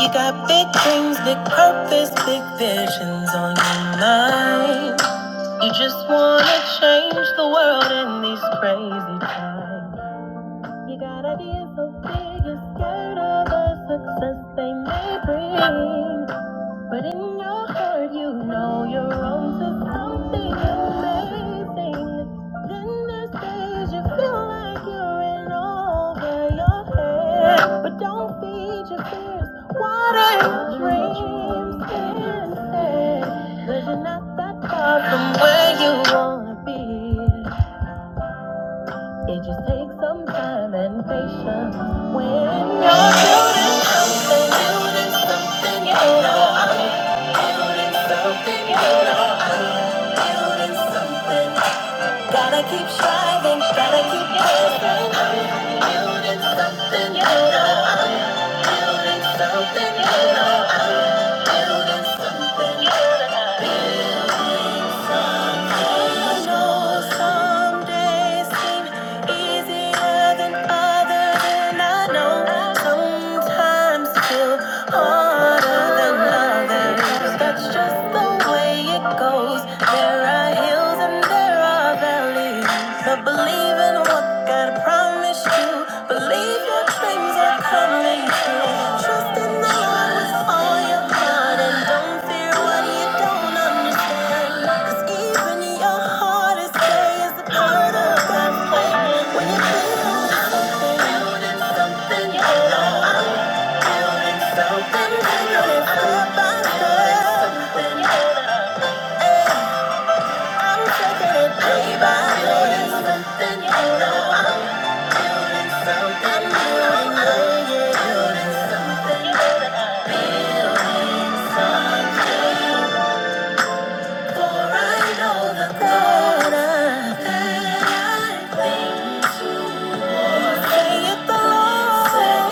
You got big dreams, big purpose, big visions on your mind. You just wanna change the world in these crazy times. You got ideas so big, you're scared of the success they may bring. But in your heart, you know you're on to something amazing. Then there's days you feel like you're in over your head. But don't feed your fears, water your dreams instead. Cause you're not that far from where you wanna be. It just takes some time and patience when you're doing something new, there's something you know. Gotta keep striving, gotta keep pressing. I'm building something, you know. I'm building something, you know. I'm building something. you know. I know some days seem easier than others, and I know sometimes feel harder than others. That's just the way it goes. There are hills and there are valleys, but believe in what God. I promise you, believe your dreams are coming true. Trust and know I was all your heart, and don't fear what you don't understand. 'Cause even your hardest day is a part of God's plan. When you build something, building something, you know I'm building something, building it Hey, I'm taking it day by day. Something you know I'm building. For I know the God of heaven, saith the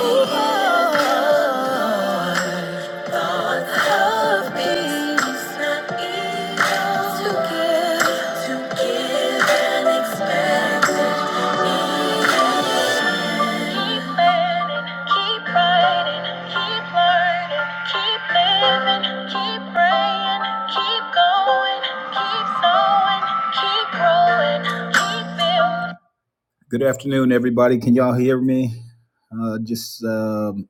Lord, God of peace, not evil, to give, to give an expected end. Good afternoon, everybody. Can y'all hear me? Uh, just um,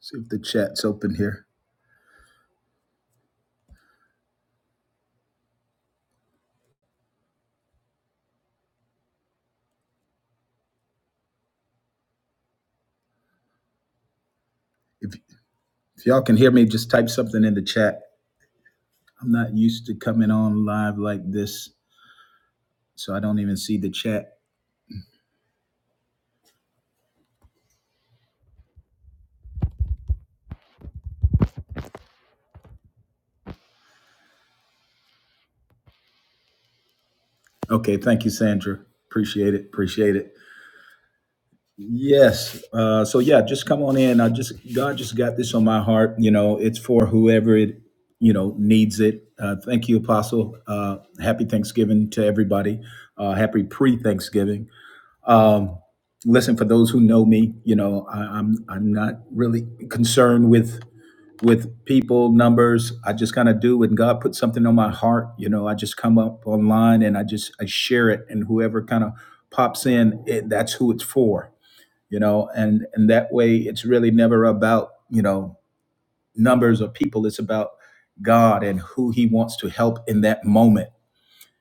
see if the chat's open here. If, if y'all can hear me, just type something in the chat. I'm not used to coming on live like this, so I don't even see the chat. Okay, thank you, Sandra. Appreciate it. Appreciate it. Yes. Uh, so yeah, just come on in. I just God just got this on my heart. You know, it's for whoever it you know needs it. Uh, thank you, Apostle. Uh, happy Thanksgiving to everybody. Uh, happy pre-Thanksgiving. Um, listen, for those who know me, you know, I, I'm I'm not really concerned with with people numbers. I just kind of do when God puts something on my heart. You know, I just come up online and I just I share it, and whoever kind of pops in, it, that's who it's for you know and and that way it's really never about you know numbers or people it's about god and who he wants to help in that moment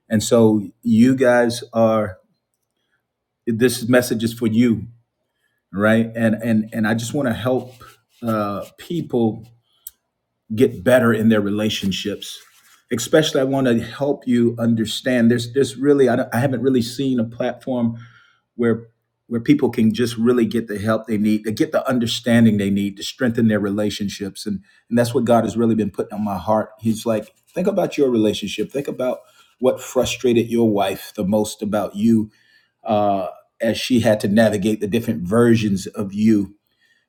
and so you guys are this message is for you right and and and i just want to help uh people get better in their relationships especially i want to help you understand there's there's really I, don't- I haven't really seen a platform where where people can just really get the help they need, to get the understanding they need to strengthen their relationships. And and that's what God has really been putting on my heart. He's like, think about your relationship. Think about what frustrated your wife the most about you uh, as she had to navigate the different versions of you,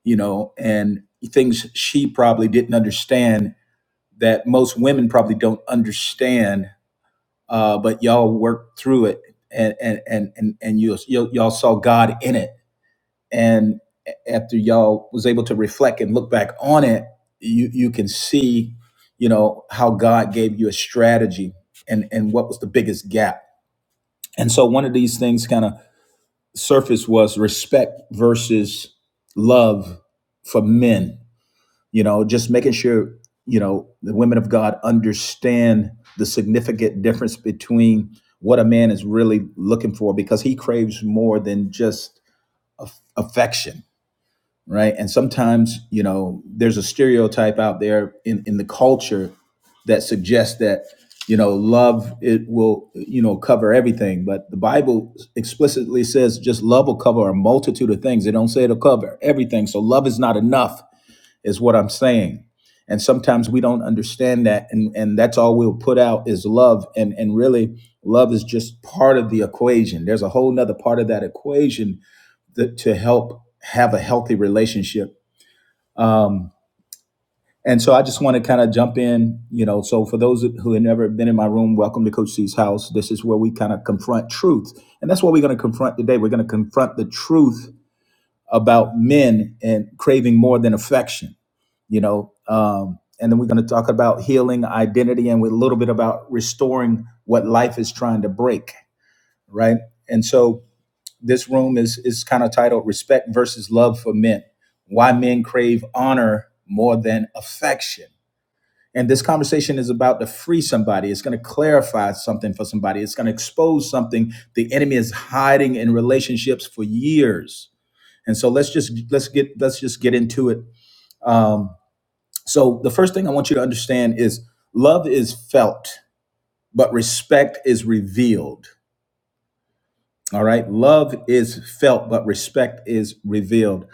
you know, and things she probably didn't understand that most women probably don't understand. Uh, but y'all worked through it and and and and, and you, you y'all saw God in it and after y'all was able to reflect and look back on it you you can see you know how god gave you a strategy and and what was the biggest gap and so one of these things kind of surfaced was respect versus love for men you know just making sure you know the women of god understand the significant difference between what a man is really looking for because he craves more than just aff- affection right? And sometimes, you know, there's a stereotype out there in, in the culture that suggests that, you know, love it will, you know, cover everything. But the Bible explicitly says just love will cover a multitude of things. It don't say it'll cover everything. So love is not enough, is what I'm saying. And sometimes we don't understand that, and, and that's all we'll put out is love. And and really, love is just part of the equation. There's a whole nother part of that equation that, to help have a healthy relationship um, and so I just want to kind of jump in, you know. So for those who have never been in my room, welcome to Coach C's house. This is where we kind of confront truth, and that's what we're going to confront today. We're going to confront the truth about men and craving more than affection, you know. Um, and then we're going to talk about healing identity and with a little bit about restoring what life is trying to break, right? And so this room is is kind of titled respect versus love for men why men crave honor more than affection and this conversation is about to free somebody it's going to clarify something for somebody it's going to expose something the enemy is hiding in relationships for years and so let's just let's get let's just get into it um, so the first thing i want you to understand is love is felt but respect is revealed all right love is felt but respect is revealed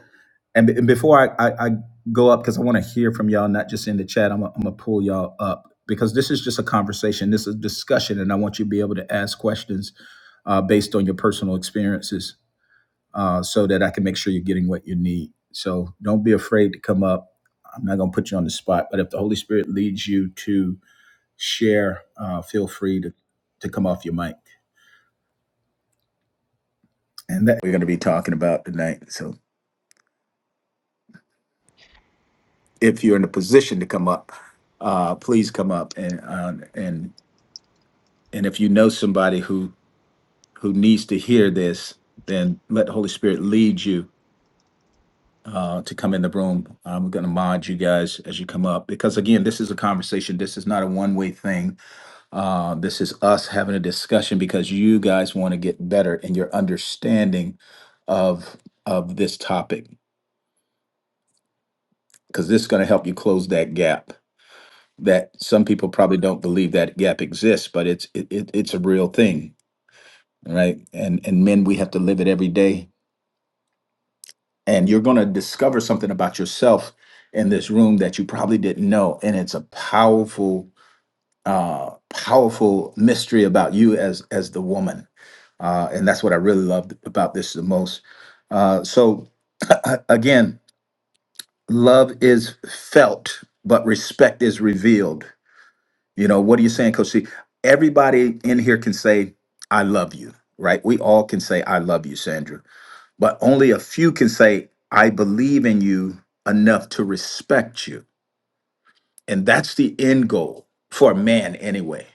And, b- and before I, I, I go up, because I want to hear from y'all, not just in the chat, I'm going to pull y'all up because this is just a conversation. This is a discussion, and I want you to be able to ask questions uh, based on your personal experiences uh, so that I can make sure you're getting what you need. So don't be afraid to come up. I'm not going to put you on the spot, but if the Holy Spirit leads you to share, uh, feel free to, to come off your mic. And that we're going to be talking about tonight. So if you're in a position to come up, uh, please come up and uh, and and if you know somebody who who needs to hear this, then let the Holy Spirit lead you uh, to come in the room. I'm going to mod you guys as you come up because again, this is a conversation. This is not a one way thing. Uh, this is us having a discussion because you guys want to get better in your understanding of of this topic because this is going to help you close that gap that some people probably don't believe that gap exists, but it's it, it, it's a real thing, right? And and men, we have to live it every day. And you're going to discover something about yourself in this room that you probably didn't know, and it's a powerful, uh, powerful mystery about you as as the woman. Uh, and that's what I really loved about this the most. Uh, so again, love is felt, but respect is revealed You know, what are you saying, Coach C? Everybody in here can say, I love you, right? We all can say, I love you, Sandra. But only a few can say, I believe in you enough to respect you. And that's the end goal for a man, anyway.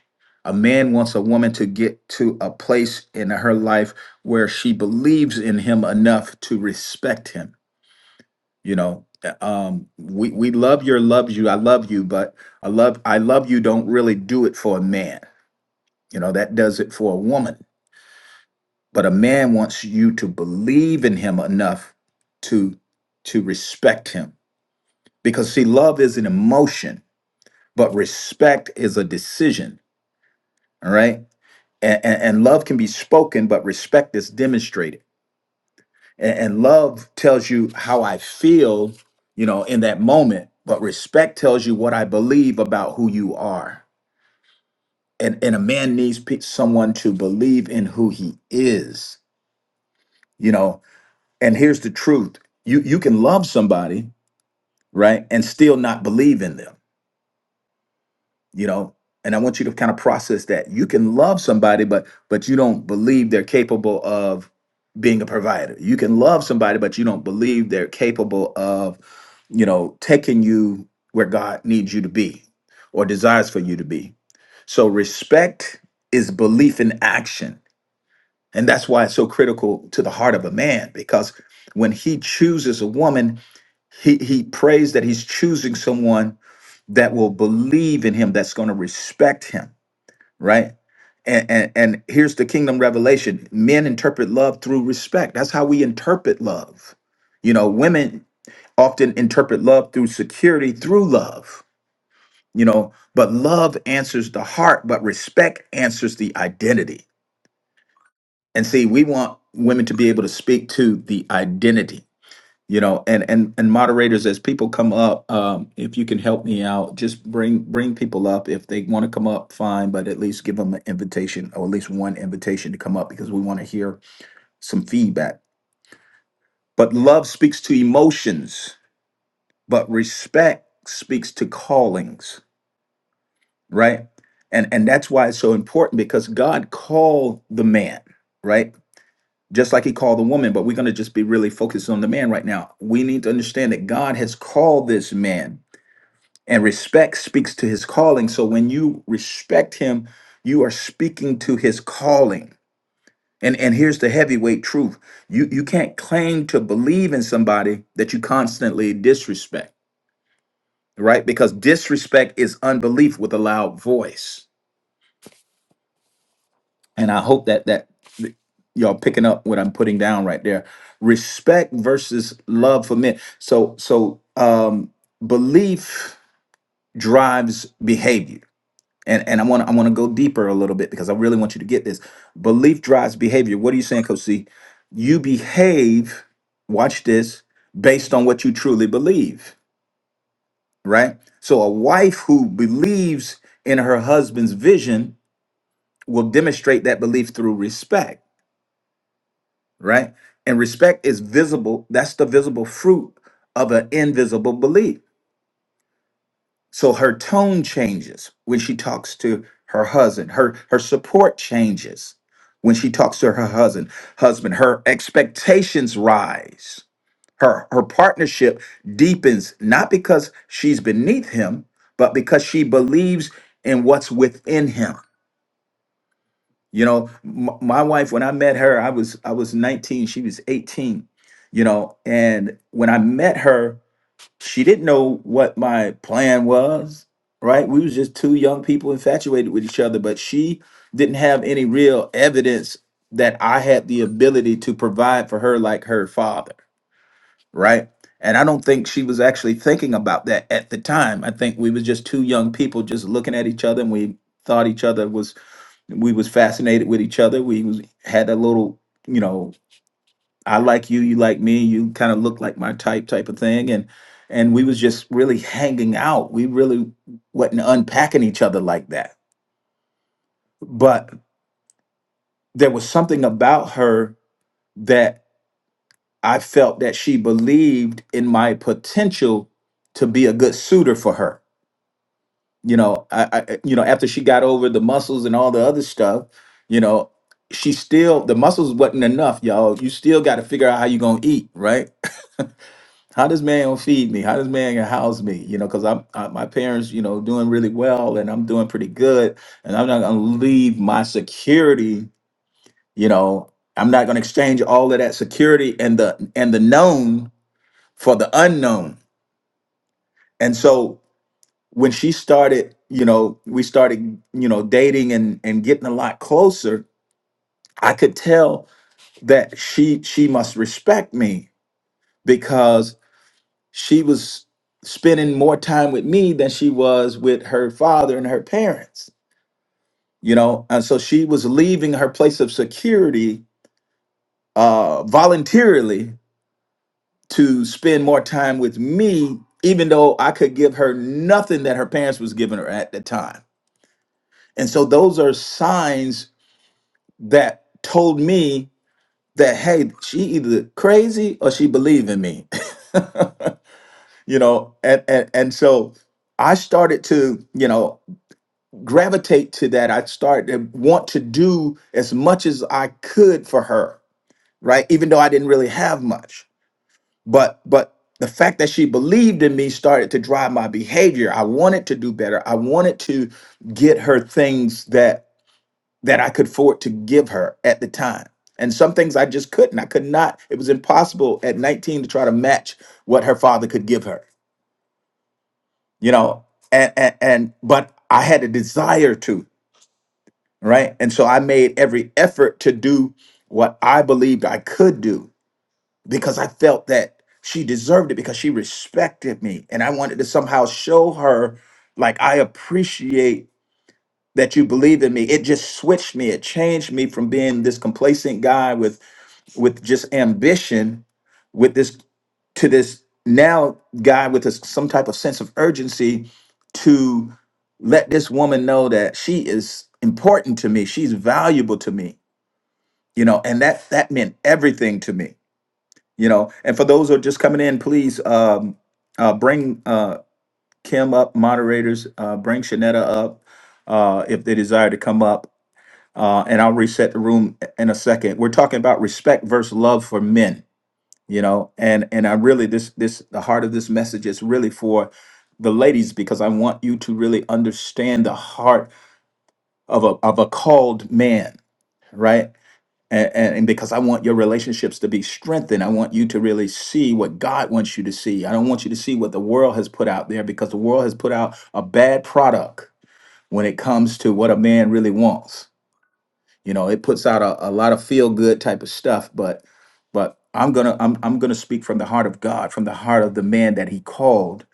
A man wants a woman to get to a place in her life where she believes in him enough to respect him. You know, Uh, um, we, we love your loves you. I love you, but I love I love you don't really do it for a man you know, that does it for a woman. But a man wants you to believe in him enough to to respect him. Because see, love is an emotion, but respect is a decision. All right. And, and, and love can be spoken, but respect is demonstrated. And, and love tells you how I feel, you know, in that moment, but respect tells you what I believe about who you are. And, and a man needs pe- someone to believe in who he is you know and here's the truth you you can love somebody right and still not believe in them you know and i want you to kind of process that you can love somebody but but you don't believe they're capable of being a provider you can love somebody but you don't believe they're capable of you know taking you where god needs you to be or desires for you to be so respect is belief in action and that's why it's so critical to the heart of a man, because when he chooses a woman, he, he prays that he's choosing someone that will believe in him, that's going to respect him, right? And, and, and here's the kingdom revelation men interpret love through respect. That's how we interpret love. You know, women often interpret love through security, through love, you know, but love answers the heart, but respect answers the identity and see we want women to be able to speak to the identity you know and and and moderators as people come up um if you can help me out just bring bring people up if they want to come up fine but at least give them an invitation or at least one invitation to come up because we want to hear some feedback but love speaks to emotions but respect speaks to callings right and and that's why it's so important because god called the man right just like he called the woman, but we're going to just be really focused on the man right now. We need to understand that God has called this man, and respect speaks to his calling. So when you respect him, you are speaking to his calling. And and here's the heavyweight truth. You you can't claim to believe in somebody that you constantly disrespect, right? Because disrespect is unbelief with a loud voice. and I hope that that th- y'all picking up what I'm putting down right there. Respect versus love for men. So so um belief drives behavior. And and I want to I want to go deeper a little bit because I really want you to get this. Belief drives behavior. What are you saying, Coach C? You behave, watch this, based on what you truly believe, right? So a wife who believes in her husband's vision will demonstrate that belief through respect right? And respect is visible. That's the visible fruit of an invisible belief. So her tone changes when she talks to her husband. Her her support changes when she talks to her husband. Husband, her expectations rise. Her her partnership deepens not because she's beneath him, but because she believes in what's within him. You know, m- my wife when I met her, I was I was 19, she was 18. You know, and when I met her, she didn't know what my plan was, right? We was just two young people infatuated with each other, but she didn't have any real evidence that I had the ability to provide for her like her father, right? And I don't think she was actually thinking about that at the time. I think we was just two young people just looking at each other and we thought each other was we was fascinated with each other. We was had a little, you know, I like you, you like me, you kind of look like my type type of thing. And and we was just really hanging out. We really wasn't unpacking each other like that. But there was something about her that I felt that she believed in my potential to be a good suitor for her. you know I, I you know after she got over the muscles and all the other stuff you know she still the muscles wasn't enough y'all you still got to figure out how you gonna eat right how does man gonna feed me how does man gonna house me you know because i'm I, my parents you know doing really well and i'm doing pretty good and i'm not gonna leave my security you know i'm not gonna exchange all of that security and the and the known for the unknown and so when she started, you know, we started, you know, dating and and getting a lot closer, I could tell that she she must respect me because she was spending more time with me than she was with her father and her parents, you know. And so she was leaving her place of security uh voluntarily to spend more time with me even though I could give her nothing that her parents was giving her at the time. And so those are signs that told me that hey she either crazy or she believe in me you know and, and and so i started to you know gravitate to that i started to want to do as much as i could for her right even though i didn't really have much but but the fact that she believed in me started to drive my behavior i wanted to do better i wanted to get her things that. that I could afford to give her at the time. And some things I just couldn't. I could not. It was impossible at 19 to try to match what her father could give her, you know. And and, and but I had a desire to, right? And so I made every effort to do what I believed I could do because I felt that she deserved it because she respected me and I wanted to somehow show her like I appreciate that you believe in me. It just switched me. It changed me from being this complacent guy with with just ambition with this to this now guy with this, some type of sense of urgency to let this woman know that she is important to me she's valuable to me you know and that that meant everything to me you know and for those who are just coming in please um uh bring uh kim up moderators uh bring shanetta up uh if they desire to come up uh and i'll reset the room in a second we're talking about respect versus love for men you know and and i really this this the heart of this message is really for the ladies because i want you to really understand the heart of a of a called man right and, and and because i want your relationships to be strengthened i want you to really see what god wants you to see i don't want you to see what the world has put out there because the world has put out a bad product when it comes to what a man really wants you know it puts out a, a lot of feel good type of stuff but but i'm gonna I'm, I'm gonna speak from the heart of god from the heart of the man that he called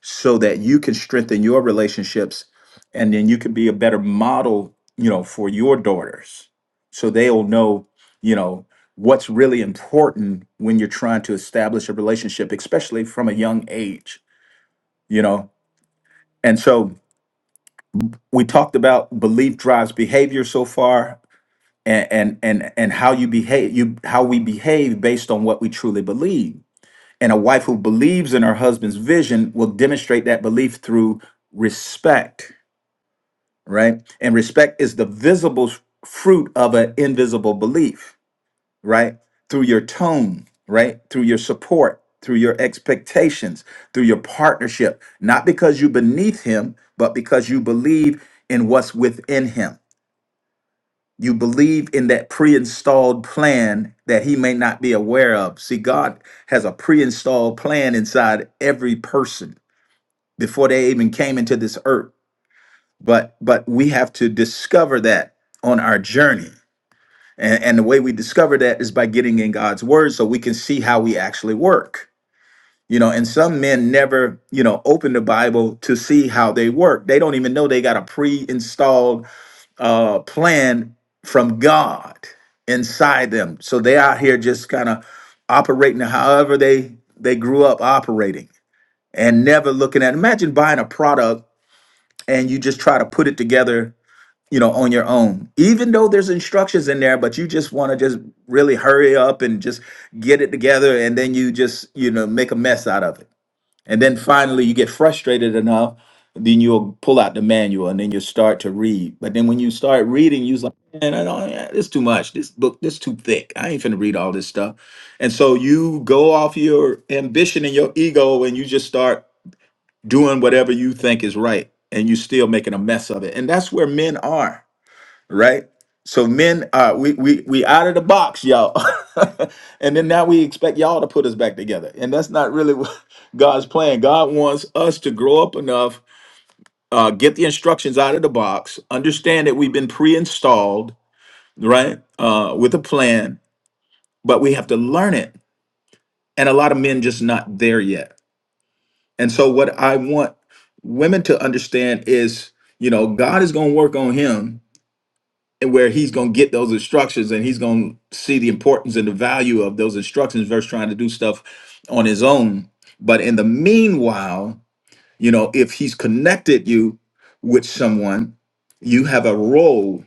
so that you can strengthen your relationships and then you can be a better model you know for your daughters so they'll know you know what's really important when you're trying to establish a relationship especially from a young age you know and so we talked about belief drives behavior so far and and and and how you behave you how we behave based on what we truly believe and a wife who believes in her husband's vision will demonstrate that belief through respect right and respect is the visible f- fruit of an invisible belief right through your tone right through your support through your expectations through your partnership not because you're beneath him but because you believe in what's within him you believe in that pre installed plan that he may not be aware of. See, God has a pre installed plan inside every person before they even came into this earth. But but we have to discover that on our journey. And, and the way we discover that is by getting in God's word so we can see how we actually work. You know, and some men never, you know, open the Bible to see how they work. They don't even know they got a pre installed uh, plan from God inside them. So they out here just kind of operating however they they grew up operating and never looking at. Imagine buying a product and you just try to put it together, you know, on your own. Even though there's instructions in there, but you just want to just really hurry up and just get it together, and then you just you know make a mess out of it and then finally, you get frustrated enough, then you'll pull out the manual and then you start to read. But then when you start reading, you's like, man, I don't, yeah, this too much. This book, this too thick. I ain't finna read all this stuff. And so you go off your ambition and your ego and you just start doing whatever you think is right. And you're still making a mess of it. And that's where men are right? So men, uh, we we we out of the box, y'all, and then now we expect y'all to put us back together, and that's not really what God's plan. God wants us to grow up enough, uh, get the instructions out of the box, understand that we've been pre-installed, right, uh, with a plan, but we have to learn it, and a lot of men just not there yet. And so, what I want women to understand is, you know, God is going to work on him, and where he's going to get those instructions and he's going to see the importance and the value of those instructions versus trying to do stuff on his own. But in the meanwhile, you know, if he's connected you with someone, you have a role,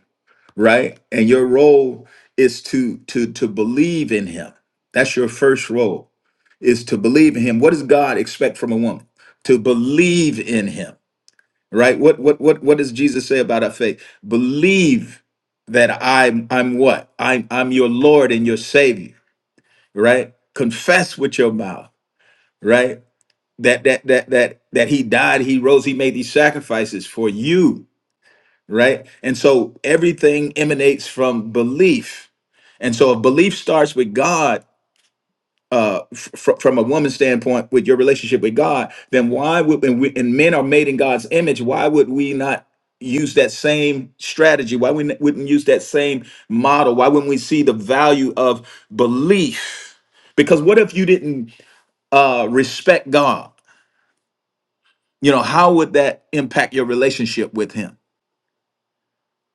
right? And your role is to to to believe in him. That's your first role is to believe in him. What does God expect from a woman? To believe in him right what what what what does jesus say about our faith believe that i'm i'm what i'm i'm your lord and your savior right confess with your mouth right that that that that that he died he rose he made these sacrifices for you right and so everything emanates from belief and so if belief starts with god uh, fr- from a woman's standpoint with your relationship with God, then why would and, we, and men are made in God's image? Why would we not use that same strategy? Why we n- wouldn't use that same model? Why wouldn't we see the value of belief? Because what if you didn't uh, respect God? You know, how would that impact your relationship with Him?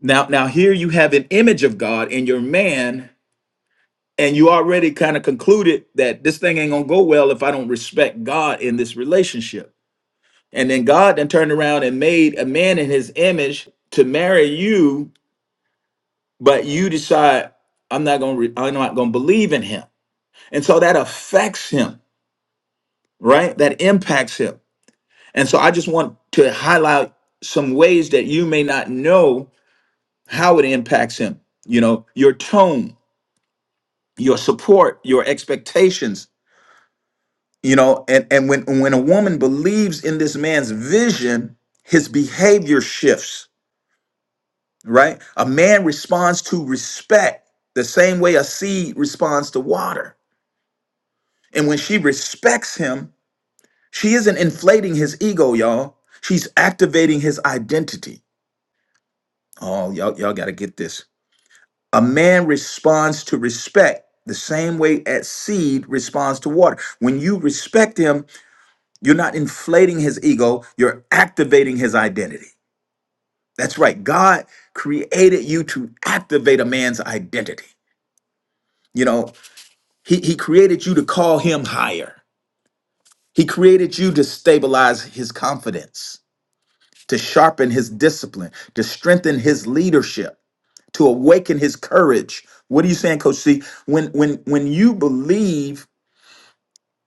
Now, now here you have an image of God in your man, and you already kind of concluded that this thing ain't gonna go well if I don't respect God in this relationship And then God then turned around and made a man in his image to marry you, but you decide I'm not going to re- I'm not going to believe in him. And so that affects him, right? That impacts him. And so I just want to highlight some ways that you may not know how it impacts him. You know, your tone, your support, your expectations, you know, and and when when a woman believes in this man's vision, his behavior shifts right? A man responds to respect the same way a seed responds to water. And when she respects him, she isn't inflating his ego, y'all. She's activating his identity. Oh, y'all, y'all got to get this. A man responds to respect the same way a seed responds to water. When you respect him, you're not inflating his ego, you're activating his identity. That's right. God created you to activate a man's identity. You know, He, he created you to call him higher. He created you to stabilize his confidence, to sharpen his discipline, to strengthen his leadership, to awaken his courage. What are you saying, Coach C? When when when you believe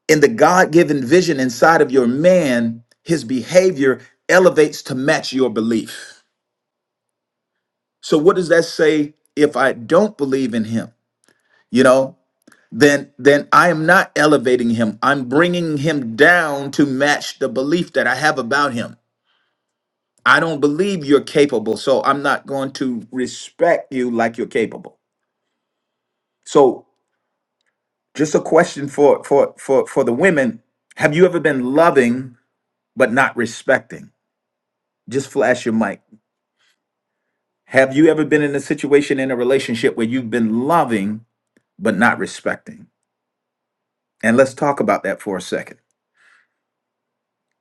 in the God-given vision inside of your man, his behavior elevates to match your belief. So what does that say if I don't believe in him? You know, then then I am not elevating him. I'm bringing him down to match the belief that I have about him. I don't believe you're capable, so I'm not going to respect you like you're capable. So, just a question for for for for the women, have you ever been loving but not respecting? Just flash your mic. Have you ever been in a situation in a relationship where you've been loving but not respecting? And let's talk about that for a second.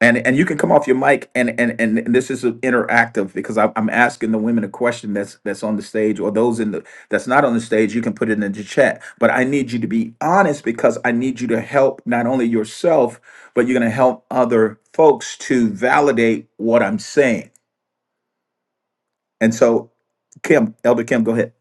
And and you can come off your mic and and and, and this is interactive because I, I'm asking the women a question that's that's on the stage or those in the that's not on the stage. You can put it in the chat, but I need you to be honest because I need you to help not only yourself but you're going to help other folks to validate what I'm saying. And so, Kim, Elder Kim, go ahead.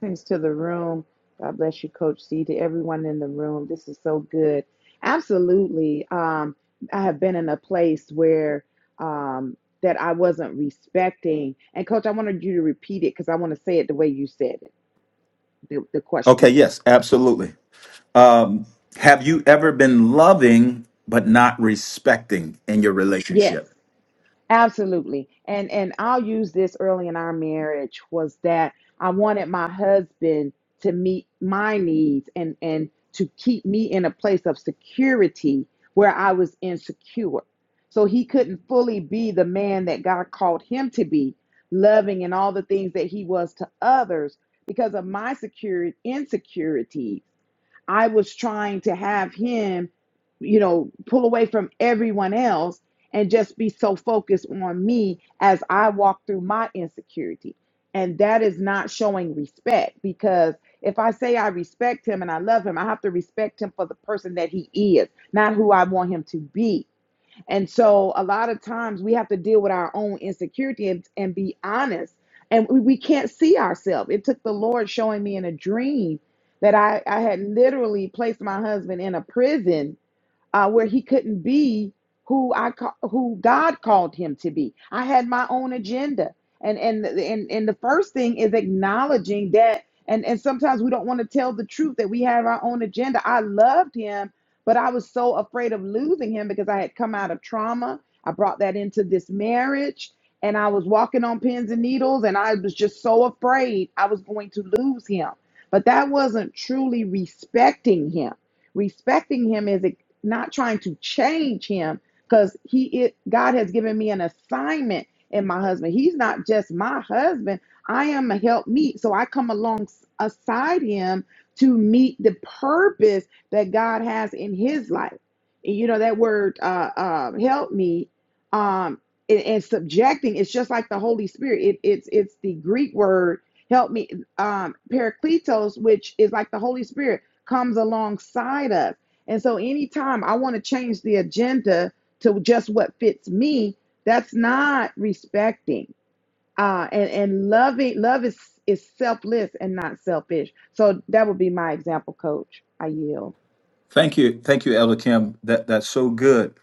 Blessings to the room. God bless you, Coach C, to everyone in the room. This is so good. Absolutely. Um, I have been in a place where um, that I wasn't respecting. And, Coach, I wanted you to repeat it because I want to say it the way you said it, the, the Okay, question. yes, absolutely. Um, have you ever been loving but not respecting in your relationship? Yes. Absolutely. And and I'll use this early in our marriage was that I wanted my husband to meet my needs and and to keep me in a place of security where I was insecure. So he couldn't fully be the man that God called him to be, loving and all the things that he was to others because of my security insecurities I was trying to have him, you know, pull away from everyone else and just be so focused on me as I walk through my insecurity. And that is not showing respect because if I say I respect him and I love him, I have to respect him for the person that he is, not who I want him to be. And so a lot of times we have to deal with our own insecurity and, and be honest. And we, we can't see ourselves. It took the Lord showing me in a dream that I, I had literally placed my husband in a prison uh, where he couldn't be who I ca- who God called him to be. I had my own agenda, and and and and the first thing is acknowledging that. And and sometimes we don't want to tell the truth that we have our own agenda. I loved him, but I was so afraid of losing him because I had come out of trauma. I brought that into this marriage. And I was walking on pins and needles, and I was just so afraid I was going to lose him. But that wasn't truly respecting him respecting him is not trying to change him because he it god has given me an assignment in my husband he's not just my husband i am a help meet so i come alongside him to meet the purpose that god has in his life And you know that word uh, uh help me um and, and subjecting it's just like the holy spirit it, it's it's the greek word help me um parakletos which is like the holy spirit comes alongside us. And so anytime I want to change the agenda to just what fits me, that's not respecting. Uh, and, and loving love is is selfless and not selfish. So that would be my example, coach. I yield. Thank you, thank you, Elder Kim. That that's so good,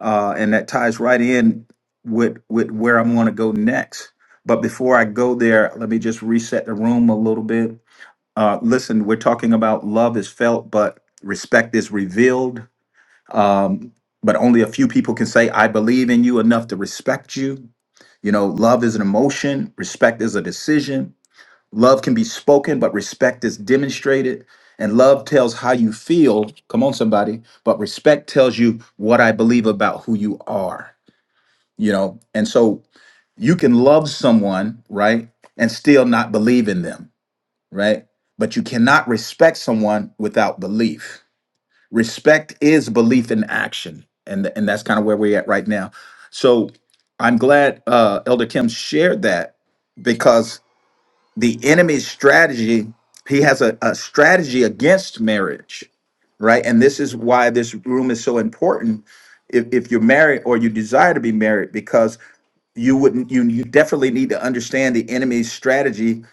uh, and that ties right in with with where I'm going to go next. But before I go there, let me just reset the room a little bit. Uh, listen, we're talking about love is felt, but respect is revealed. Um, but only a few people can say, "I believe in you enough to respect you." You know, love is an emotion, respect is a decision, Love can be spoken, but respect is demonstrated. And love tells how you feel. Come on, somebody. But respect tells you what I believe about who you are, you know? And so you can love someone, right? And still not believe in them, right? But you cannot respect someone without belief. Respect is belief in action. And, and that's kind of where we're at right now. So I'm glad uh, Elder Kim shared that because the enemy's strategy he has a, a strategy against marriage right and this is why this room is so important if, if you're married or you desire to be married because you wouldn't you, you definitely need to understand the enemy's strategy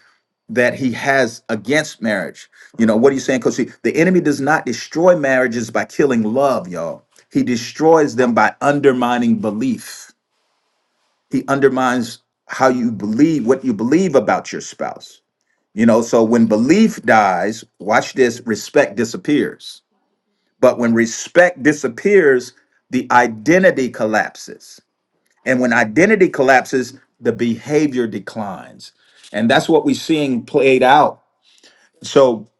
that he has against marriage you know what are you saying because the enemy does not destroy marriages by killing love y'all he destroys them by undermining belief he undermines how you believe what you believe about your spouse you know, so when belief dies, watch this, respect disappears. But when respect disappears, the identity collapses. And when identity collapses, the behavior declines. And that's what we're seeing played out. So,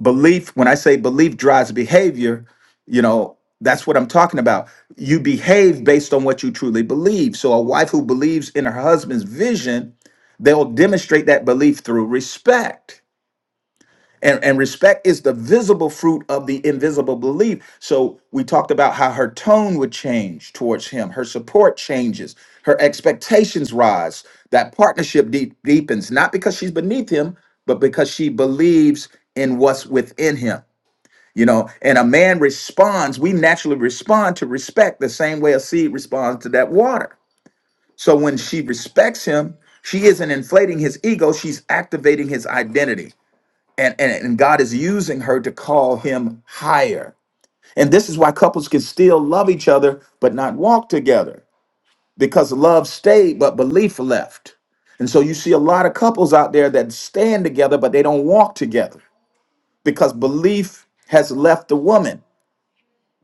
belief, when I say belief drives behavior, you know, that's what I'm talking about. You behave based on what you truly believe. So, a wife who believes in her husband's vision, they'll demonstrate that belief through respect And, and respect is the visible fruit of the invisible belief. So we talked about how her tone would change towards him, her support changes, her expectations rise, that partnership deep, deepens, not because she's beneath him, but because she believes in what's within him. You know, and a man responds, we naturally respond to respect the same way a seed responds to that water. So when she respects him, she isn't inflating his ego, she's activating his identity and, and and God is using her to call him higher. And this is why couples can still love each other but not walk together because love stayed but belief left. And so you see a lot of couples out there that stand together but they don't walk together because belief has left the woman,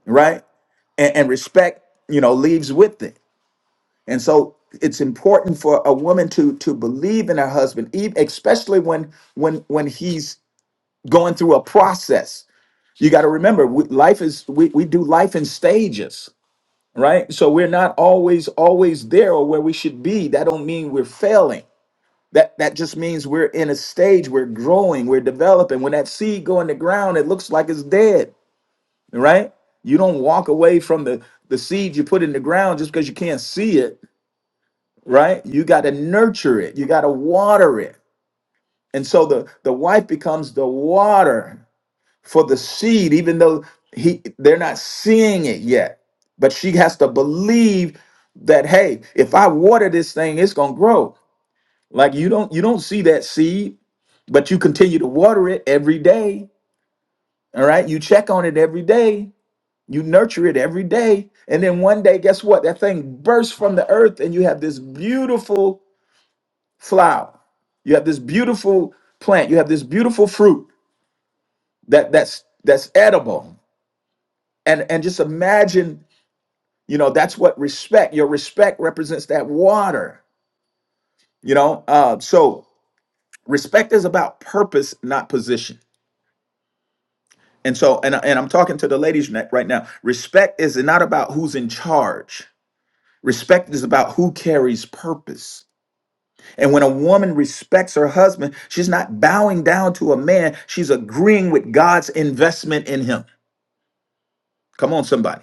right? and, and respect you know leaves with it and so it's important for a woman to to believe in her husband ev- especially when when when he's going through a process you got to remember we, life is we, we do life in stages right so we're not always always there or where we should be that don't mean we're failing that that just means we're in a stage we're growing we're developing when that seed go in the ground it looks like it's dead right you don't walk away from the the seed you put in the ground just because you can't see it right you got to nurture it you got to water it and so the the wife becomes the water for the seed, even though he they're not seeing it yet. But she has to believe that hey, if I water this thing, it's gonna grow. Like you don't you don't see that seed, but you continue to water it every day. All right, you check on it every day, you nurture it every day, and then one day, guess what? That thing bursts from the earth, and you have this beautiful flower. You have this beautiful plant. You have this beautiful fruit that that's that's edible. And and just imagine You know, that's what respect, your respect represents that water, you know? Uh, so respect is about purpose, not position. And so, and, and I'm talking to the ladies ne- right now. Respect is not about who's in charge. Respect is about who carries purpose. And when a woman respects her husband, she's not bowing down to a man. She's agreeing with God's investment in him. Come on, somebody.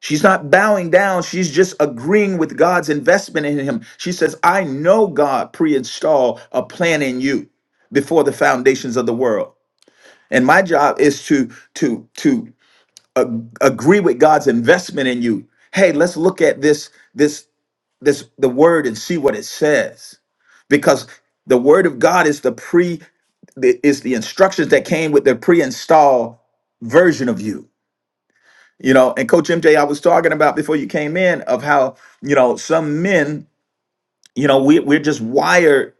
She's not bowing down. She's just agreeing with God's investment in him. She says, I know God pre installed a plan in you before the foundations of the world. And my job is to, to, to uh, agree with God's investment in you. Hey, let's look at this, this, this, the word and see what it says. Because the word of God is the pre, the- is the instructions that came with the pre installed version of you you know and coach mj i was talking about before you came in of how you know some men you know we, we're just wired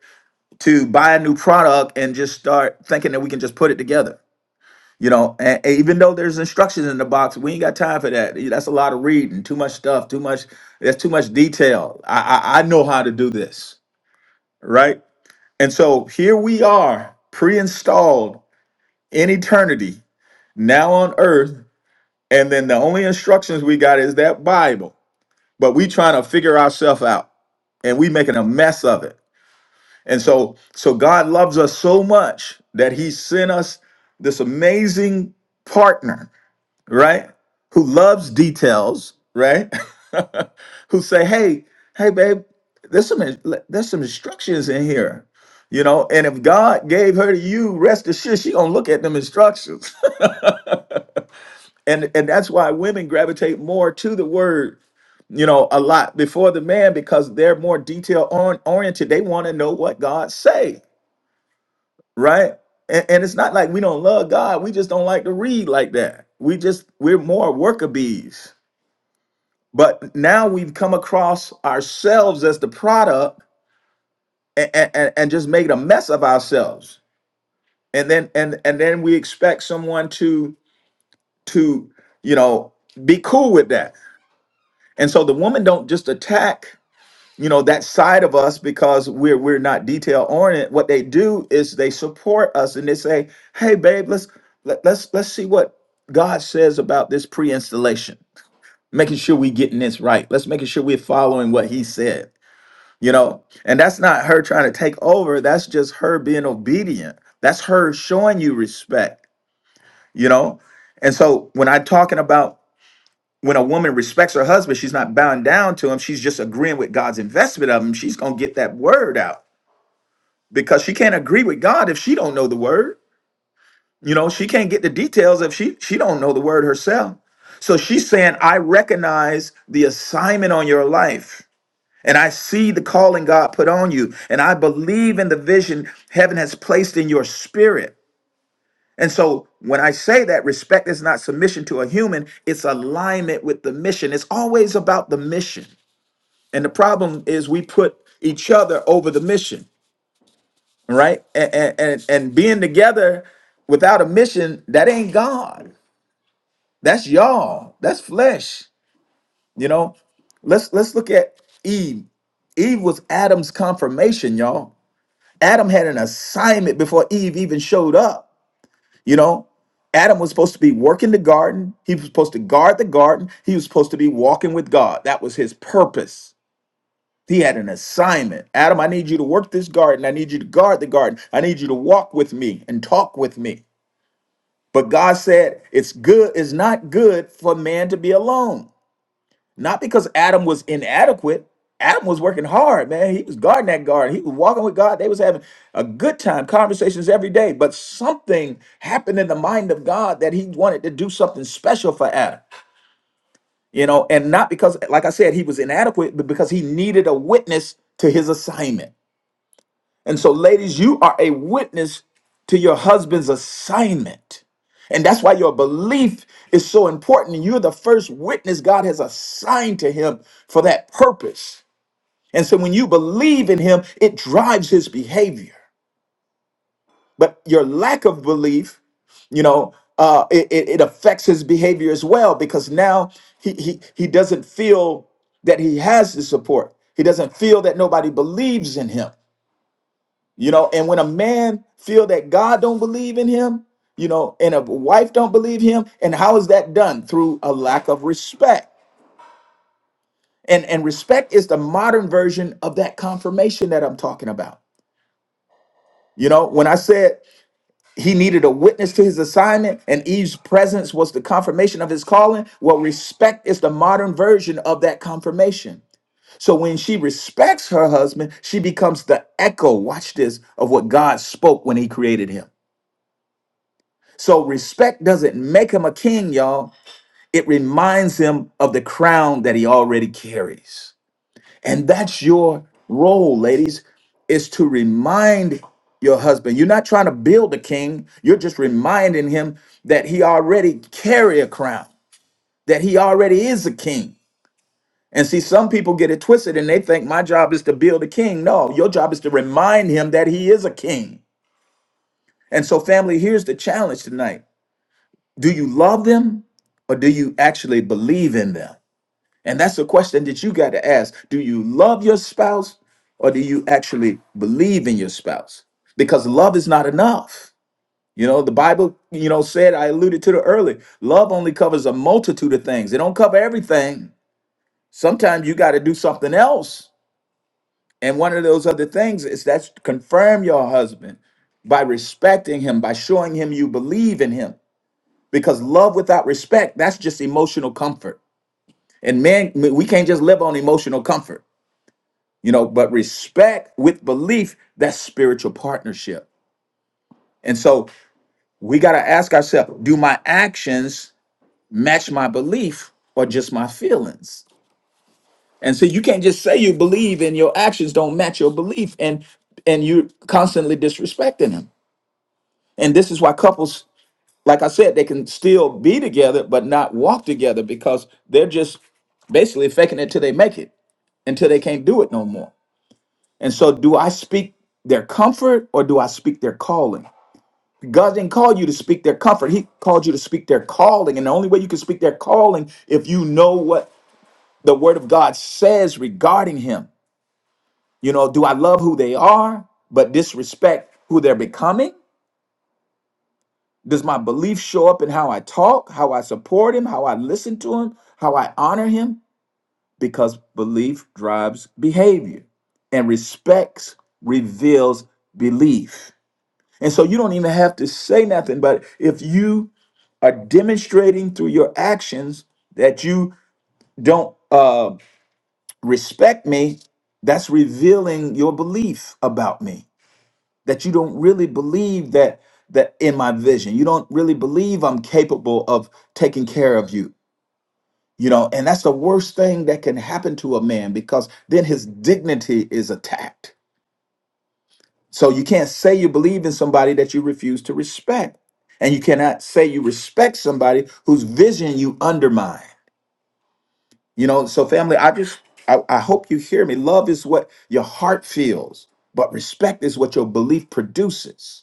to buy a new product and just start thinking that we can just put it together you know and, and even though there's instructions in the box we ain't got time for that that's a lot of reading too much stuff too much that's too much detail i i, I know how to do this right and so here we are pre-installed in eternity now on earth and then the only instructions we got is that bible but we trying to figure ourselves out and we making a mess of it and so so god loves us so much that he sent us this amazing partner right who loves details right who say hey hey babe there's some there's some instructions in here you know and if god gave her to you rest assured she gonna look at them instructions and and that's why women gravitate more to the word you know a lot before the man because they're more detail on oriented they want to know what god say right and, and it's not like we don't love god we just don't like to read like that we just we're more worker bees but now we've come across ourselves as the product and and, and just made a mess of ourselves and then and and then we expect someone to to you know be cool with that And so the woman don't just attack, you know, that side of us because we're we're not detail oriented. What they do is they support us and they say, "Hey, babe, let's let, let's let's see what God says about this pre-installation. Making sure we're getting this right. Let's making sure we're following what He said." You know, and that's not her trying to take over. That's just her being obedient. That's her showing you respect. You know, and so when I'm talking about when a woman respects her husband, she's not bound down to him. She's just agreeing with God's investment of him. She's gonna get that word out because she can't agree with God if she don't know the word. You know, she can't get the details if she she don't know the word herself. So she's saying, I recognize the assignment on your life. And I see the calling God put on you. And I believe in the vision heaven has placed in your spirit. And so when I say that respect is not submission to a human, it's alignment with the mission. It's always about the mission. And the problem is we put each other over the mission, right? And and and, and being together without a mission, that ain't God. That's y'all. That's flesh. You know. Let's let's look at Eve. Eve was Adam's confirmation, y'all. Adam had an assignment before Eve even showed up. You know, Adam was supposed to be working the garden. He was supposed to guard the garden. He was supposed to be walking with God. That was his purpose He had an assignment. Adam, I need you to work this garden. I need you to guard the garden. I need you to walk with me and talk with me. But God said, it's good, it's not good for man to be alone. Not because Adam was inadequate. Adam was working hard, man. He was guarding that garden. He was walking with God. They was having a good time, conversations every day. But something happened in the mind of God that he wanted to do something special for Adam. You know, and not because, like I said, he was inadequate, but because he needed a witness to his assignment. And so, ladies, you are a witness to your husband's assignment. And that's why your belief is so important. You're the first witness God has assigned to him for that purpose. And so, when you believe in him, it drives his behavior. But your lack of belief, you know, uh, it, it, it affects his behavior as well because now he, he, he doesn't feel that he has the support. He doesn't feel that nobody believes in him you know and when a man feel that god don't believe in him you know and a wife don't believe him and how is that done through a lack of respect and and respect is the modern version of that confirmation that i'm talking about you know when i said he needed a witness to his assignment and eve's presence was the confirmation of his calling well respect is the modern version of that confirmation so when she respects her husband she becomes the echo watch this of what god spoke when he created him So respect doesn't make him a king, y'all. It reminds him of the crown that he already carries. And that's your role, ladies, is to remind your husband. You're not trying to build a king. You're just reminding him that he already carry a crown, that he already is a king. And see, some people get it twisted and they think my job is to build a king. No, your job is to remind him that he is a king. And so, family, here's the challenge tonight. do you love them or do you actually believe in them? And that's a question that you got to ask. Do you love your spouse or do you actually believe in your spouse? Because love is not enough. You know, the Bible, you know, said, I alluded to it earlier, love only covers a multitude of things. It don't cover everything. Sometimes you got to do something else. And one of those other things is that's confirm your husband by respecting him, by showing him you believe in him because love without respect that's just emotional comfort and man we can't just live on emotional comfort you know but respect with belief that's spiritual partnership and so we got to ask ourselves do my actions match my belief or just my feelings and so you can't just say you believe and your actions don't match your belief and and you're constantly disrespecting them and this is why couples like I said, they can still be together but not walk together because they're just basically faking it till they make it, until they can't do it no more. And so, do I speak their comfort or do I speak their calling? God didn't call you to speak their comfort; He called you to speak their calling. And the only way you can speak their calling if you know what the Word of God says regarding Him. You know, do I love who they are but disrespect who they're becoming? Does my belief show up in how I talk, how I support him, how I listen to him, how I honor him? Because belief drives behavior and respect reveals belief. And so you don't even have to say nothing, but if you are demonstrating through your actions that you don't uh, respect me, that's revealing your belief about me that you don't really believe that that in my vision you don't really believe i'm capable of taking care of you you know and that's the worst thing that can happen to a man because then his dignity is attacked so you can't say you believe in somebody that you refuse to respect and you cannot say you respect somebody whose vision you undermine you know so family i just i, I hope you hear me love is what your heart feels but respect is what your belief produces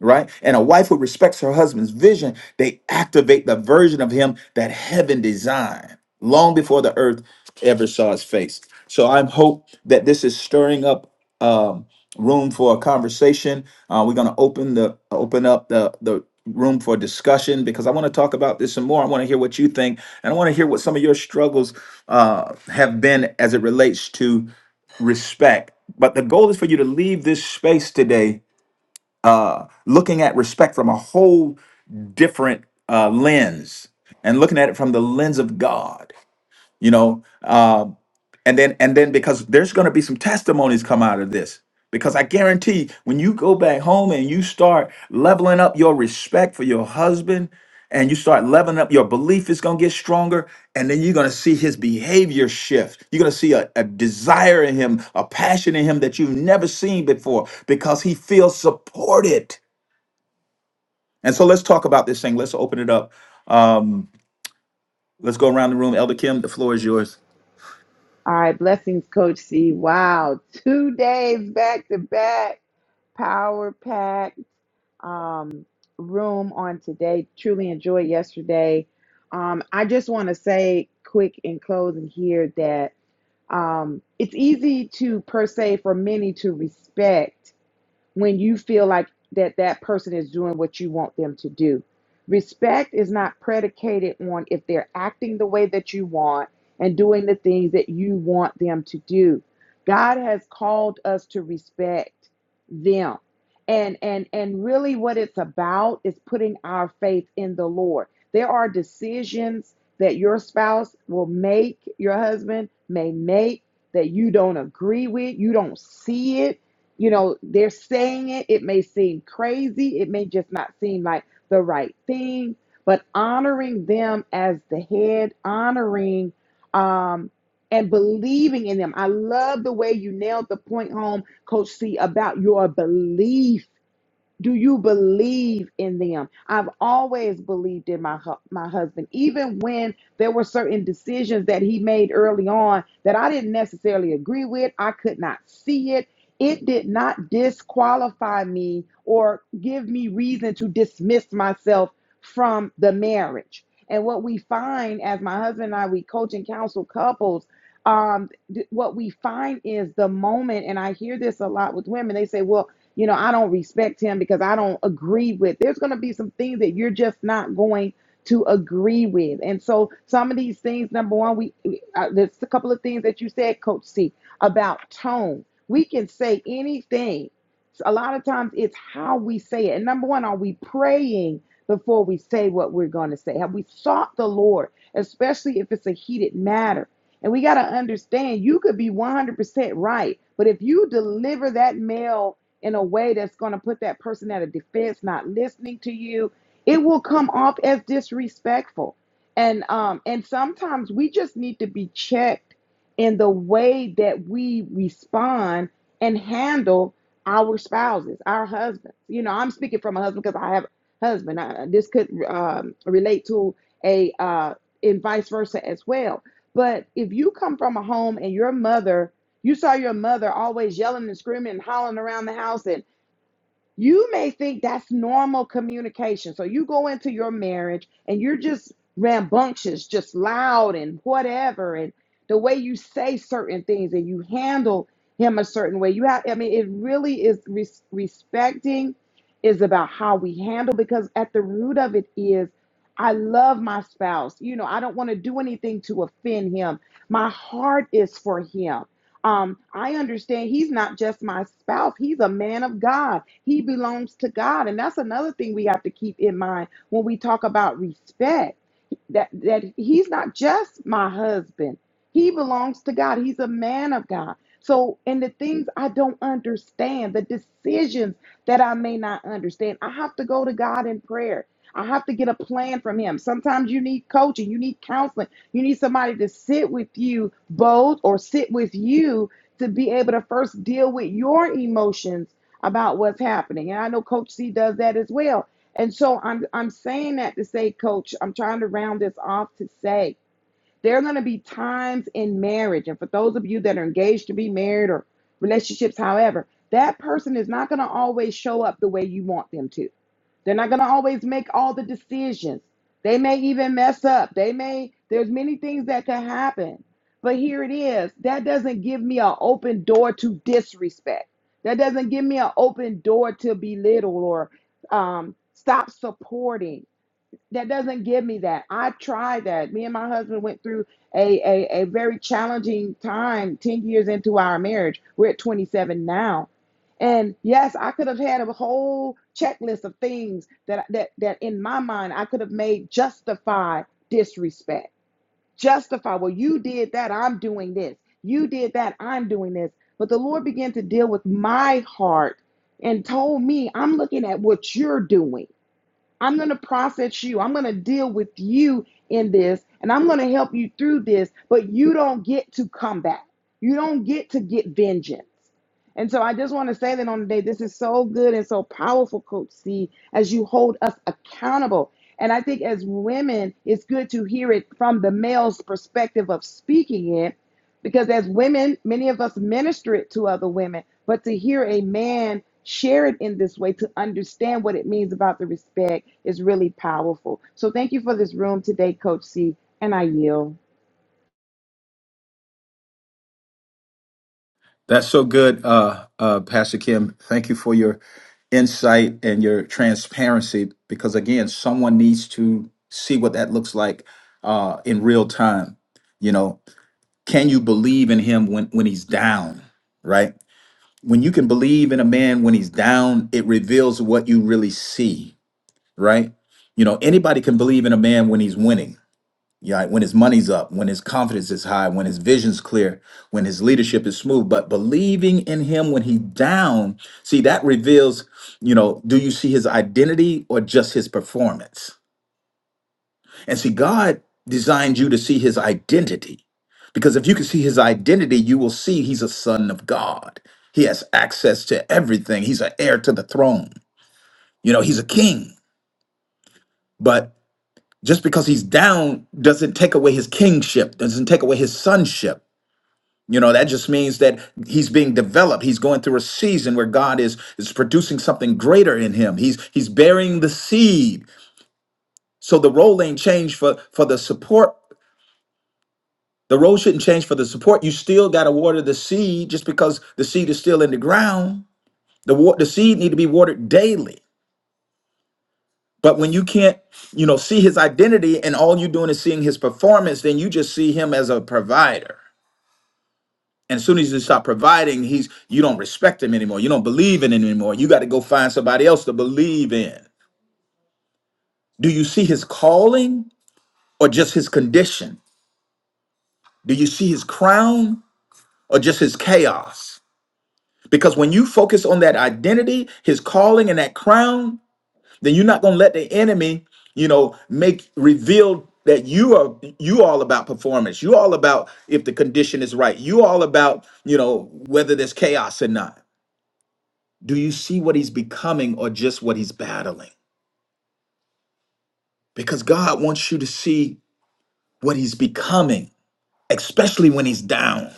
right? And a wife who respects her husband's vision, they activate the version of him that heaven designed long before the earth ever saw his face. So I'm hope that this is stirring up um, room for a conversation. Uh, we're going to open the open up the the room for discussion because I want to talk about this some more. I want to hear what you think, and I want to hear what some of your struggles uh, have been as it relates to respect. But the goal is for you to leave this space today uh, looking at respect from a whole different uh, lens and looking at it from the lens of God, you know. Uh, and then and then because there's going to be some testimonies come out of this because I guarantee when you go back home and you start leveling up your respect for your husband and you start leveling up your belief is going to get stronger and then you're going to see his behavior shift you're going to see a, a desire in him a passion in him that you've never seen before because he feels supported and so let's talk about this thing. Let's open it up. Um, let's go around the room. Elder Kim, the floor is yours. All right, blessings, Coach C. Wow. Two days back to back, power pack um room on today. Truly enjoyed yesterday. Um, I just want to say quick in closing here that Um, it's easy to, per se, for many to respect when you feel like that that person is doing what you want them to do. Respect is not predicated on if they're acting the way that you want and doing the things that you want them to do. God has called us to respect them. And and and really what it's about is putting our faith in the Lord. There are decisions that your spouse will make, your husband may make that you don't agree with, you don't see it, you know, they're saying it. It may seem crazy. It may just not seem like the right thing, but honoring them as the head, honoring um, and believing in them. I love the way you nailed the point home, Coach C, about your belief. Do you believe in them? I've always believed in my hu- my husband, even when there were certain decisions that he made early on that I didn't necessarily agree with. I could not see it. It did not disqualify me or give me reason to dismiss myself from the marriage. And what we find as my husband and I, we coach and counsel couples. Um, th- what we find is the moment, and I hear this a lot with women. They say, "Well." you know, I don't respect him because I don't agree with. There's going to be some things that you're just not going to agree with. And so some of these things, number one, we uh, there's a couple of things that you said, Coach C, about tone. We can say anything. A lot of times it's how we say it. And number one, are we praying before we say what we're going to say? Have we sought the Lord, especially if it's a heated matter? And we got to understand you could be 100% right, but if you deliver that mail in a way that's going to put that person at a defense, not listening to you, it will come off as disrespectful. And um and sometimes we just need to be checked in the way that we respond and handle our spouses, our husbands. You know, I'm speaking from a husband because I have a husband. I, this could um, relate to a uh, and vice versa as well. But if you come from a home and your mother you saw your mother always yelling and screaming and hollering around the house, and you may think that's normal communication. So you go into your marriage and you're just rambunctious, just loud and whatever, and the way you say certain things and you handle him a certain way. You have, I mean, it really is res- respecting is about how we handle because at the root of it is. I love my spouse. You know, I don't want to do anything to offend him. My heart is for him. Um, I understand he's not just my spouse, he's a man of God. He belongs to God. And that's another thing we have to keep in mind when we talk about respect. That that he's not just my husband. He belongs to God. He's a man of God. So, in the things I don't understand, the decisions that I may not understand, I have to go to God in prayer. I have to get a plan from him. Sometimes you need coaching, you need counseling. You need somebody to sit with you both or sit with you to be able to first deal with your emotions about what's happening. And I know Coach C does that as well. And so I'm I'm saying that to say, Coach, I'm trying to round this off to say there are going to be times in marriage, and for those of you that are engaged to be married or relationships, however, that person is not going to always show up the way you want them to they're not going to always make all the decisions. They may even mess up. They may, there's many things that can happen. But here it is. That doesn't give me an open door to disrespect. That doesn't give me an open door to belittle or um, stop supporting that doesn't give me that. I tried that. Me and my husband went through a, a, a very challenging time 10 years into our marriage. We're at 27 now. And yes, I could have had a whole checklist of things that that that in my mind I could have made justify disrespect. Justify, well, you did that, I'm doing this. You did that, I'm doing this. But the Lord began to deal with my heart and told me, I'm looking at what you're doing. I'm going to process you. I'm going to deal with you in this and I'm going to help you through this, but you don't get to come back. You don't get to get vengeance. And so I just want to say that on the day, this is so good and so powerful, Coach C, as you hold us accountable. And I think as women, it's good to hear it from the male's perspective of speaking it because as women, many of us minister it to other women, but to hear a man share it in this way, to understand what it means about the respect, is really powerful. So thank you for this room today, Coach C, and I yield. That's so good, uh, uh, Pastor Kim. Thank you for your insight and your transparency because, again, someone needs to see what that looks like uh, in real time. You know, can you believe in him when, when he's down, right? When you can believe in a man when he's down, it reveals what you really see, right? You know, anybody can believe in a man when he's winning Yeah, right? when his money's up, when his confidence is high, when his vision's clear, when his leadership is smooth, but believing in him when he's down, see, that reveals, you know, do you see his identity or just his performance? And see, God designed you to see his identity because if you can see his identity, you will see he's a son of God. He has access to everything, he's an heir to the throne, you know, he's a king. But just because he's down doesn't take away his kingship, doesn't take away his sonship You know, that just means that he's being developed. He's going through a season where God is is producing something greater in him. He's he's burying the seed. So the role ain't changed for for the support. The role shouldn't change for the support. You still got to water the seed just because the seed is still in the ground. The wa- the seed need to be watered daily. But when you can't, you know, see his identity and all you're doing is seeing his performance, then you just see him as a provider. And as soon as you stop providing, he's you don't respect him anymore. You don't believe in him anymore. You got to go find somebody else to believe in. Do you see his calling or just his condition? Do you see his crown or just his chaos? Because when you focus on that identity, his calling and that crown, then you're not gonna let the enemy, you know, make reveal that you are you all about performance. You all about if the condition is right. You all about, you know, whether there's chaos or not. Do you see what he's becoming or just what he's battling? Because God wants you to see what he's becoming, especially when he's down.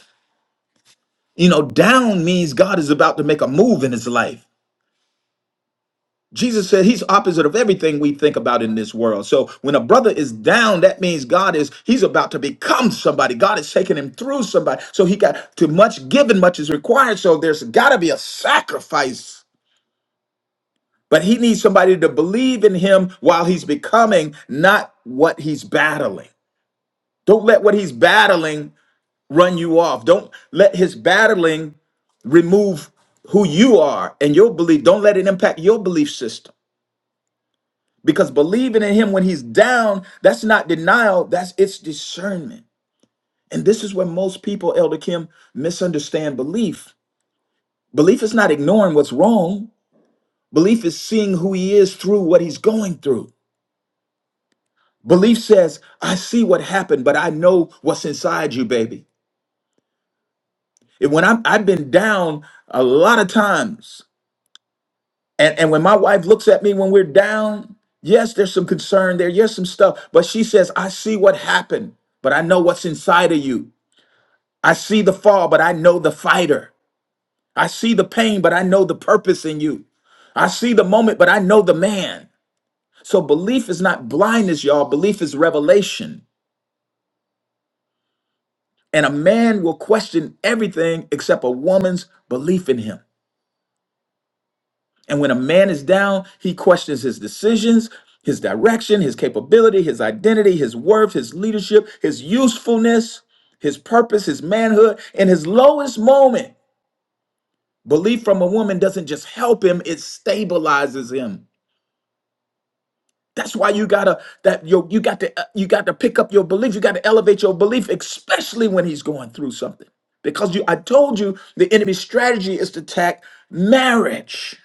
You know, down means God is about to make a move in his life. Jesus said he's opposite of everything we think about in this world. So when a brother is down, that means God is he's about to become somebody. God is taking him through somebody. So he got too much given, much is required. So there's got to be a sacrifice But he needs somebody to believe in him while he's becoming, not what he's battling. Don't let what he's battling run you off. Don't let his battling remove who you are and your belief. Don't let it impact your belief system. Because believing in him when he's down, that's not denial, that's it's discernment. And this is where most people, Elder Kim, misunderstand belief. Belief is not ignoring what's wrong. Belief is seeing who he is through what he's going through. Belief says, I see what happened, but I know what's inside you, baby. And when I'm, I've been down a lot of times, and, and when my wife looks at me when we're down, yes, there's some concern there, yes, some stuff, but she says, I see what happened, but I know what's inside of you. I see the fall, but I know the fighter. I see the pain, but I know the purpose in you. I see the moment, but I know the man. So belief is not blindness, y'all. Belief is revelation. And a man will question everything except a woman's belief in him. And when a man is down, he questions his decisions, his direction, his capability, his identity, his worth, his leadership, his usefulness, his purpose, his manhood. In his lowest moment, belief from a woman doesn't just help him, it stabilizes him. That's why you gotta that you you got to uh, you got to pick up your belief. You got to elevate your belief, especially when he's going through something. Because you, I told you, the enemy's strategy is to attack marriage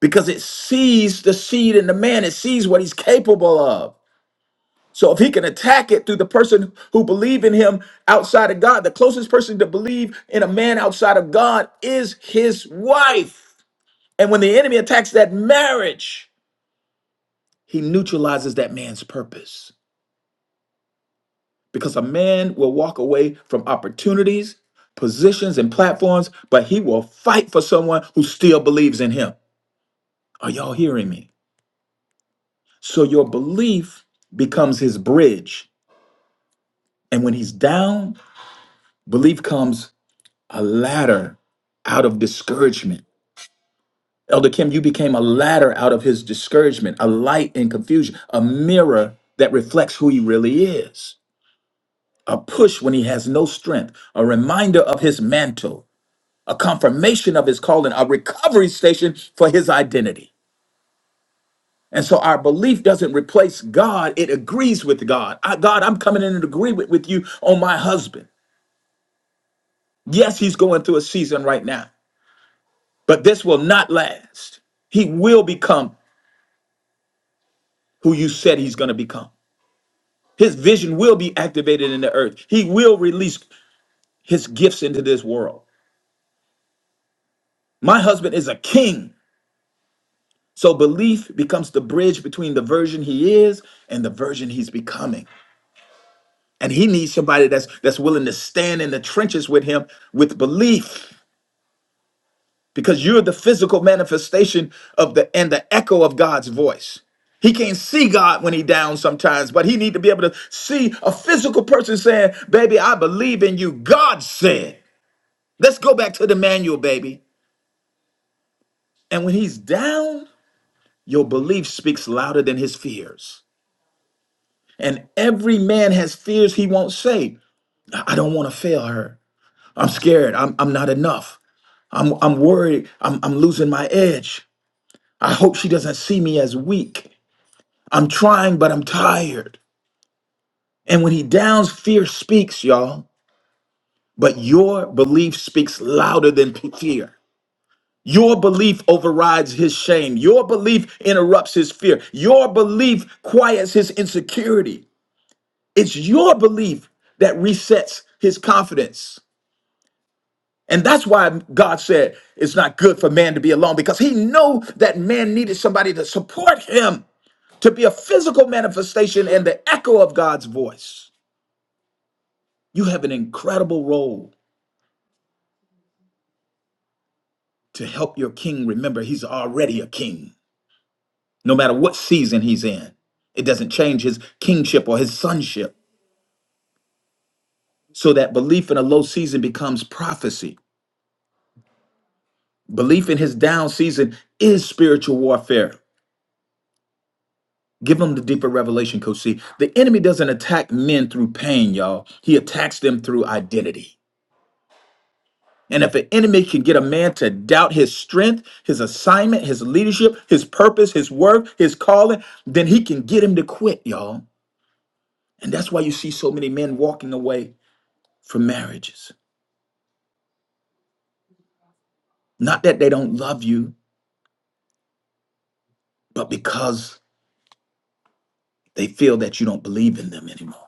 because it sees the seed in the man. It sees what he's capable of. So if he can attack it through the person who believe in him outside of God, the closest person to believe in a man outside of God is his wife. And when the enemy attacks that marriage, he neutralizes that man's purpose. because a man will walk away from opportunities, positions, and platforms, but he will fight for someone who still believes in him. Are y'all hearing me? So your belief becomes his bridge. And when he's down, belief comes a ladder out of discouragement. Elder Kim, you became a ladder out of his discouragement, a light in confusion, a mirror that reflects who he really is, a push when he has no strength, a reminder of his mantle a confirmation of his calling, a recovery station for his identity. And so our belief doesn't replace God, it agrees with God. I, God, I'm coming in and agree with, with you on my husband. Yes, he's going through a season right now, but this will not last. He will become who you said he's going to become. His vision will be activated in the earth. He will release his gifts into this world. My husband is a king. So belief becomes the bridge between the version he is and the version he's becoming. And he needs somebody that's that's willing to stand in the trenches with him with belief because you're the physical manifestation of the and the echo of God's voice. He can't see God when he down sometimes, but he need to be able to see a physical person saying, "Baby, I believe in you." God said, "Let's go back to the manual, baby." And when he's down, your belief speaks louder than his fears. And every man has fears he won't say. I I don't want to fail her. I'm scared. I'm, I'm not enough. I'm I'm worried. I'm I'm losing my edge. I hope she doesn't see me as weak. I'm trying, but I'm tired. And when he downs, fear speaks, y'all. But your belief speaks louder than p- fear. Your belief overrides his shame. Your belief interrupts his fear. Your belief quiets his insecurity. It's your belief that resets his confidence. And that's why God said it's not good for man to be alone because he knew that man needed somebody to support him. to be a physical manifestation and the echo of God's voice. You have an incredible role to help your king remember he's already a king, no matter what season he's in. It doesn't change his kingship or his sonship. So that belief in a low season becomes prophecy. Belief in his down season is spiritual warfare. Give them the deeper revelation, Coach C. The enemy doesn't attack men through pain, y'all. He attacks them through identity. And if an enemy can get a man to doubt his strength, his assignment, his leadership, his purpose, his work, his calling, then he can get him to quit, y'all. And that's why you see so many men walking away from marriages. Not that they don't love you, but because they feel that you don't believe in them anymore.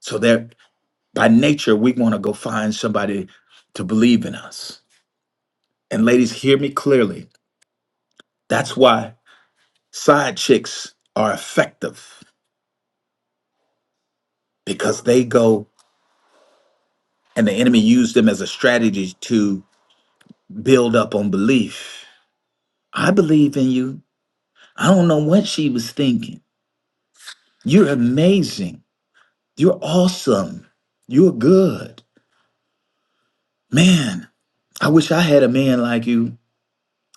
So they're by nature, we want to go find somebody to believe in us. And ladies, hear me clearly. That's why side chicks are effective because they go and the enemy used them as a strategy to build up on belief. I believe in you. I don't know what she was thinking. You're amazing. You're awesome. You're good. Man, I wish I had a man like you.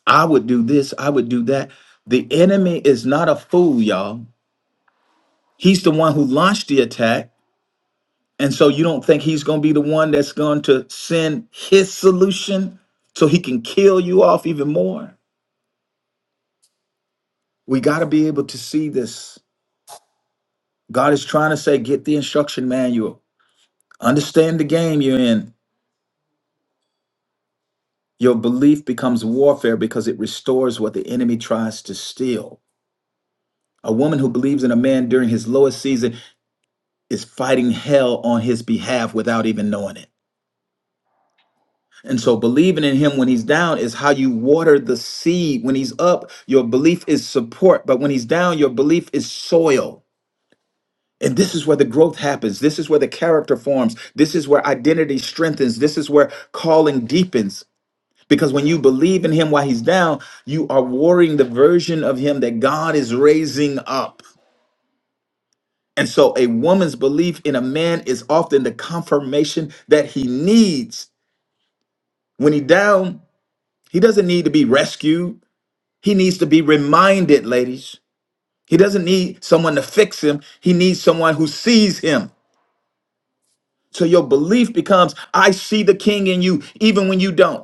I would do this, I would do that. The enemy is not a fool, y'all. He's the one who launched the attack. And so you don't think he's going to be the one that's going to send his solution so he can kill you off even more? We got to be able to see this God is trying to say, get the instruction manual. Understand the game you're in. Your belief becomes warfare because it restores what the enemy tries to steal. A woman who believes in a man during his lowest season is fighting hell on his behalf without even knowing it. And so believing in him when he's down is how you water the seed. When he's up, your belief is support, but when he's down, your belief is soil. And this is where the growth happens. This is where the character forms. This is where identity strengthens. This is where calling deepens. Because when you believe in him while he's down, you are warring the version of him that God is raising up. And so a woman's belief in a man is often the confirmation that he needs. When he's down, he doesn't need to be rescued. He needs to be reminded, ladies. He doesn't need someone to fix him. He needs someone who sees him. So your belief becomes, I see the king in you, even when you don't.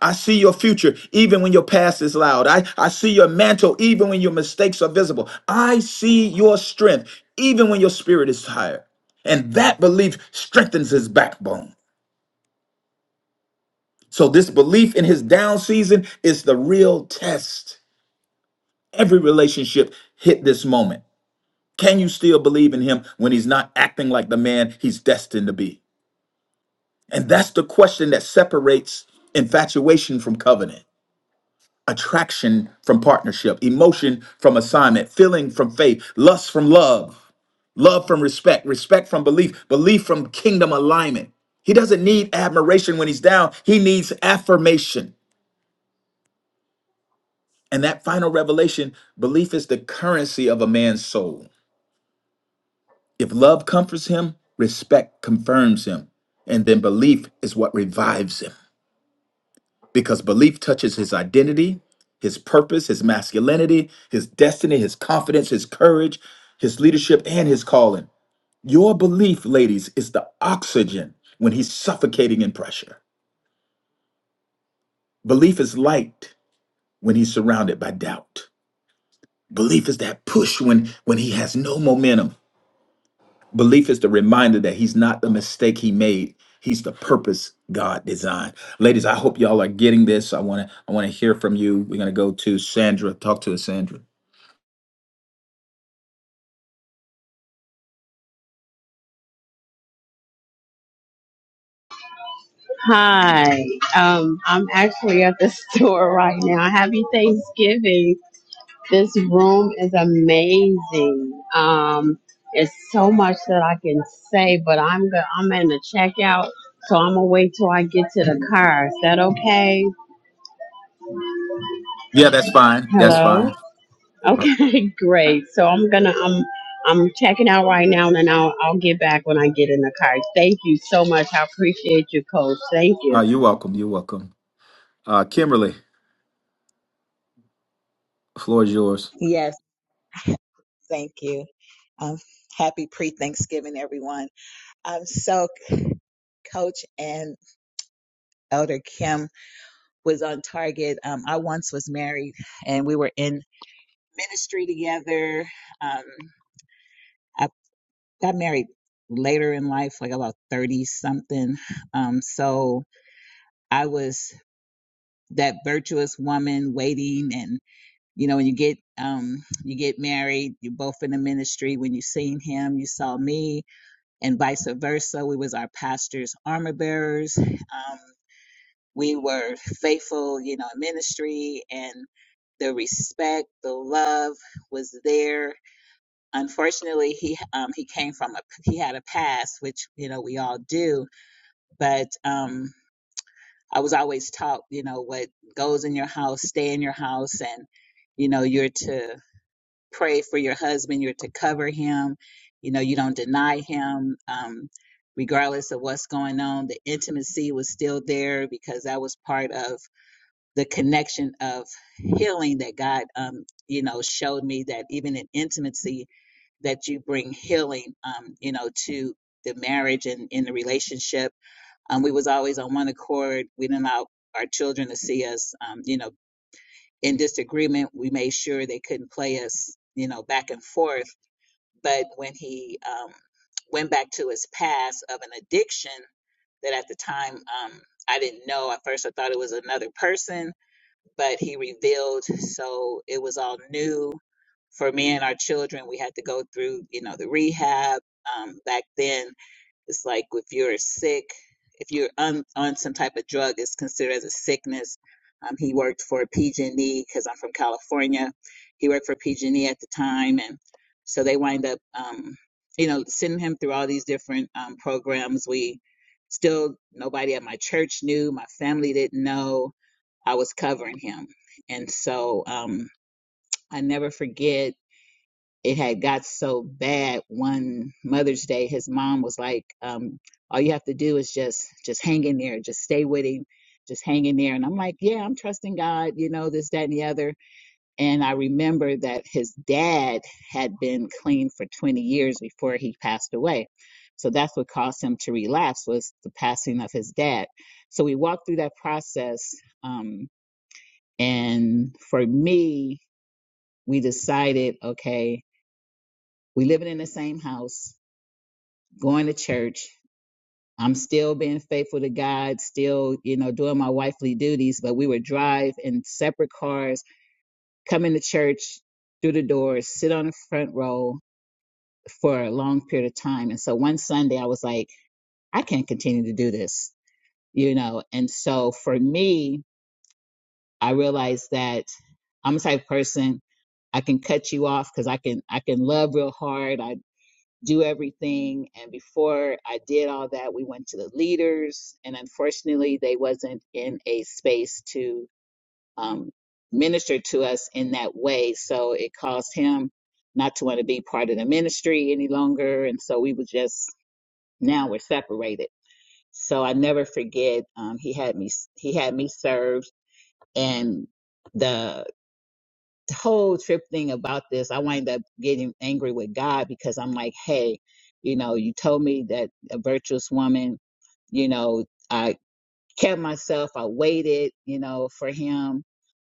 I see your future even when your past is loud. I, I see your mantle even when your mistakes are visible. I see your strength even when your spirit is tired. And that belief strengthens his backbone. So, this belief in his down season is the real test. Every relationship hit this moment. Can you still believe in him when he's not acting like the man he's destined to be? And that's the question that separates infatuation from covenant. attraction from partnership, emotion from assignment, feeling from faith, lust from love, love from respect, respect from belief, belief from kingdom alignment. He doesn't need admiration when he's down, he needs affirmation. And that final revelation belief is the currency of a man's soul. If love comforts him, respect confirms him, and then belief is what revives him. because belief touches his identity, his purpose, his masculinity, his destiny, his confidence, his courage, his leadership, and his calling. Your belief, ladies, is the oxygen when he's suffocating in pressure. Belief is light when he's surrounded by doubt. Belief is that push when, when he has no momentum. Belief is the reminder that he's not the mistake he made. He's the purpose God designed. Ladies, I hope y'all are getting this. I want to I want to hear from you. We're gonna go to Sandra. Talk to us, Sandra. Hi. Um, I'm actually at the store right now. Happy Thanksgiving. This room is amazing. Um, it's so much that I can say, but I'm go- I'm in the checkout, so I'm gonna wait till I get to the car. Is that okay? Yeah, that's fine. That's Hello. fine. Okay, great. So I'm gonna I'm I'm checking out right now, and then I'll I'll get back when I get in the car. Thank you so much. I appreciate you, Coach. Thank Uh, you. you're welcome. You're welcome. Uh, Kimberly, the floor is yours. Yes, thank you. Um, happy pre-Thanksgiving, everyone. Um, so Coach and Elder Kim was on target. Um, I once was married, and we were in ministry together. Um, I got married later in life, like about thirty something. Um, so I was that virtuous woman waiting, and you know, when you get um, you get married, you're both in the ministry. When you seen him, you saw me and vice versa. We was our pastor's armor bearers. Um, we were faithful, you know, in ministry and the respect, the love was there. Unfortunately, he um, he came from a he had a past, which you know we all do. But um, I was always taught, you know, what goes in your house, stay in your house, and you know you're to pray for your husband. You're to cover him. You know, you don't deny him. Um, regardless of what's going on, the intimacy was still there because that was part of the connection of healing that God, um, you know, showed me that even in intimacy, that you bring healing, um, you know, to the marriage and in the relationship. Um, we was always on one accord. We didn't allow our children to see us, um, you know, in disagreement. We made sure they couldn't play us, you know, back and forth. But when he um, went back to his past of an addiction that at the time um, I didn't know, at first I thought it was another person, but he revealed. So it was all new for me and our children. We had to go through, you know, the rehab. Um, back then, it's like if you're sick, if you're on, on some type of drug, it's considered as a sickness. Um, he worked for PG&E because I'm from California. He worked for PG&E at the time, and so they wind up, um, you know, sending him through all these different um, programs. We still nobody at my church knew, my family didn't know I was covering him, and so um, I never forget it had got so bad one mother's day his mom was like um, all you have to do is just just hang in there just stay with him just hang in there and i'm like yeah i'm trusting god you know this that and the other and i remember that his dad had been clean for 20 years before he passed away so that's what caused him to relapse was the passing of his dad so we walked through that process um, and for me we decided okay we living in the same house, going to church. I'm still being faithful to God, still, you know, doing my wifely duties, but we would drive in separate cars, come into church through the doors, sit on the front row for a long period of time. And so one Sunday I was like, I can't continue to do this, you know. And so for me, I realized that I'm the type of person I can cut you off because I can I can love real hard. I do everything and before i did all that we went to the leaders and unfortunately they wasn't in a space to um, minister to us in that way so it caused him not to want to be part of the ministry any longer and so we were just now we're separated so i never forget um, he had me he had me served and the the whole trip thing about this, I wind up getting angry with God because I'm like, hey, you know, you told me that a virtuous woman, you know, I kept myself, I waited, you know, for him.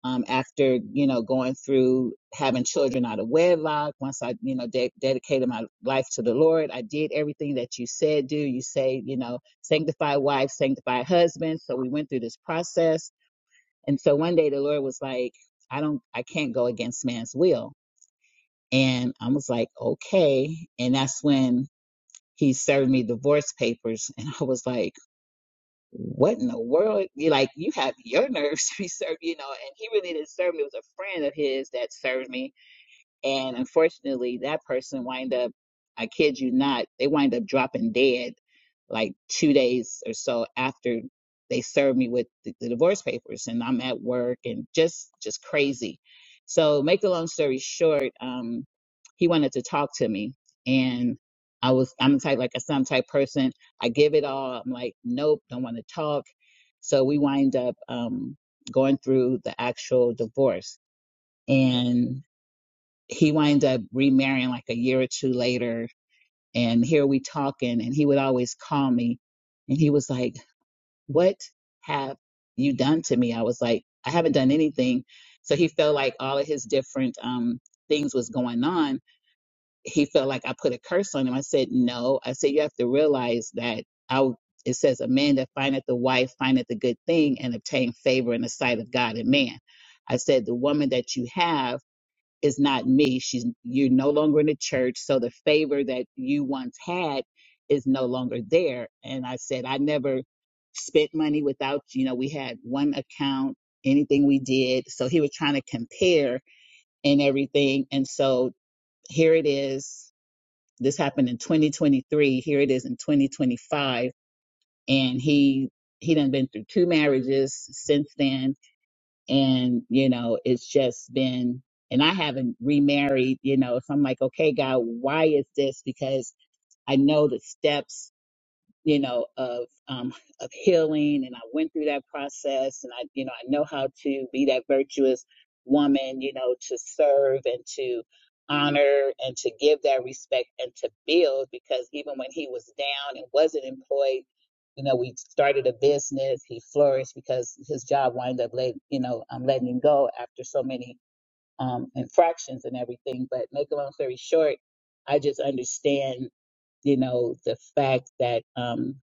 Um, after you know going through having children out of wedlock, once I you know de- dedicated my life to the Lord, I did everything that you said do. You say you know sanctify wives, sanctify husbands. So we went through this process and so one day the Lord was like, I don't, I can't go against man's will. And I was like, okay. And that's when he served me divorce papers. And I was like, what in the world? You like, you have your nerves to be served, you know. And he really didn't serve me. It was a friend of his that served me and unfortunately that person wind up i kid you not they wind up dropping dead like two days or so after they served me with the, the divorce papers and i'm at work and just just crazy so make a long story short um he wanted to talk to me and i was i'm the type like i said i'm the type person i give it all i'm like nope don't want to talk so we wind up um going through the actual divorce and he wound up remarrying like a year or two later. And here we talking, and he would always call me, and he was like, "What have you done to me?" I was like, "I haven't done anything." So he felt like all of his different um, things was going on. He felt like I put a curse on him. I said, "No." I said, "You have to realize that I." It says, "A man that findeth the wife findeth a good thing and obtain favor in the sight of God and man." I said, "The woman that you have." is not me. She's you're no longer in the church, so the favor that you once had is no longer there. And I said, I never spent money without you know we had one account, anything we did. So he was trying to compare and everything, and so here it is. This happened in 2023. Here it is in 2025, and he he done been through two marriages since then and you know it's just been and i haven't remarried you know so i'm like okay god why is this because i know the steps you know, of um, of healing, and I went through that process, and I, you know, I know how to be that virtuous woman, you know, to serve and to honor and to give that respect and to build, because even when he was down and wasn't employed, you know, we started a business. He flourished because his job wound up, let, you know, um, letting him go after so many um, infractions and everything. But make a long story short, I just understand, you know, the fact that. Um,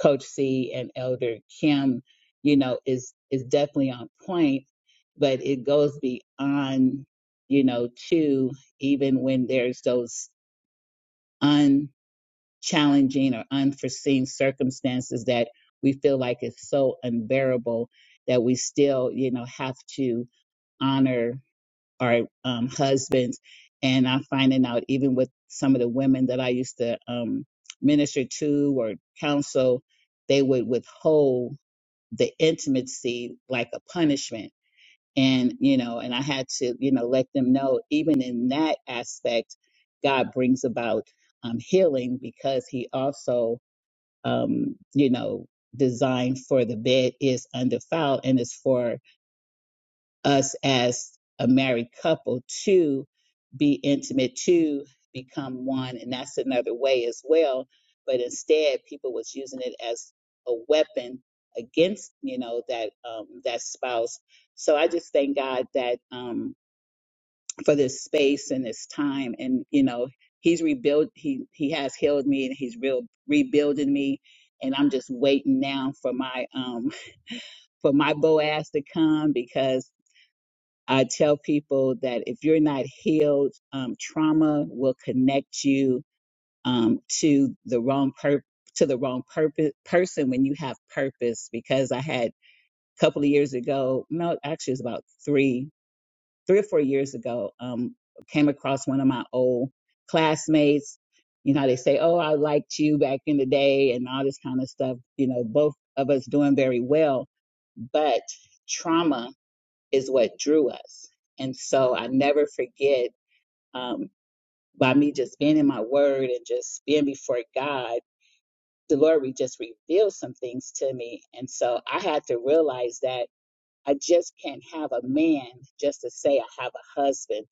Coach C and Elder Kim, you know, is is definitely on point, but it goes beyond, you know, to even when there's those unchallenging or unforeseen circumstances that we feel like it's so unbearable that we still, you know, have to honor our um, husbands. And I'm finding out even with some of the women that I used to um, minister to or counsel, they would withhold the intimacy like a punishment and you know and i had to you know let them know even in that aspect god brings about um, healing because he also um, you know designed for the bed is undefiled and is for us as a married couple to be intimate, to become one. And that's another way as well. But instead, people was using it as a weapon against, you know, that um, that spouse. So I just thank God that um, for this space and this time, and you know, He's rebuilt. He He has healed me, and He's real rebuilding me. And I'm just waiting now for my um, for my Boaz to come because I tell people that if you're not healed, um, trauma will connect you um, to the wrong per- to the wrong purpose person when you have purpose. Because I had a couple of years ago, no, actually it was about three, three or four years ago, um, came across one of my old classmates. You know, how they say, "Oh, I liked you back in the day," and all this kind of stuff. You know, both of us doing very well, but trauma is what drew us. And so I never forget um, by me just being in my word and just being before God, the Lord would just reveal some things to me. And so I had to realize that I just can't have a man just to say I have a husband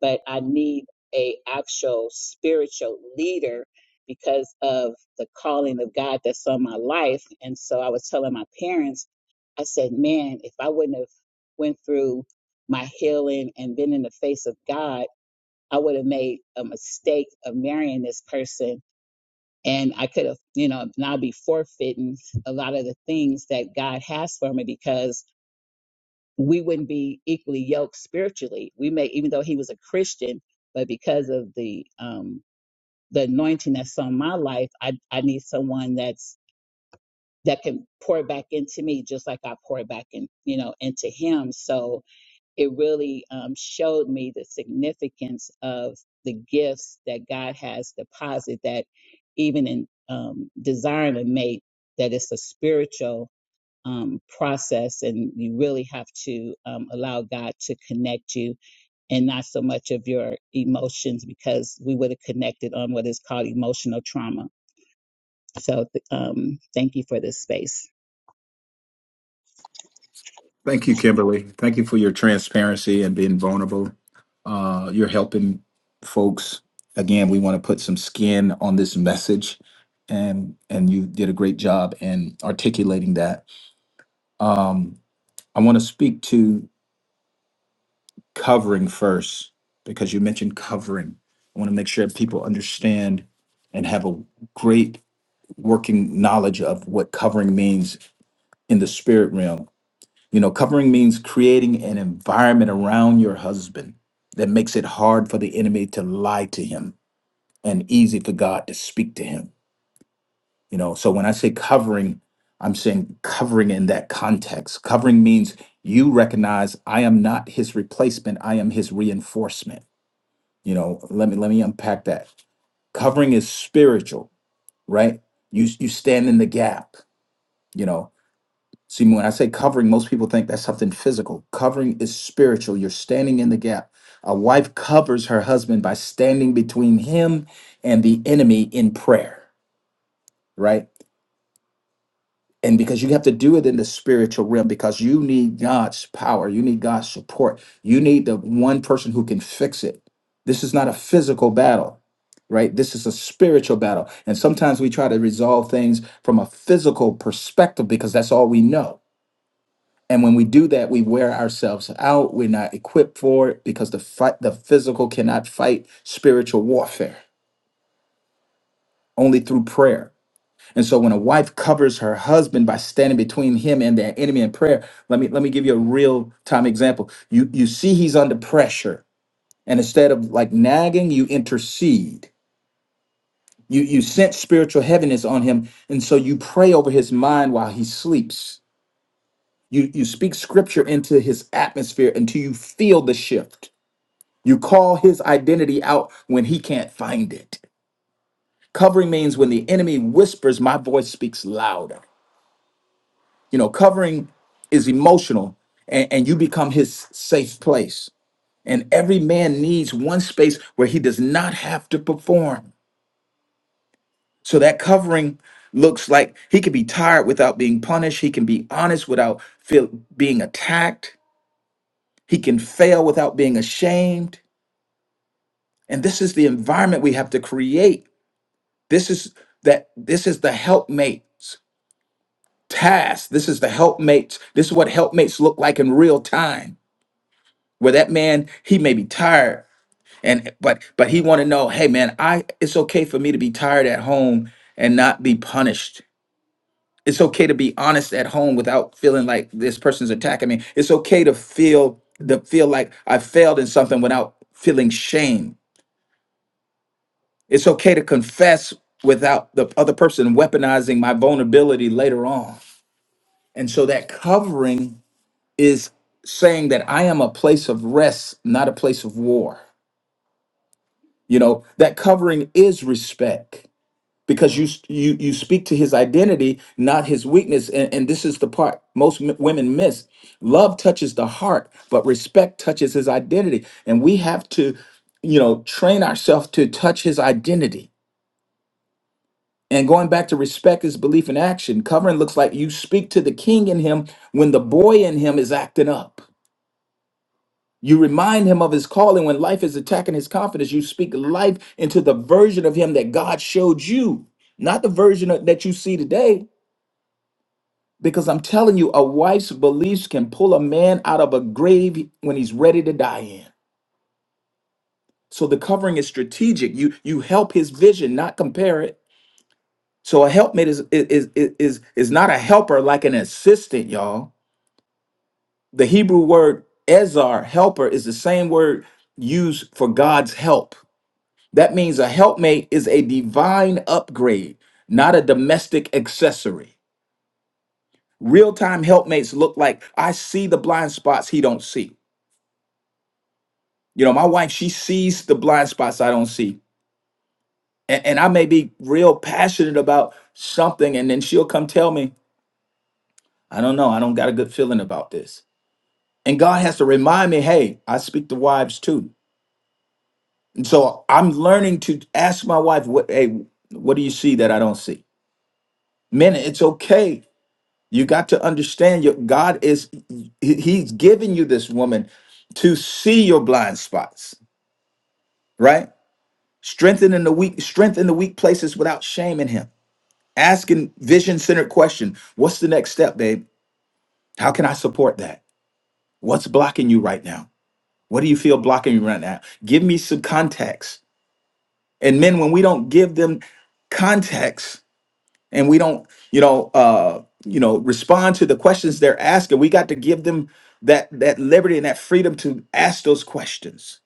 but I need a actual spiritual leader because of the calling of God that's on my life. And so I was telling my parents, I said, man, if I wouldn't have went through my healing and been in the face of God, I would have made a mistake of marrying this person. And I could have, you know, now be forfeiting a lot of the things that God has for me because we wouldn't be equally yoked spiritually. We may, even though he was a Christian, but because of the um, the anointing that's on my life, I I need someone that's that can pour back into me, just like I pour back in, you know, into him. So it really um, showed me the significance of the gifts that God has deposited. That even in um, desiring a mate, that it's a spiritual um, process, and you really have to um, allow God to connect you, and not so much of your emotions, because we would have connected on what is called emotional trauma. So, th- um, thank you for this space. Thank you, Kimberly. Thank you for your transparency and being vulnerable. Uh, you're helping folks. Again, we want to put some skin on this message, and and you did a great job in articulating that. Um, I want to speak to covering first because you mentioned covering. I want to make sure people understand and have a great working knowledge of what covering means in the spirit realm. You know, covering means creating an environment around your husband that makes it hard for the enemy to lie to him and easy for God to speak to him. You know, so when I say covering, I'm saying covering in that context. Covering means you recognize I am not his replacement, I am his reinforcement. You know, let me let me unpack that covering is spiritual right you you stand in the gap you know See, when I say covering, most people think that's something physical. Covering is spiritual. You're standing in the gap. A wife covers her husband by standing between him and the enemy in prayer, right? And because you have to do it in the spiritual realm, because you need God's power, you need God's support, you need the one person who can fix it. This is not a physical battle, right? This is a spiritual battle. And sometimes we try to resolve things from a physical perspective because that's all we know And when we do that, we wear ourselves out. We're not equipped for it because the fight, the physical cannot fight spiritual warfare only through prayer. And so when a wife covers her husband by standing between him and their enemy in prayer, let me let me give you a real time example. You you see he's under pressure, and instead of like nagging, you intercede. You you sense spiritual heaviness on him, and so you pray over his mind while he sleeps. You you speak scripture into his atmosphere until you feel the shift You call his identity out when he can't find it. Covering means when the enemy whispers, my voice speaks louder. You know, covering is emotional and, and you become his safe place. And every man needs one space where he does not have to perform. So that covering looks like he can be tired without being punished. He can be honest without feel, being attacked. He can fail without being ashamed. And this is the environment we have to create This is that this is the helpmates task. This is the helpmates. This is what helpmates look like in real time. Where that man, he may be tired. And but but he want to know, hey man, I it's okay for me to be tired at home and not be punished. It's okay to be honest at home without feeling like this person's attacking me. It's okay to feel to feel like I failed in something without feeling shame. It's okay to confess without the other person weaponizing my vulnerability later on. And so that covering is saying that I am a place of rest, not a place of war. You know, that covering is respect because you you you speak to his identity, not his weakness. And, and this is the part most m- women miss. Love touches the heart, but respect touches his identity. And we have to, you know, train ourselves to touch his identity. And going back to respect is belief in action. Covering looks like you speak to the king in him when the boy in him is acting up You remind him of his calling when life is attacking his confidence. You speak life into the version of him that God showed you, not the version of- that you see today. Because I'm telling you, a wife's beliefs can pull a man out of a grave when he's ready to die in. So the covering is strategic. You you help his vision, not compare it. So a helpmate is is is is, is not a helper like an assistant, y'all. The Hebrew word ezar, helper, is the same word used for God's help. That means a helpmate is a divine upgrade, not a domestic accessory. Real-time helpmates look like I see the blind spots he don't see. You know, my wife, she sees the blind spots I don't see. And, and I may be real passionate about something, and then she'll come tell me, I don't know, I don't got a good feeling about this. And God has to remind me, hey, I speak to wives too. And so I'm learning to ask my wife, what hey, what do you see that I don't see? Men, it's okay You got to understand your God is he- he's giving you this woman to see your blind spots, right? Strengthening the weak, strengthen the weak places without shaming him. Asking vision-centered question. What's the next step, babe? How can I support that? What's blocking you right now? What do you feel blocking you right now? Give me some context. And men, when we don't give them context, and we don't you know uh you know respond to the questions they're asking we got to give them that that liberty and that freedom to ask those questions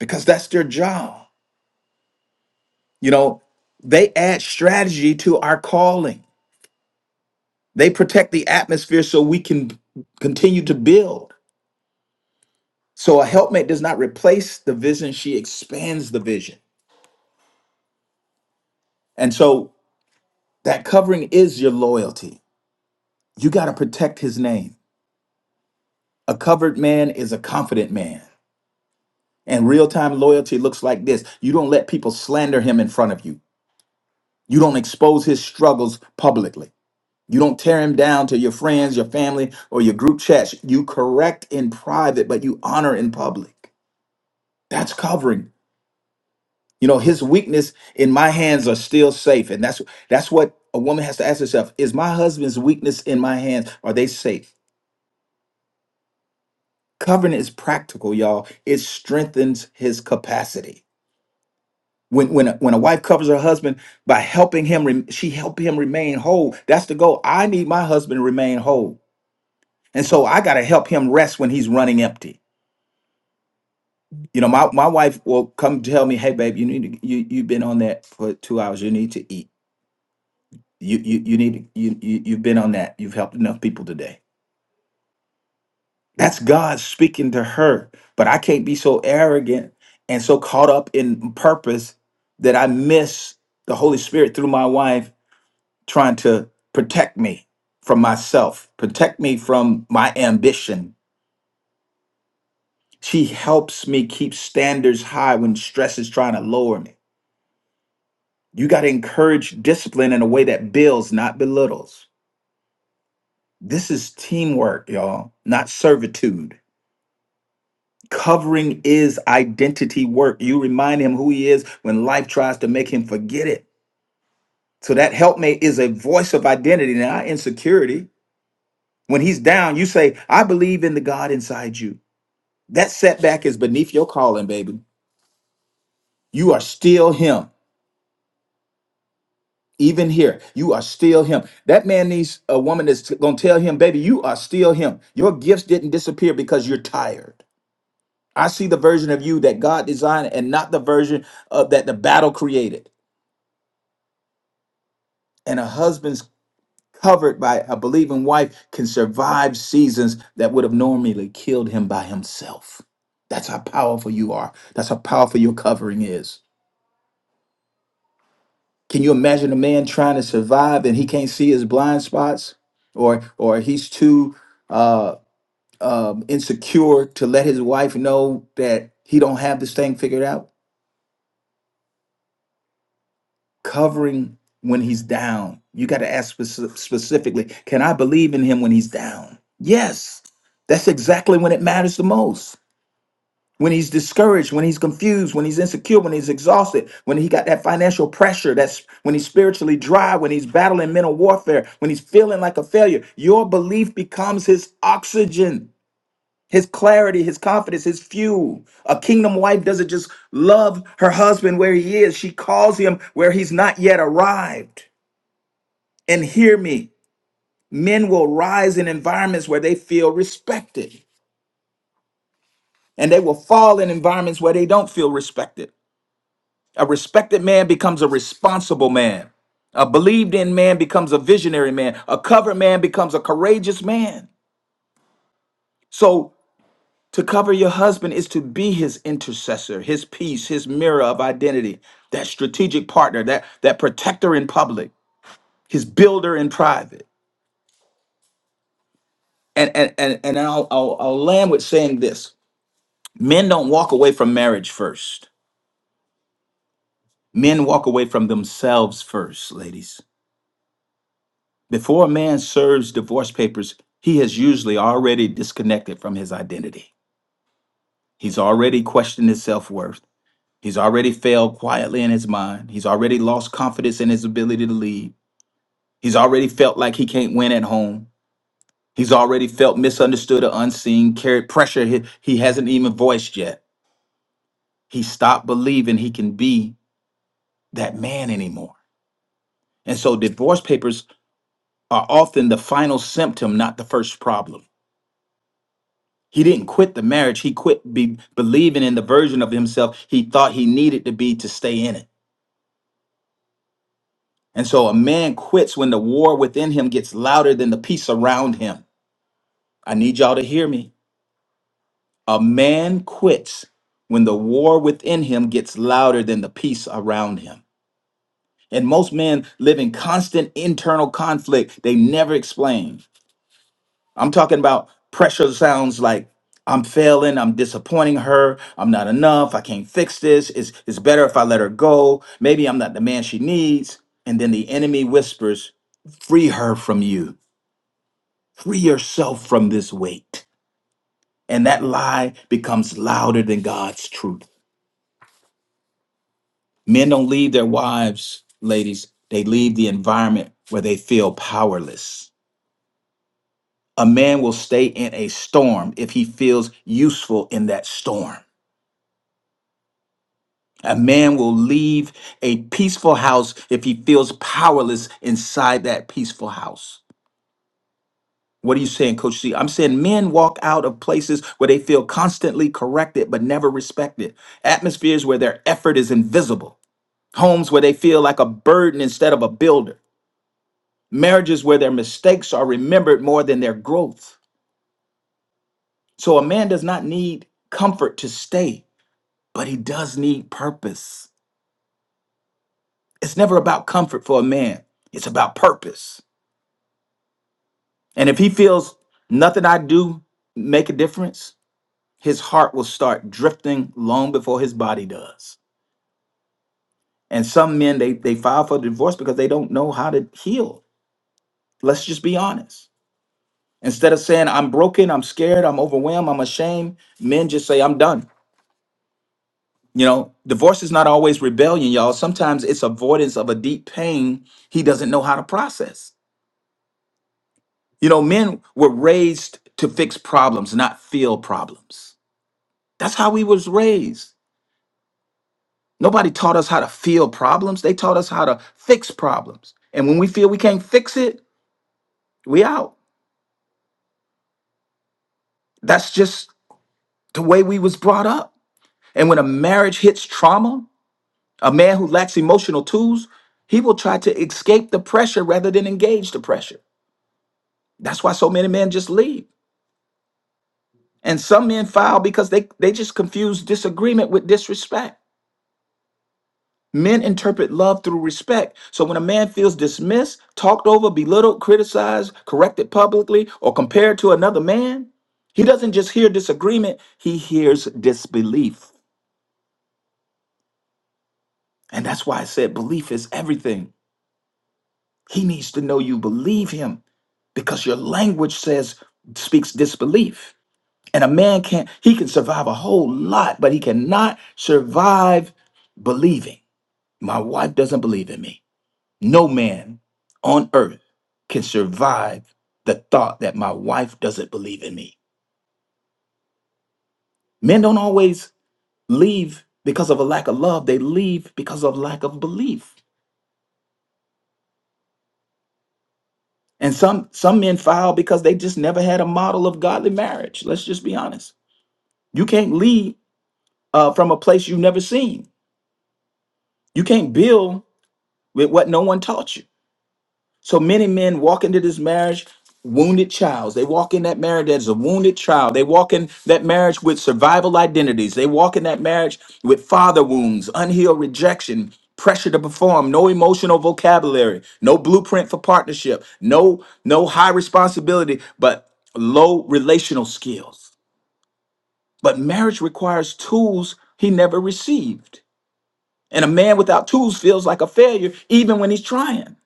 because that's their job you know they add strategy to our calling they protect the atmosphere so we can continue to build so a helpmate does not replace the vision she expands the vision and so that covering is your loyalty you got to protect his name a covered man is a confident man And real time loyalty looks like this you don't let people slander him in front of you, you don't expose his struggles publicly, you don't tear him down to your friends, your family, or your group chats. You correct in private, but you honor in public. That's covering. You know, his weakness in my hands are still safe. And that's that's what a woman has to ask herself. Is my husband's weakness in my hands? Are they safe? Covering is practical, y'all. It strengthens his capacity. when when a, when a wife covers her husband by helping him rem- she help him remain whole that's the goal i need my husband to remain whole and so i got to help him rest when he's running empty you know my, my wife will come tell me hey babe you need to you you've been on that for two hours you need to eat you you, you need to, you, you you've been on that you've helped enough people today that's god speaking to her but i can't be so arrogant and so caught up in purpose that i miss the holy spirit through my wife trying to protect me from myself, protect me from my ambition. She helps me keep standards high when stress is trying to lower me. You got to encourage discipline in a way that builds, not belittles. This is teamwork, y'all, not servitude. Covering is identity work. You remind him who he is when life tries to make him forget it. So that helpmate is a voice of identity, not insecurity. When he's down, you say, I believe in the God inside you. That setback is beneath your calling, baby. You are still him. Even here, you are still him. That man needs a woman that's going to tell him, baby, you are still him. Your gifts didn't disappear because you're tired. I see the version of you that God designed and not the version of, that the battle created. And a husband's covered by a believing wife can survive seasons that would have normally killed him by himself. That's how powerful you are. That's how powerful your covering is. Can you imagine a man trying to survive and he can't see his blind spots, or or he's too uh, um, insecure to let his wife know that he don't have this thing figured out? Covering when he's down. You got to ask speci- specifically. Can I believe in him when he's down? Yes, that's exactly when it matters the most. when he's discouraged, when he's confused, when he's insecure, when he's exhausted, when he got that financial pressure, that's when he's spiritually dry, when he's battling mental warfare, when he's feeling like a failure, your belief becomes his oxygen, his clarity, his confidence, his fuel. A kingdom wife doesn't just love her husband where he is, she calls him where he's not yet arrived. And hear me, men will rise in environments where they feel respected, and they will fall in environments where they don't feel respected. A respected man becomes a responsible man. A believed in man becomes a visionary man. A covered man becomes a courageous man. So, to cover your husband is to be his intercessor, his peace, his mirror of identity, that strategic partner, that, that protector in public, his builder in private. And, and, and, and I'll, I'll, I'll land with saying this men don't walk away from marriage first, men walk away from themselves first, ladies Before a man serves divorce papers, he has usually already disconnected from his identity. He's already questioned his self worth. He's already failed quietly in his mind. He's already lost confidence in his ability to lead. He's already felt like he can't win at home. He's already felt misunderstood or unseen, carried pressure he, he hasn't even voiced yet. He stopped believing he can be that man anymore. And so divorce papers are often the final symptom, not the first problem. He didn't quit the marriage. He quit be, believing in the version of himself he thought he needed to be to stay in it. And so a man quits when the war within him gets louder than the peace around him. I need y'all to hear me. A man quits when the war within him gets louder than the peace around him. And most men live in constant internal conflict they never explain. I'm talking about pressure sounds like I'm failing, I'm disappointing her, I'm not enough, I can't fix this. It's it's better if I let her go. Maybe I'm not the man she needs. And then the enemy whispers, free her from you. Free yourself from this weight. And that lie becomes louder than God's truth. Men don't leave their wives, ladies. They leave the environment where they feel powerless. A man will stay in a storm if he feels useful in that storm. A man will leave a peaceful house if he feels powerless inside that peaceful house. What are you saying, Coach C? I'm saying men walk out of places where they feel constantly corrected but never respected, atmospheres where their effort is invisible, homes where they feel like a burden instead of a builder, marriages where their mistakes are remembered more than their growth. So a man does not need comfort to stay, but he does need purpose. It's never about comfort for a man, it's about purpose. And if he feels nothing I do make a difference, his heart will start drifting long before his body does. And some men they they file for divorce because they don't know how to heal. Let's just be honest. Instead of saying I'm broken, I'm scared, I'm overwhelmed, I'm ashamed, men just say I'm done. You know, divorce is not always rebellion, y'all. Sometimes it's avoidance of a deep pain he doesn't know how to process. You know, men were raised to fix problems, not feel problems. That's how we was raised Nobody taught us how to feel problems. They taught us how to fix problems. And when we feel we can't fix it, we out. That's just the way we was brought up. And when a marriage hits trauma, a man who lacks emotional tools, he will try to escape the pressure rather than engage the pressure. That's why so many men just leave. And some men file because they, they just confuse disagreement with disrespect. Men interpret love through respect. So when a man feels dismissed, talked over, belittled, criticized, corrected publicly, or compared to another man, he doesn't just hear disagreement, he hears disbelief. And that's why I said belief is everything. He needs to know you believe him because your language says speaks disbelief. And a man can't, he can survive a whole lot, but he cannot survive believing. My wife doesn't believe in me. No man on earth can survive the thought that my wife doesn't believe in me. Men don't always leave because of a lack of love, they leave because of lack of belief. And some some men file because they just never had a model of godly marriage. Let's just be honest. You can't lead uh, from a place you've never seen. You can't build with what no one taught you. So many men walk into this marriage wounded childs. They walk in that marriage as a wounded child. They walk in that marriage with survival identities. They walk in that marriage with father wounds, unhealed rejection, pressure to perform, no emotional vocabulary, no blueprint for partnership, no no high responsibility, but low relational skills. But marriage requires tools he never received. And a man without tools feels like a failure even when he's trying.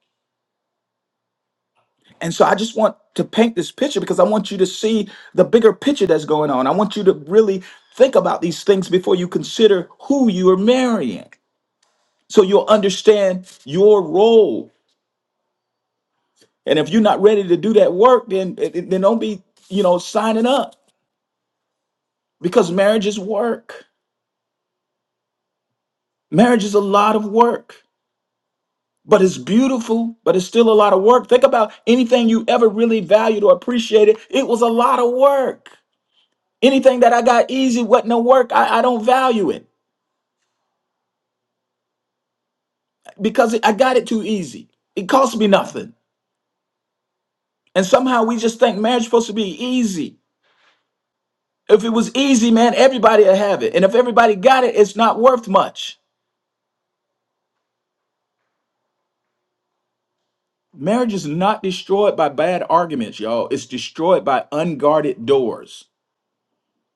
And so I just want to paint this picture because I want you to see the bigger picture that's going on. I want you to really think about these things before you consider who you are marrying. So you'll understand your role. And if you're not ready to do that work, then eh, eh, then don't be, you know, signing up because marriage is work. Marriage is a lot of work, but it's beautiful, but it's still a lot of work. Think about anything you ever really valued or appreciated. It was a lot of work. Anything that I got easy, what no work, I, I don't value it because I got it too easy. It cost me nothing. And somehow we just think marriage supposed to be easy. If it was easy, man, everybody would have it. And if everybody got it, it's not worth much. Marriage is not destroyed by bad arguments, y'all. It's destroyed by unguarded doors.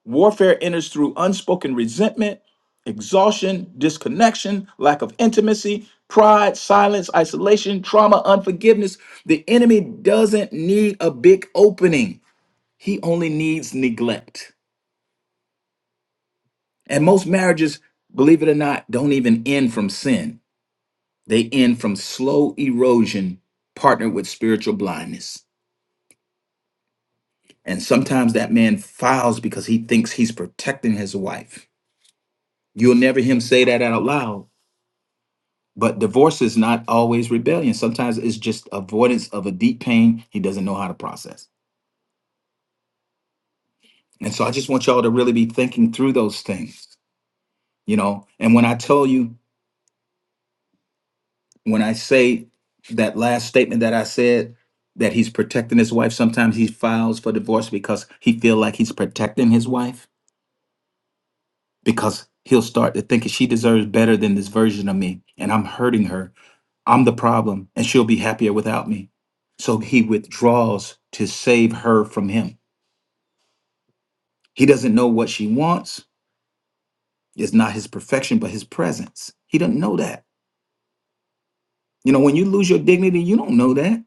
Warfare enters through unspoken resentment, exhaustion, disconnection, lack of intimacy, pride, silence, isolation, trauma, unforgiveness. The enemy doesn't need a big opening, he only needs neglect. And most marriages, believe it or not, don't even end from sin, they end from slow erosion partnered with spiritual blindness. And sometimes that man files because he thinks he's protecting his wife. You'll never hear him say that out loud, But divorce is not always rebellion. Sometimes it's just avoidance of a deep pain he doesn't know how to process. And so I just want y'all to really be thinking through those things, you know. And when I tell you, when I say that last statement that I said that he's protecting his wife, sometimes he files for divorce because he feel like he's protecting his wife because he'll start to thinking she deserves better than this version of me and I'm hurting her. I'm the problem and she'll be happier without me. So he withdraws to save her from him. He doesn't know what she wants. It's not his perfection, but his presence. He doesn't know that. You know, when you lose your dignity, you don't know that.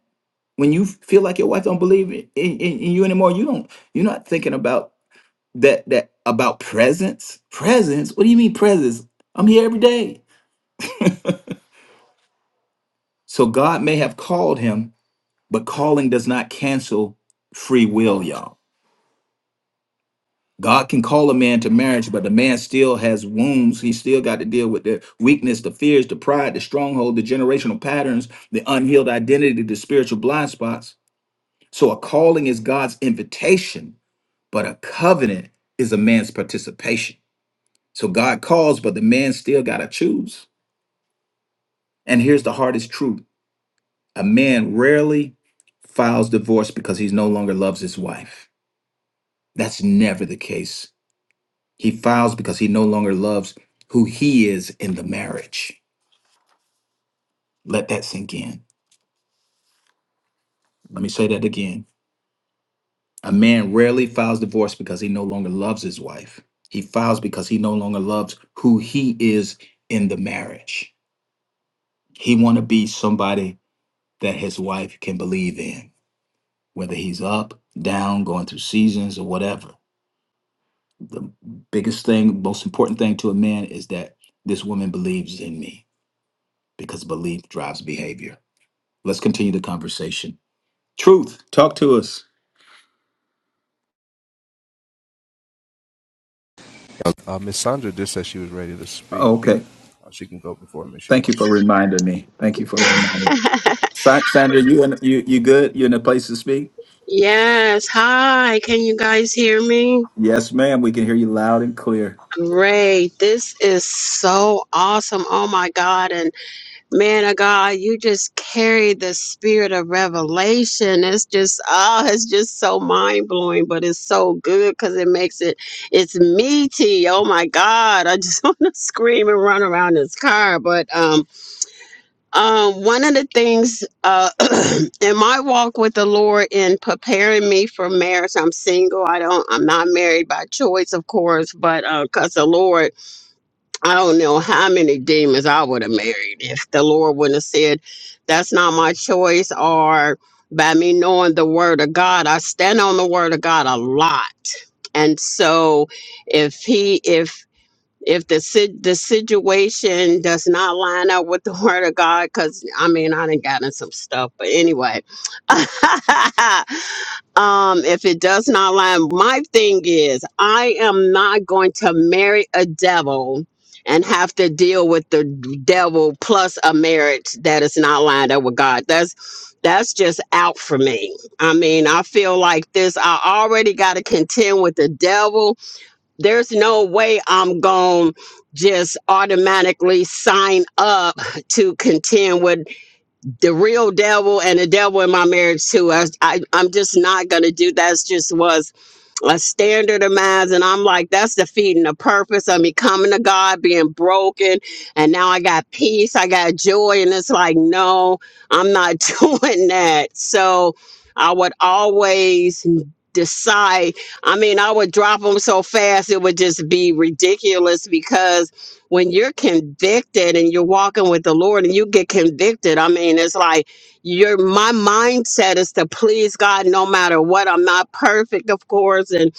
When you feel like your wife don't believe in, in, in you anymore, you don't. You're not thinking about that. That about presence. Presence. What do you mean presence? I'm here every day. So God may have called him But calling does not cancel free will, y'all. God can call a man to marriage, but the man still has wounds. He still got to deal with the weakness, the fears, the pride, the stronghold, the generational patterns, the unhealed identity, the spiritual blind spots. So a calling is God's invitation, but a covenant is a man's participation. So God calls, but the man still got to choose. And here's the hardest truth a man rarely files divorce because he no longer loves his wife. That's never the case He files because he no longer loves who he is in the marriage. Let that sink in. Let me say that again. A man rarely files divorce because he no longer loves his wife. He files because he no longer loves who he is in the marriage. He want to be somebody that his wife can believe in, whether he's up, down, going through seasons or whatever. The biggest thing, most important thing to a man is that this woman believes in me because belief drives behavior Let's continue the conversation. Truth, talk to us. Uh, Miss Sandra did say she was ready to speak. Okay. Uh, she can go before me if she Thank you wants for to. reminding me. Thank you for reminding me. Sa- Sandra, you in, you you good? You in a place to speak? Yes. Hi. Can you guys hear me? Yes, ma'am. We can hear you loud and clear. Great. This is so awesome. Oh my God. And man of God, you just carry the spirit of revelation. It's just, oh, it's just so mind blowing, but it's so good because it makes it, it's meaty. Oh my God. I just want to scream and run around this car. But, um, Um, one of the things uh, in my walk with the Lord in preparing me for marriage, I'm single. I don't, I'm not married by choice, of course, but because the Lord, I don't know how many demons I would have married if the Lord wouldn't have said, "That's not my choice," or by me knowing the Word of God, I stand on the Word of God a lot, and so if He, if if the si- the situation does not line up with the word of God, because I mean I done gotten some stuff, but anyway, um, if it does not line, my thing is I am not going to marry a devil and have to deal with the devil plus a marriage that is not lined up with God. That's that's just out for me. I mean, I feel like this. I already got to contend with the devil there's no way I'm going to just automatically sign up to contend with the real devil and the devil in my marriage too. I, I, I'm just not going to do that. just was a standard of mine, and i'm like that's defeating the purpose of me coming to god being broken and now i got peace i got joy and it's like no i'm not doing that so i would always decide i mean i would drop them so fast it would just be ridiculous because when you're convicted and you're walking with the lord and you get convicted i mean it's like your my mindset is to please God no matter what. I'm not perfect, of course, and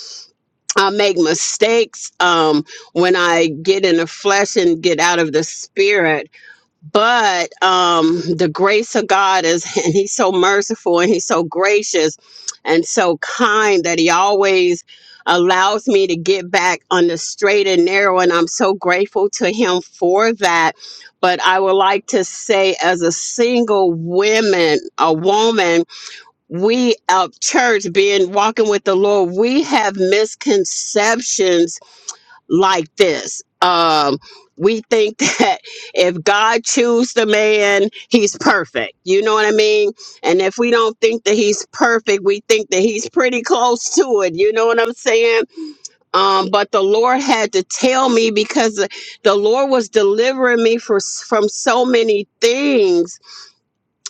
I make mistakes um when I get in the flesh and get out of the spirit but um the grace of god is and he's so merciful and he's so gracious and so kind that he always allows me to get back on the straight and narrow and i'm so grateful to him for that but i would like to say as a single woman a woman we of church being walking with the lord we have misconceptions like this. Um, we think that if God chooses the man, he's perfect. You know what I mean? And if we don't think that he's perfect, we think that he's pretty close to it. You know what I'm saying? Um, but the Lord had to tell me because the Lord was delivering me for, from so many things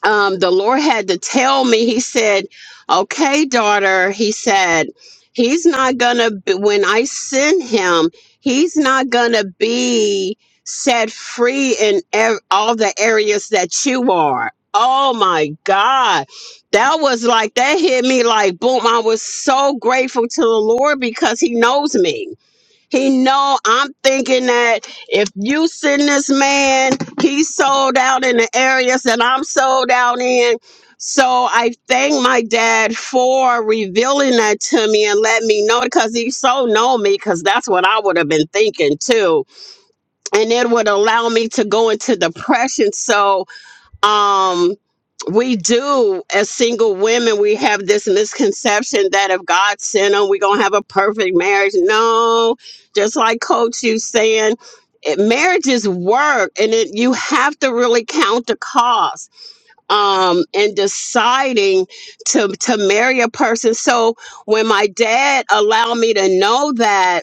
um, the Lord had to tell me, He said, Okay, daughter, He said, He's not gonna, be, when I send Him, He's not gonna be set free in ev- all the areas that you are. Oh my God. That was like, that hit me like boom. I was so grateful to the Lord because He knows me he know I'm thinking that if you send this man, he's sold out in the areas that I'm sold out in. So I thank my dad for revealing that to me and let me know because he so know me because that's what I would have been thinking too. And it would allow me to go into depression. So um we do as single women we have this misconception that if god sent them we're gonna have a perfect marriage no just like coach you saying it, marriage is work and it, you have to really count the cost um in deciding to to marry a person so when my dad allowed me to know that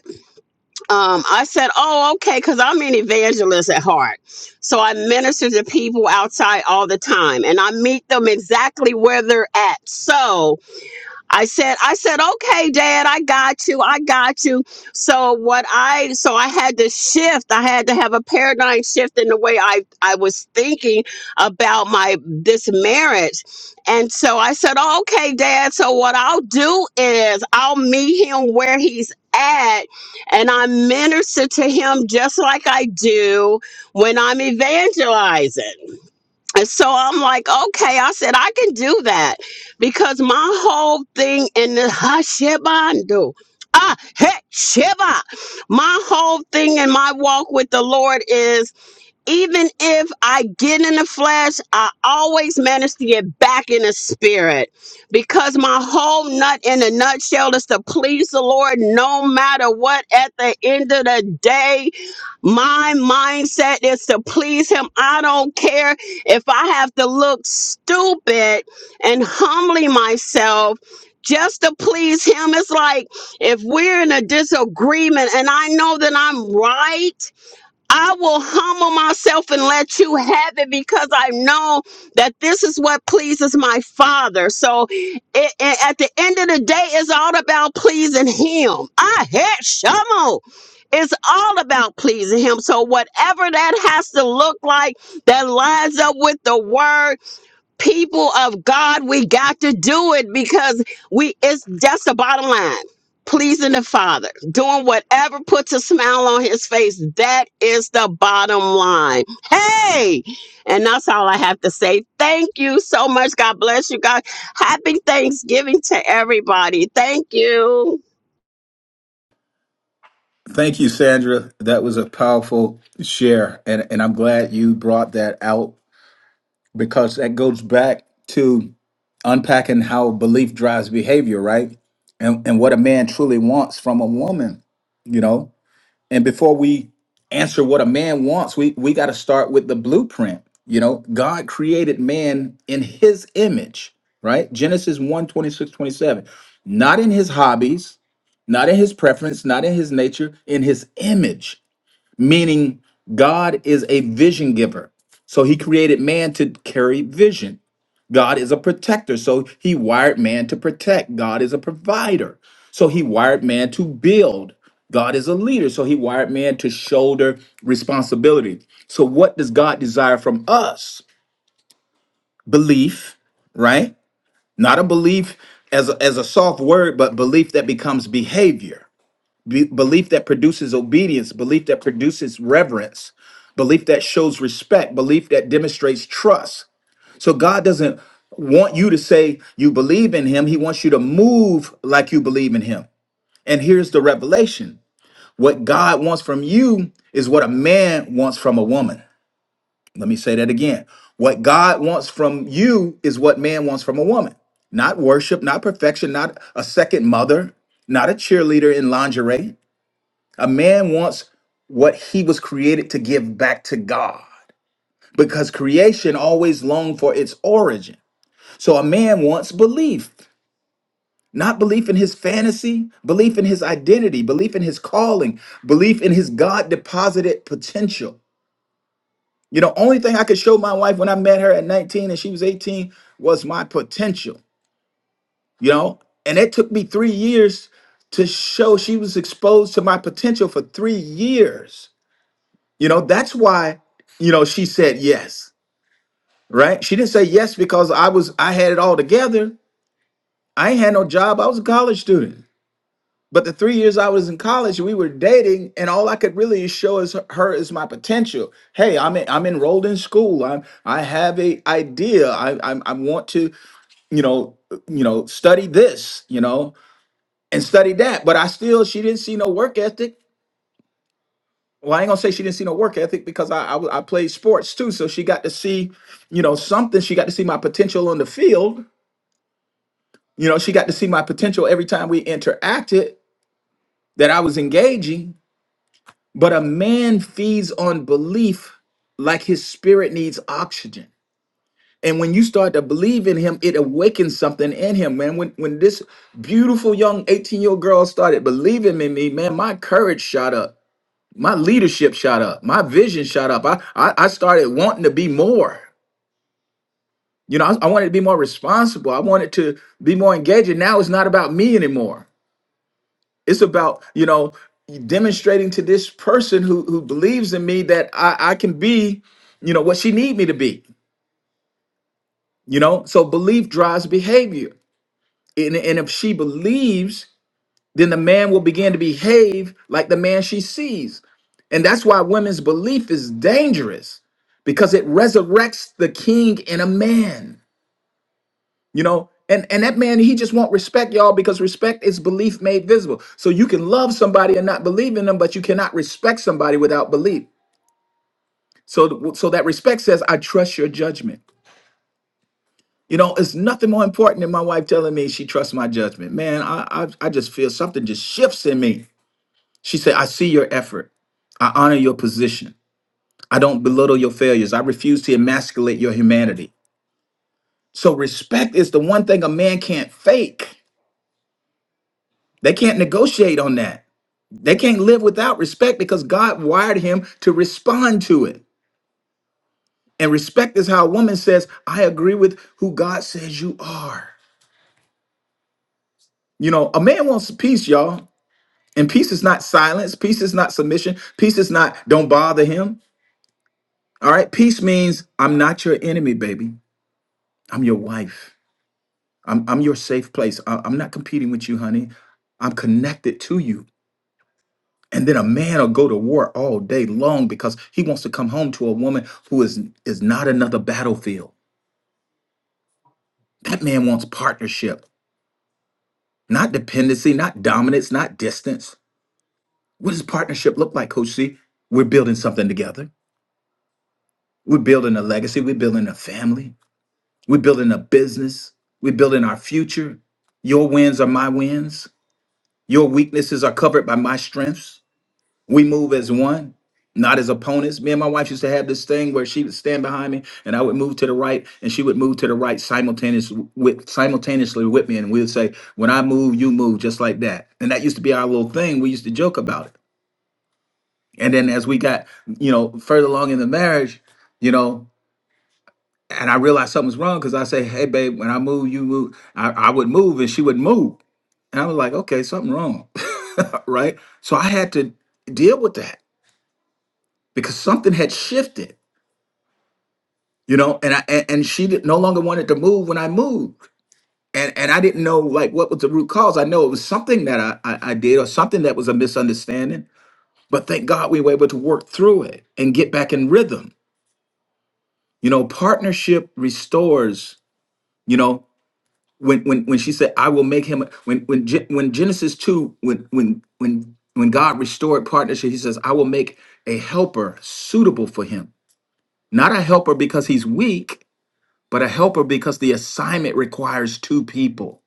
um, I said, Oh, okay, because I'm an evangelist at heart. So I minister to people outside all the time and I meet them exactly where they're at. So I said, I said, okay, dad, I got you. I got you. So what I so I had to shift. I had to have a paradigm shift in the way I I was thinking about my this marriage. And so I said, oh, okay, dad. So what I'll do is I'll meet him where he's at and I minister to him just like I do when I'm evangelizing. And so I'm like, okay, I said, I can do that because my whole thing in the Hashabando, ah, he, Sheba, my whole thing in my walk with the Lord is even if I get in the flesh, I always manage to get back in the spirit because my whole nut in a nutshell is to please the Lord no matter what. At the end of the day, my mindset is to please Him. I don't care if I have to look stupid and humbly myself. Just to please him. It's like if we're in a disagreement and I know that I'm right I will humble myself and let you have it because I know that this is what pleases my Father. So it, it- at the end of the day, it's all about pleasing Him. I had Shamo. It's all about pleasing Him. So whatever that has to look like that lines up with the Word people of God, we got to do it because we it's that's the bottom line. Pleasing the Father, doing whatever puts a smile on his face. That is the bottom line. Hey! And that's all I have to say. Thank you so much. God bless you. God happy Thanksgiving to everybody. Thank you. Thank you, Sandra. That was a powerful share, and and I'm glad you brought that out because that goes back to unpacking how belief drives behavior, right? And and what a man truly wants from a woman. You know, and before we answer what a man wants we we got to start with the blueprint you know god created man in his image right genesis one twenty six twenty seven. not in his hobbies not in his preference not in his nature in his image meaning god is a vision giver so he created man to carry vision God is a protector. So he wired man to protect. God is a provider. So he wired man to build. God is a leader. So he wired man to shoulder responsibility. So what does God desire from us? Belief, right? Not a belief as a, as a soft word, but belief that becomes behavior, Be- belief that produces obedience, belief that produces reverence, belief that shows respect, belief that demonstrates trust, so God doesn't want you to say you believe in him. He wants you to move like you believe in him. And here's the revelation. What God wants from you is what a man wants from a woman. Let me say that again. What God wants from you is what man wants from a woman. Not worship, not perfection, not a second mother, not a cheerleader in lingerie. A man wants what he was created to give back to God because creation always longed for its origin. So a man wants belief, not belief in his fantasy, belief in his identity, belief in his calling, belief in his God deposited potential. You know, only thing I could show my wife when I met her at 19 and she was 18 was my potential, you know? And it took me three years to show she was exposed to my potential for three years. You know, that's why, you know, she said yes, right? She didn't say yes because I was, I had it all together. I ain't had no job. I was a college student. But the three years I was in college, we were dating, and all I could really show is her is my potential. Hey, I'm en- I'm enrolled in school. I'm I have a idea. I I, I want to you know uh, you know study this you know and study that. But I still she didn't see no work ethic. Well, I ain't gonna say she didn't see no work ethic because I I, w- I played sports too, so she got to see you know something. She got to see my potential on the field. You know, she got to see my potential every time we interacted that I was engaging But a man feeds on belief like his spirit needs oxygen. And when you start to believe in him, it awakens something in him, man. When when this beautiful young 18-year-old girl started believing in me, man, my courage shot up. My leadership shot up. My vision shot up. I I, I started wanting to be more. You know, I, I wanted to be more responsible. I wanted to be more engaging. Now it's not about me anymore. It's about, you know, demonstrating to this person who who believes in me that I, I can be, you know, what she need me to be. You know, so belief drives behavior. And, and if she believes, then the man will begin to behave like the man she sees. And that's why women's belief is dangerous because it resurrects the king in a man. you know and and that man he just want respect y'all because respect is belief made visible so you can love somebody and not believe in them but you cannot respect somebody without belief so so that respect says i trust your judgment you know it's nothing more important than my wife telling me she trusts my judgment man i i, I just feel something just shifts in me she said i see your effort i honor your position i don't belittle your failures i refuse to emasculate your humanity so respect is the one thing a man can't fake they can't negotiate on that They can't live without respect because God wired him to respond to it. And respect is how a woman says, I agree with who God says you are. You know, a man wants peace, y'all. And peace is not silence, peace is not submission, peace is not don't bother him. All right. Peace means I'm not your enemy, baby. I'm your wife. I'm, I'm your safe place. I- I'm not competing with you, honey. I'm connected to you. And then a man will go to war all day long because he wants to come home to a woman who is is not another battlefield. That man wants partnership, not dependency, not dominance, not distance. What does partnership look like, Coach C? We're building something together. We're building a legacy. We're building a family. We're building a business. We're building our future. Your wins are my wins. Your weaknesses are covered by my strengths. We move as one, not as opponents. Me and my wife used to have this thing where she would stand behind me and I would move to the right and she would move to the right simultaneous with simultaneously with me. And we would say, When I move, you move, just like that. And that used to be our little thing. We used to joke about it. And then as we got, you know, further along in the marriage, you know, and I realized something was wrong because I say, Hey babe, when I move, you move. I, I would move and she would move. And I was like, okay, something wrong. right? So I had to deal with that because something had shifted you know and i and, and she did, no longer wanted to move when i moved and and i didn't know like what was the root cause i know it was something that i i, I did or something that was a misunderstanding but thank god we were able to work through it and get back in rhythm you know partnership restores you know when when when she said i will make him a-" when when Gen- when genesis 2 when when when when god restored partnership he says i will make a helper suitable for him not a helper because he's weak but a helper because the assignment requires two people.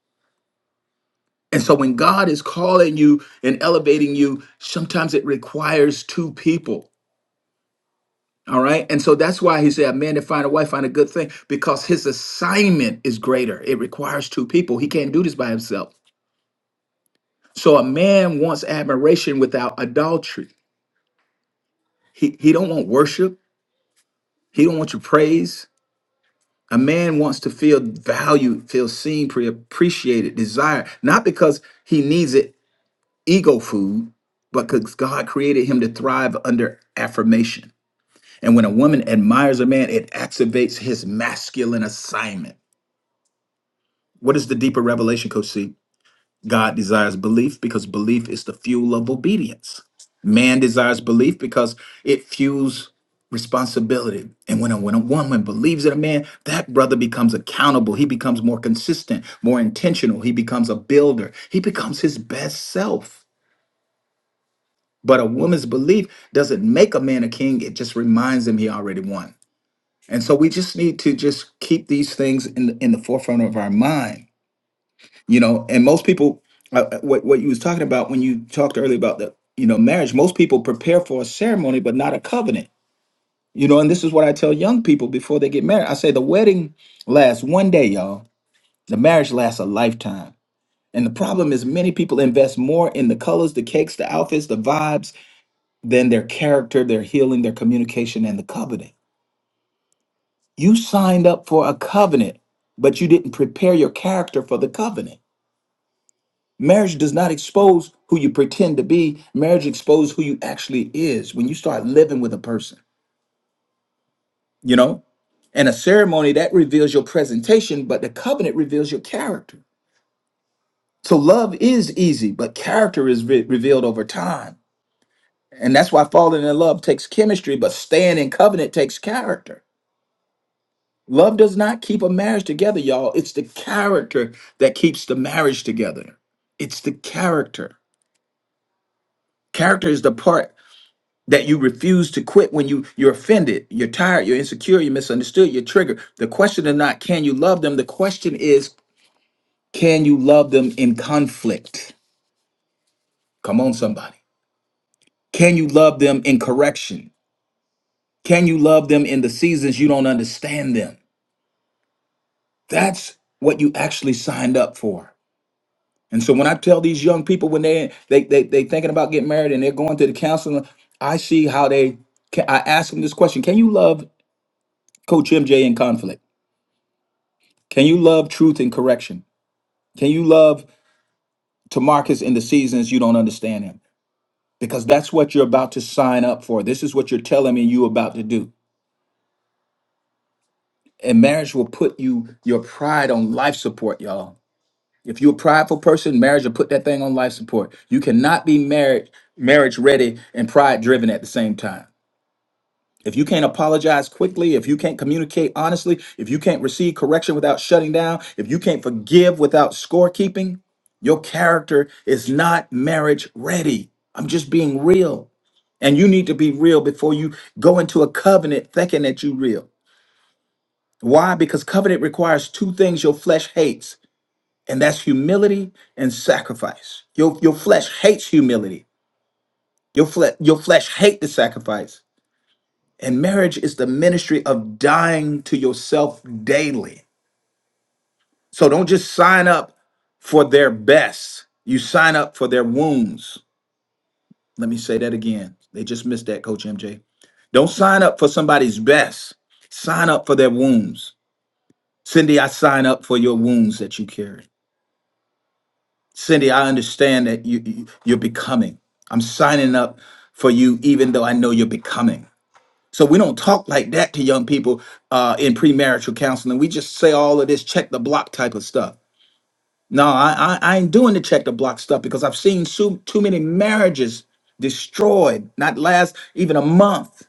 And so when God is calling you and elevating you, sometimes it requires two people. All right. And so that's why he said, a man to find a wife, find a good thing, because his assignment is greater. It requires two people. He can't do this by himself. So a man wants admiration without adultery. He, he don't want worship. He don't want your praise. A man wants to feel valued, feel seen, pre- appreciated, desired, not because he needs it, ego food, but because God created him to thrive under affirmation. And when a woman admires a man, it activates his masculine assignment. What is the deeper revelation, Coach C? God desires belief because belief is the fuel of obedience. Man desires belief because it fuels responsibility. And when a, when a woman believes in a man, that brother becomes accountable. He becomes more consistent, more intentional. He becomes a builder. He becomes his best self. But a woman's belief doesn't make a man a king, it just reminds him he already won. And so we just need to just keep these things in the, in the forefront of our mind, you know. And most people, uh, uh, what, what you was talking about when you talked earlier about the, you know, marriage, most people prepare for a ceremony, but not a covenant, you know. And this is what I tell young people before they get married. I say the wedding lasts one day, y'all. The marriage lasts a lifetime. And the problem is many people invest more in the colors, the cakes, the outfits, the vibes, then their character, their healing, their communication, and the covenant. You signed up for a covenant, but you didn't prepare your character for the covenant. Marriage does not expose who you pretend to be, marriage exposes who you actually is when you start living with a person, you know? And a ceremony that reveals your presentation, but the covenant reveals your character. So love is easy, but character is re- revealed over time. And that's why falling in love takes chemistry, but staying in covenant takes character. Love does not keep a marriage together, y'all. It's the character that keeps the marriage together. It's the character. Character is the part that you refuse to quit when you you're offended, you're tired, you're insecure, you're misunderstood, you're triggered. The question is not can you love them? The question is can you love them in conflict? Come on somebody. Can you love them in correction? Can you love them in the seasons you don't understand them? That's what you actually signed up for. And so when I tell these young people when they they they they thinking about getting married and they're going to the counseling, I see how they. Can, I ask them this question: Can you love Coach MJ in conflict? Can you love truth and correction? Can you love Tamarcus in the seasons you don't understand him? Because that's what you're about to sign up for. This is what you're telling me you about to do. And marriage will put you your pride on life support, y'all. If you're a prideful person, marriage will put that thing on life support. You cannot be married marriage ready and pride driven at the same time. If you can't apologize quickly, if you can't communicate honestly, if you can't receive correction without shutting down, if you can't forgive without scorekeeping, your character is not marriage ready. I'm just being real. And you need to be real before you go into a covenant thinking that you're real. Why? Because covenant requires two things your flesh hates, and that's humility and sacrifice. Your, your flesh hates humility. Your, fle- your flesh hates the sacrifice And marriage is the ministry of dying to yourself daily. So don't just sign up for their best. You sign up for their wounds. Let me say that again. They just missed that, Coach MJ. Don't sign up for somebody's best. Sign up for their wounds. Cindy, I sign up for your wounds that you carry. Cindy, I understand that you, you- you're becoming. I'm signing up for you, even though I know you're becoming. So we don't talk like that to young people uh, in premarital counseling. We just say all of this check the block type of stuff. No, I, I, I ain't doing the check the block stuff because I've seen so, too many marriages destroyed, not last even a month,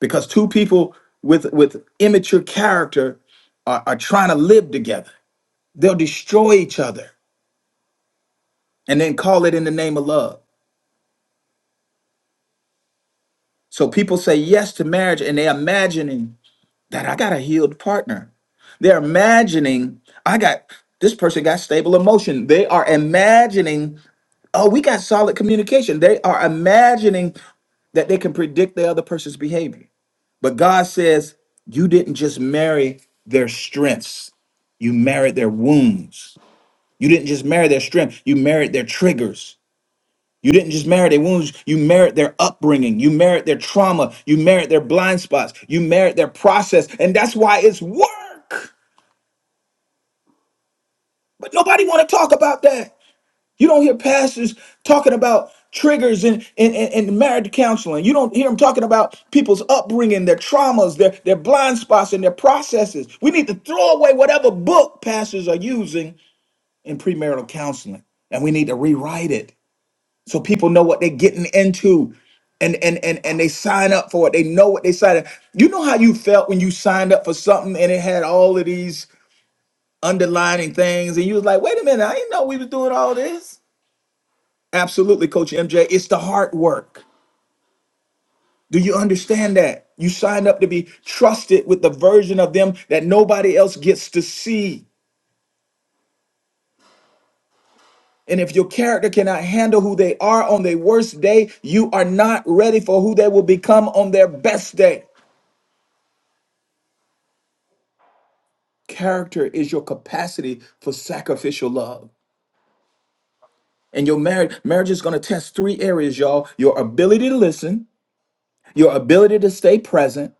because two people with with immature character are, are trying to live together. They'll destroy each other and then call it in the name of love. So people say yes to marriage and they're imagining that I got a healed partner. They're imagining I got this person got stable emotion. They are imagining, oh, we got solid communication. They are imagining that they can predict the other person's behavior. But God says, you didn't just marry their strengths, you married their wounds. You didn't just marry their strength, you married their triggers. You didn't just merit their wounds, you merit their upbringing, you merit their trauma, you merit their blind spots, you merit their process, and that's why it's work. But nobody want to talk about that. You don't hear pastors talking about triggers and, and, and, and marriage counseling. You don't hear them talking about people's upbringing, their traumas, their, their blind spots, and their processes. We need to throw away whatever book pastors are using in premarital counseling, and we need to rewrite it. so people know what they're getting into and and and and they sign up for it they know what they signed up you know how you felt when you signed up for something and it had all of these underlining things and you was like wait a minute i didn't know we was doing all this absolutely coach mj it's the hard work do you understand that you signed up to be trusted with the version of them that nobody else gets to see and if your character cannot handle who they are on their worst day you are not ready for who they will become on their best day Character is your capacity for sacrificial love. And your marriage marriage is going to test three areas, y'all. Your ability to listen, your ability to stay present,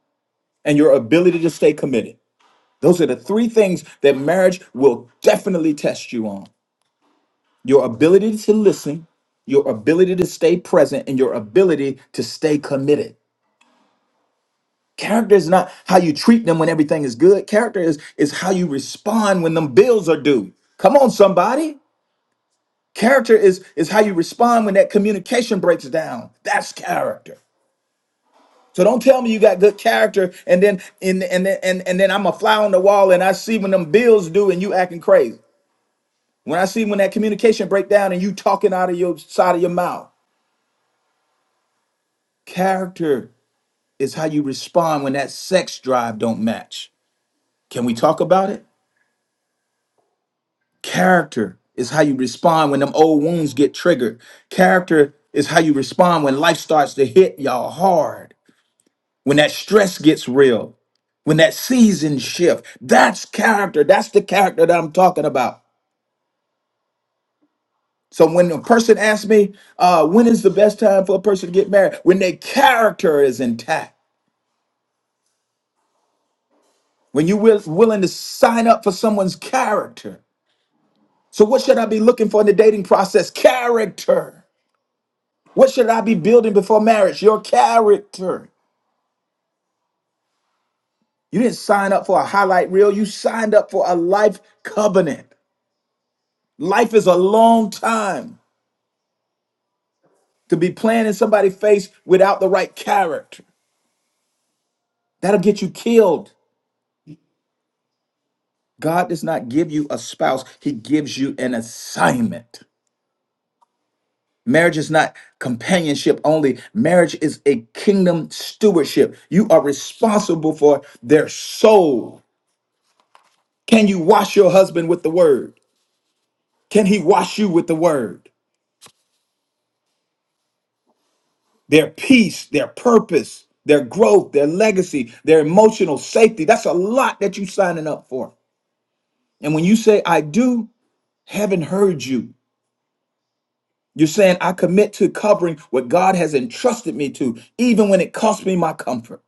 and your ability to stay committed. Those are the three things that marriage will definitely test you on. Your ability to listen, your ability to stay present, and your ability to stay committed. Character is not how you treat them when everything is good. Character is is how you respond when them bills are due. Come on, somebody. Character is is how you respond when that communication breaks down. That's character. So don't tell me you got good character and then and and then and, and then I'm a fly on the wall and I see when them bills due and you acting crazy. When I see when that communication break down and you talking out of your side of your mouth. Character is how you respond when that sex drive don't match. Can we talk about it? Character is how you respond when them old wounds get triggered. Character is how you respond when life starts to hit y'all hard. when that stress gets real, when that season shift, that's character. That's the character that I'm talking about. So when a person asks me, uh, when is the best time for a person to get married? When their character is intact, when you're will, willing to sign up for someone's character. So what should I be looking for in the dating process? Character. What should I be building before marriage? Your character. You didn't sign up for a highlight reel. You signed up for a life covenant. Life is a long time. to be playing in somebody's face without the right character. That'll get you killed. God does not give you a spouse, He gives you an assignment. Marriage is not companionship only. Marriage is a kingdom stewardship. You are responsible for their soul. Can you wash your husband with the word? Can he wash you with the word? Their peace, their purpose, their growth, their legacy, their emotional safety. That's a lot that you are signing up for. And when you say I do, haven't heard you. You're saying, I commit to covering what God has entrusted me to, even when it costs me my comfort.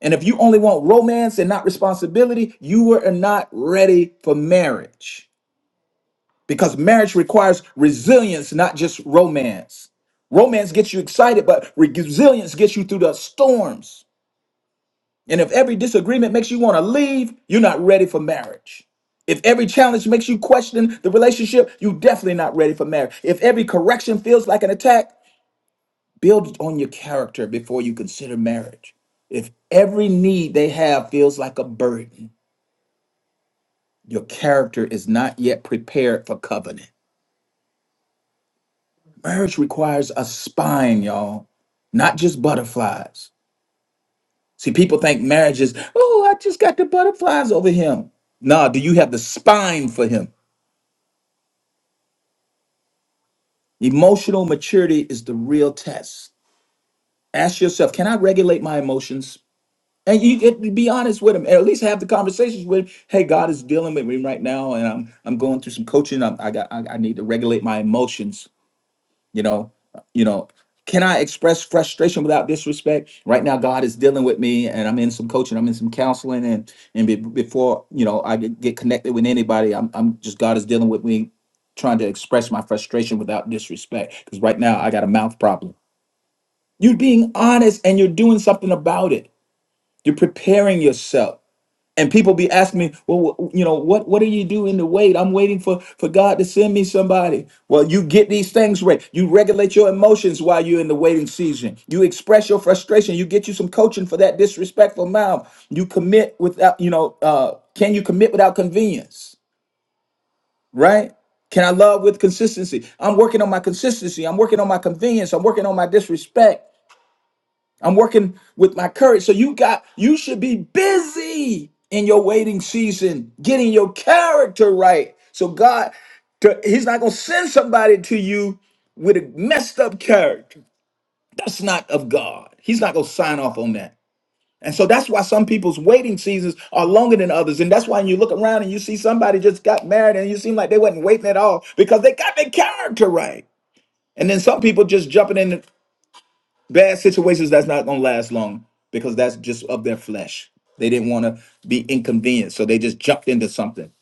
And if you only want romance and not responsibility, you were not ready for marriage because marriage requires resilience, not just romance. Romance gets you excited, but resilience gets you through the storms. And if every disagreement makes you want to leave, you're not ready for marriage. If every challenge makes you question the relationship, you're definitely not ready for marriage. If every correction feels like an attack, build on your character before you consider marriage. If every need they have feels like a burden, your character is not yet prepared for covenant. Marriage requires a spine, y'all, not just butterflies. See, people think marriage is, oh, I just got the butterflies over him. Nah, do you have the spine for him? Emotional maturity is the real test. Ask yourself, can I regulate my emotions? And you get to be honest with him, and at least have the conversations with him. Hey, God is dealing with me right now, and I'm I'm going through some coaching. I'm, I got I, I need to regulate my emotions you know you know can i express frustration without disrespect right now god is dealing with me and i'm in some coaching i'm in some counseling and and be, before you know i get get connected with anybody I'm, I'm just god is dealing with me trying to express my frustration without disrespect because right now i got a mouth problem you're being honest and you're doing something about it you're preparing yourself and people be asking me well wh- you know what what do you do in the wait i'm waiting for for god to send me somebody well you get these things right you regulate your emotions while you're in the waiting season you express your frustration you get you some coaching for that disrespectful mouth you commit without you know uh can you commit without convenience right can i love with consistency i'm working on my consistency i'm working on my convenience i'm working on my disrespect I'm working with my courage. So you got you should be busy in your waiting season, getting your character right. So God, to- He's not gonna send somebody to you with a messed up character. That's not of God. He's not gonna sign off on that. And so that's why some people's waiting seasons are longer than others. And that's why when you look around and you see somebody just got married and you seem like they wasn't waiting at all because they got their character right. And then some people just jumping in bad situations that's not gonna last long because that's just of their flesh. They didn't want to be inconvenienced, so they just jumped into something,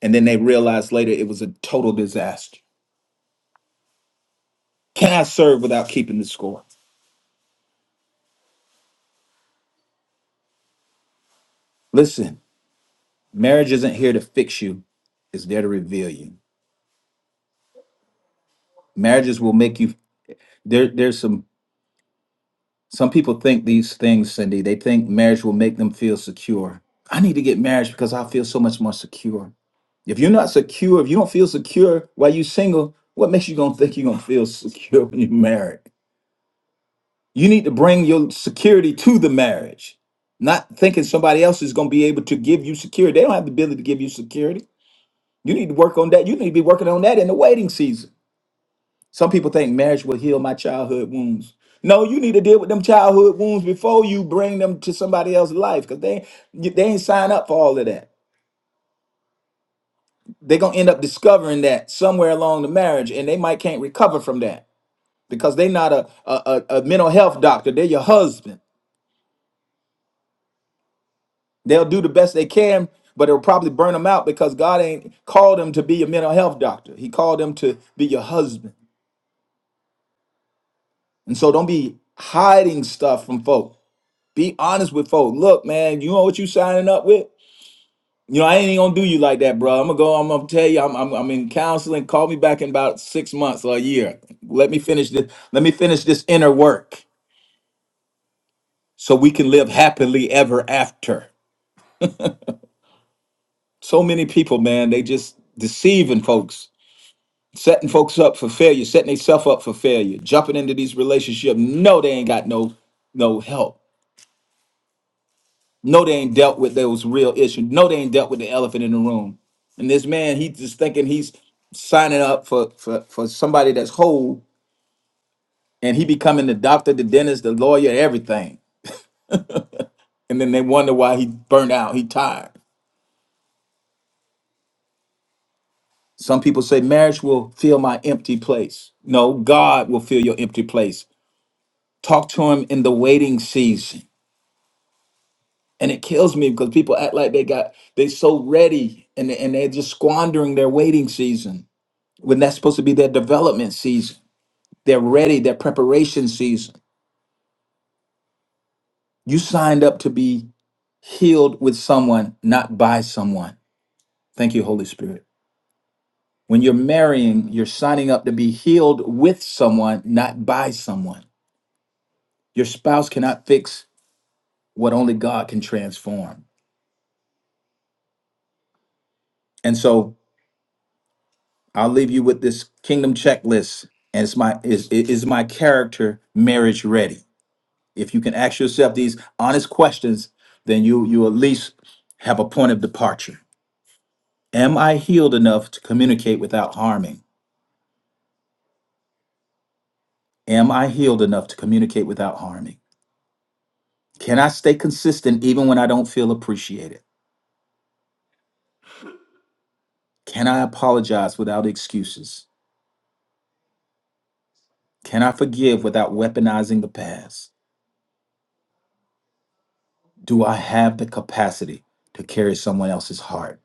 and then they realized later it was a total disaster. Can I serve without keeping the score? Listen, marriage isn't here to fix you; it's there to reveal you. Marriages will make you. There, there's some. Some people think these things, Cindy. They think marriage will make them feel secure. I need to get married because I feel so much more secure. If you're not secure, if you don't feel secure while you're single, what makes you gonna think you're gonna feel secure when you're married? You need to bring your security to the marriage, not thinking somebody else is gonna be able to give you security. They don't have the ability to give you security. You need to work on that. You need to be working on that in the waiting season. Some people think marriage will heal my childhood wounds. No, you need to deal with them childhood wounds before you bring them to somebody else's life because they, they ain't sign up for all of that. they're gonna end up discovering that somewhere along the marriage, and they might can't recover from that because they're not a a, a, a mental health doctor. They're your husband. They'll do the best they can, but it'll probably burn them out because God ain't called them to be a mental health doctor. He called them to be your husband. And so don't be hiding stuff from folk. Be honest with folk. Look, man, you know what you signing up with? You know, I ain't gonna do you like that, bro. I'm gonna go. I'm gonna tell you, I'm, I'm I'm in counseling. Call me back in about six months or a year. Let me finish this. Let me finish this inner work, so we can live happily ever after. So many people, man, they just deceiving folks, setting folks up for failure, setting themselves up for failure, jumping into these relationships. No, they ain't got no no help. No, they ain't dealt with those real issues. No, they ain't dealt with the elephant in the room. And this man, he just thinking he's signing up for for, for somebody that's whole, and he becoming the doctor, the dentist, the lawyer, everything. And then they wonder why he burned out. He tired. Some people say marriage will fill my empty place. No, God will fill your empty place. Talk to him in the waiting season. And it kills me because people act like they got they so ready and, and they're just squandering their waiting season when that's supposed to be their development season. They're ready, their preparation season. You signed up to be healed with someone, not by someone. Thank you, Holy Spirit. When you're marrying, you're signing up to be healed with someone, not by someone. Your spouse cannot fix what only God can transform. And so I'll leave you with this kingdom checklist. And it's my is is my character marriage ready? If you can ask yourself these honest questions, then you you at least have a point of departure. Am I healed enough to communicate without harming? Am I healed enough to communicate without harming? Can I stay consistent even when I don't feel appreciated? Can I apologize without excuses? Can I forgive without weaponizing the past? Do I have the capacity to carry someone else's heart?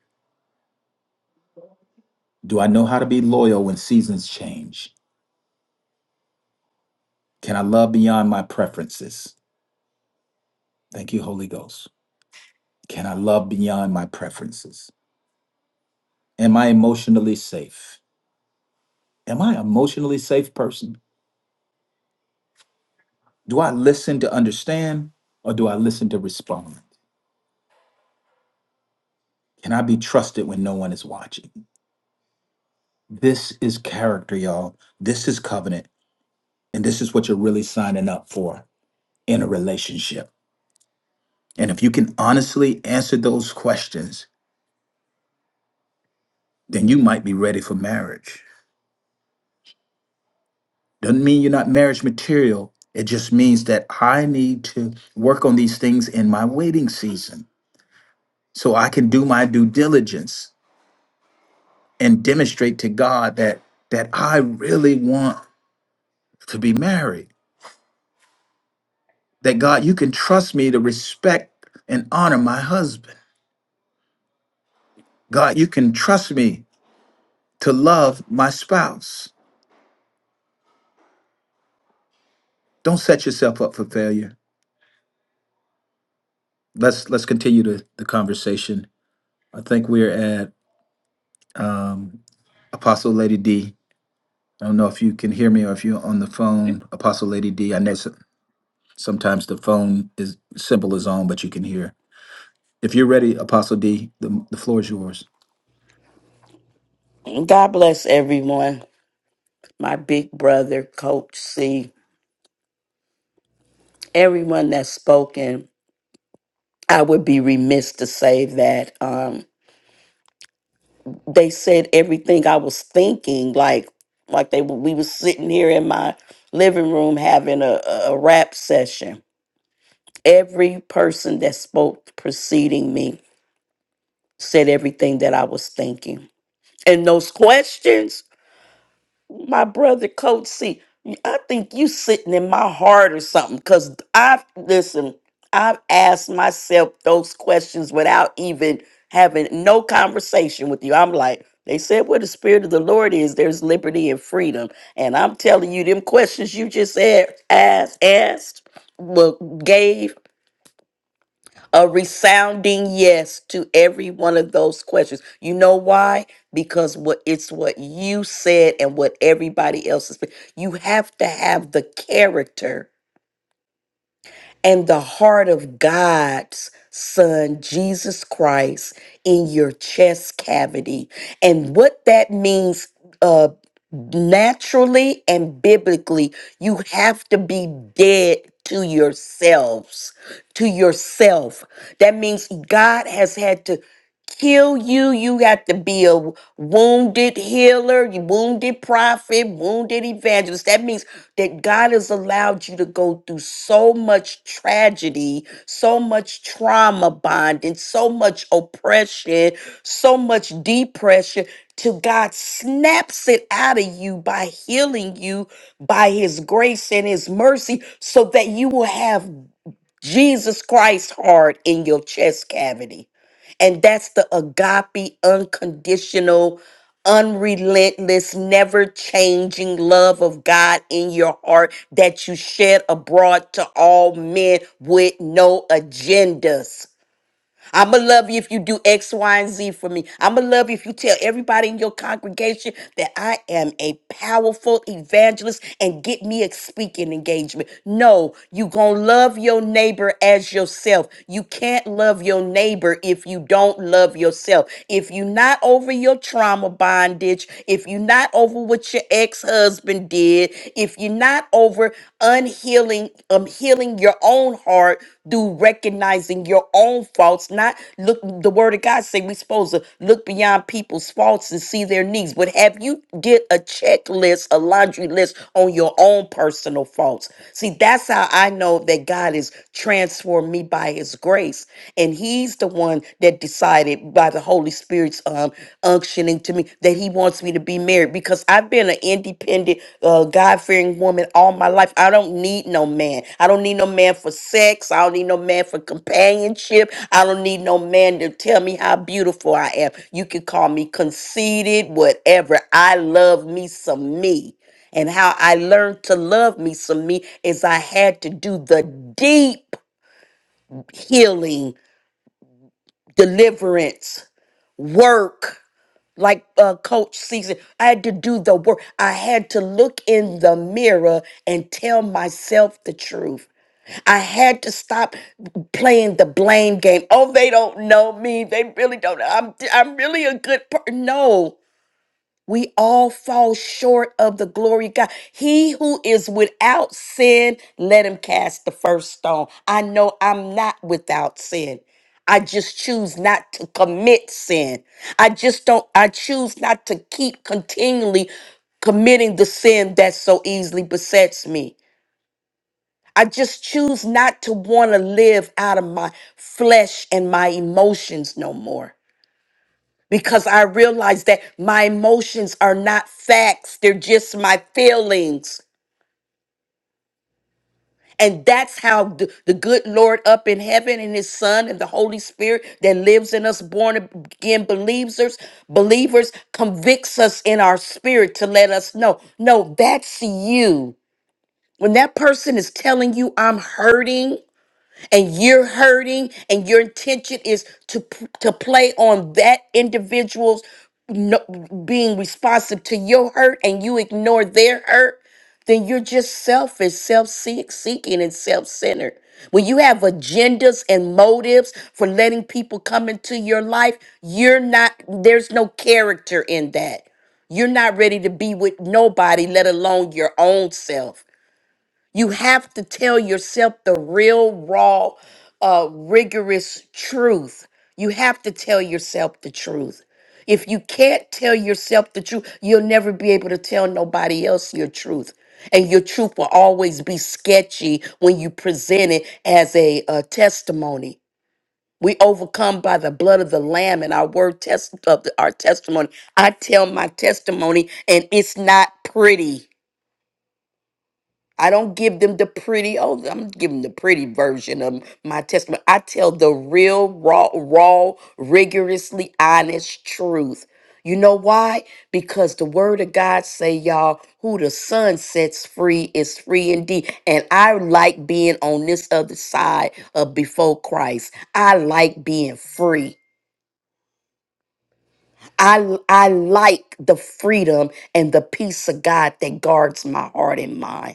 Do I know how to be loyal when seasons change? Can I love beyond my preferences? Thank you, Holy Ghost. Can I love beyond my preferences? Am I emotionally safe? Am I an emotionally safe person? Do I listen to understand or do I listen to respond? Can I be trusted when no one is watching? This is character, y'all. This is covenant. And this is what you're really signing up for in a relationship. And if you can honestly answer those questions, then you might be ready for marriage. Doesn't mean you're not marriage material. It just means that I need to work on these things in my waiting season so I can do my due diligence and demonstrate to God that that I really want to be married. That God, you can trust me to respect and honor my husband. God, you can trust me to love my spouse. Don't set yourself up for failure. Let's let's continue the, the conversation. I think we're at um, Apostle Lady D. I don't know if you can hear me or if you're on the phone, Apostle Lady D. I know s- sometimes the phone is simple is on, but you can hear. If you're ready, Apostle D, the, the floor is yours. God bless everyone. My big brother, Coach C, everyone that's spoken. I would be remiss to say that um, they said everything I was thinking. Like, like they were- we was sitting here in my living room having a, a a rap session. Every person that spoke preceding me said everything that I was thinking. And those questions my brother coach c i think you sitting in my heart or something because i've listen i've asked myself those questions without even having no conversation with you i'm like they said where the spirit of the lord is there's liberty and freedom and i'm telling you them questions you just a- asked asked well, gave a resounding yes to every one of those questions. You know why? Because what it's what you said and what everybody else is. You have to have the character and the heart of God's Son, Jesus Christ, in your chest cavity. And what that means, uh, naturally and biblically, you have to be dead to yourselves, to yourself. That means God has had to kill you. You got to be a wounded healer, you wounded prophet, wounded evangelist. That means that God has allowed you to go through so much tragedy, so much trauma bonding, so much oppression, so much depression. Till God snaps it out of you by healing you by his grace and his mercy, so that you will have Jesus Christ's heart in your chest cavity and that's the agape, unconditional, unrelentless, never changing love of God in your heart that you shed abroad to all men with no agendas. I'ma love you if you do X, Y, and Z for me. I'ma love you if you tell everybody in your congregation that I am a powerful evangelist and get me a speaking engagement. No, you gonna love your neighbor as yourself. You can't love your neighbor if you don't love yourself. If you're not over your trauma bondage, if you're not over what your ex-husband husband did, if you're not over unhealing, um, healing your own heart through recognizing your own faults, not look the word of God say we're supposed to look beyond people's faults and see their needs. But have you did a checklist, a laundry list on your own personal faults? See, that's how I know that God is transformed me by his grace. And he He's the one that decided by the Holy Spirit's um, unctioning to me that He wants me to be married because I've been an independent, uh, God fearing woman all my life. I don't need no man. I don't need no man for sex. I don't need no man for companionship. I don't need no man to tell me how beautiful I am. You can call me conceited, whatever. I love me some me. And how I learned to love me some me is I had to do the deep healing deliverance, work, like uh, Coach Season. I had to do the work. I had to look in the mirror and tell myself the truth. I had to stop playing the blame game. Oh, they don't know me. They really don't. I'm I'm really a good person. No. We all fall short of the glory of God. He who is without sin, let him cast the first stone. I know I'm not without sin. I just choose not to commit sin. I just don't, I choose not to keep continually committing the sin that so easily besets me. I just choose not to want to live out of my flesh and my emotions no more because I realize that my emotions are not facts, they're just my feelings. And that's how the, the good Lord up in heaven and his son and the Holy Spirit that lives in us, born again believers, believers convicts us in our spirit to let us know, no, that's you. When that person is telling you I'm hurting, and you're hurting and your intention is to p- to play on that individual's no, being responsive to your hurt and you ignore their hurt then you're just selfish self-seeking and self-centered when you have agendas and motives for letting people come into your life you're not there's no character in that you're not ready to be with nobody let alone your own self you have to tell yourself the real, raw, uh, rigorous truth. You have to tell yourself the truth. If you can't tell yourself the truth, you'll never be able to tell nobody else your truth. And your truth will always be sketchy when you present it as a, uh testimony. We overcome by the blood of the Lamb and our word test of the, our testimony. I tell my testimony, and it's not pretty I don't give them the pretty, oh, I'm giving the pretty version of my testimony. I tell the real, raw, raw, rigorously honest truth. You know why? Because the word of God say, y'all, who the sun sets free is free indeed. And I like being on this other side of before Christ. I like being free. I, I like the freedom and the peace of God that guards my heart and mind.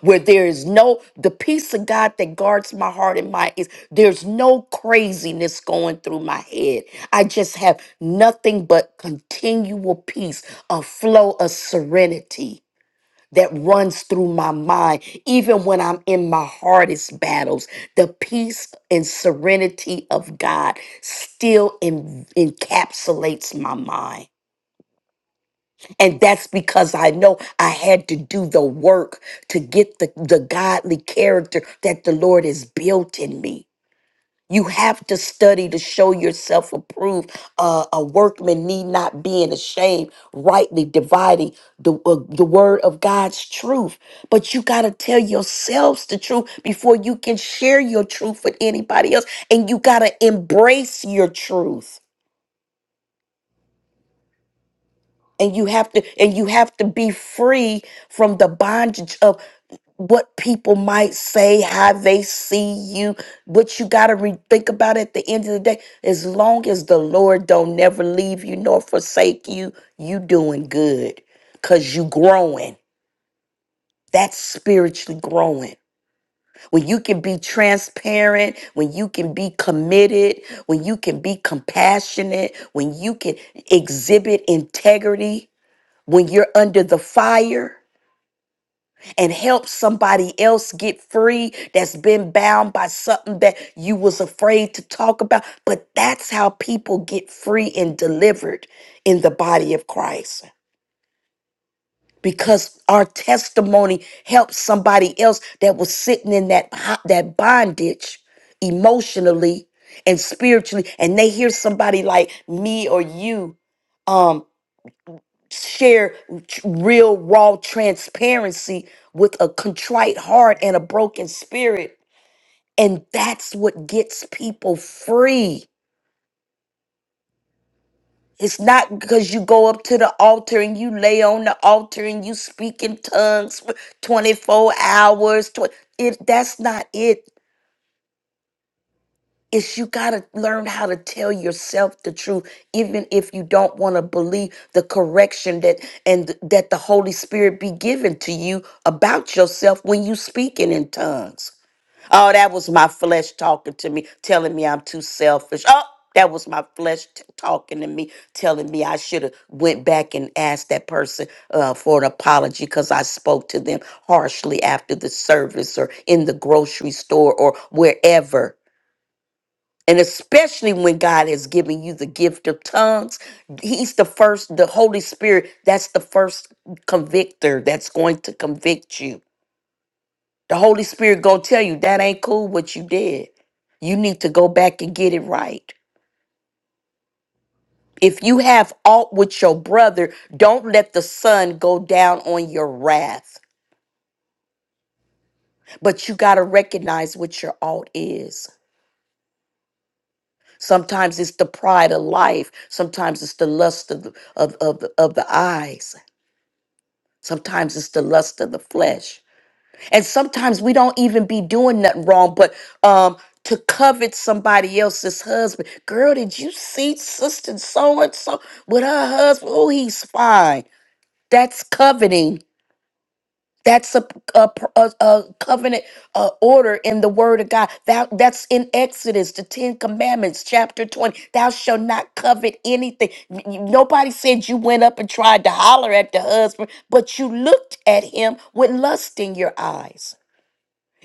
where there is no the peace of God that guards my heart and my is there's no craziness going through my head. I just have nothing but continual peace, a flow of serenity that runs through my mind even when I'm in my hardest battles. The peace and serenity of God still en- encapsulates my mind. And that's because I know I had to do the work to get the, the godly character that the Lord has built in me. You have to study to show yourself approved. Uh, a workman need not be in ashamed, rightly dividing the, uh, the word of God's truth. But you got to tell yourselves the truth before you can share your truth with anybody else. And you got to embrace your truth. and you have to and you have to be free from the bondage of what people might say how they see you what you got to re- think about at the end of the day as long as the lord don't never leave you nor forsake you you doing good because you growing that's spiritually growing when you can be transparent when you can be committed when you can be compassionate when you can exhibit integrity when you're under the fire and help somebody else get free that's been bound by something that you was afraid to talk about but that's how people get free and delivered in the body of Christ because our testimony helps somebody else that was sitting in that ho- that bondage emotionally and spiritually and they hear somebody like me or you um, share tr- real raw transparency with a contrite heart and a broken spirit and that's what gets people free it's not because you go up to the altar and you lay on the altar and you speak in tongues for 24 hours tw- it that's not it is you got to learn how to tell yourself the truth even if you don't want to believe the correction that and th- that the holy spirit be given to you about yourself when you speaking in tongues oh that was my flesh talking to me telling me i'm too selfish oh that was my flesh t- talking to me telling me i should have went back and asked that person uh, for an apology because i spoke to them harshly after the service or in the grocery store or wherever and especially when God has given you the gift of tongues, He's the first, the Holy Spirit, that's the first convictor that's going to convict you. The Holy Spirit gonna tell you that ain't cool what you did. You need to go back and get it right. If you have aught with your brother, don't let the sun go down on your wrath. But you gotta recognize what your aught is. Sometimes it's the pride of life. Sometimes it's the lust of the, of, of, the- of the eyes Sometimes it's the lust of the flesh. And sometimes we don't even be doing nothing wrong, but um to covet somebody else's husband. Girl, did you see sister so and so with her husband? Oh, he's fine. That's coveting that's a, a, a- a covenant uh, order in the Word of God. Thou, that's in Exodus, the Ten Commandments, chapter 20. Thou shalt not covet anything. N- n- Nobody said you went up and tried to holler at the husband, but you looked at him with lust in your eyes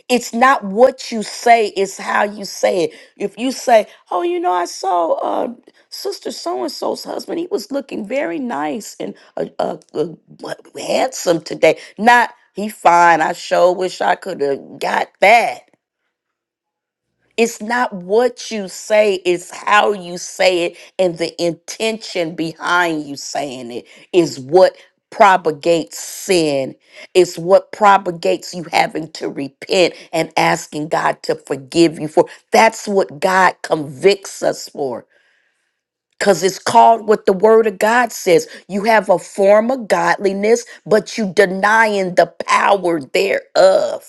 it's not what you say, it's how you say it. If you say, "Oh, you know, I saw uh, Sister So and So's husband. He was looking very nice and uh, uh, uh, what- handsome today." Not he fine. I sure wish I could have got that. It's not what you say, it's how you say it, and the intention behind you saying it is what propagates sin. It's what propagates you having to repent and asking God to forgive you for. That's what God convicts us for. Because it's called what the word of God says. You have a form of godliness, but you denying the power thereof.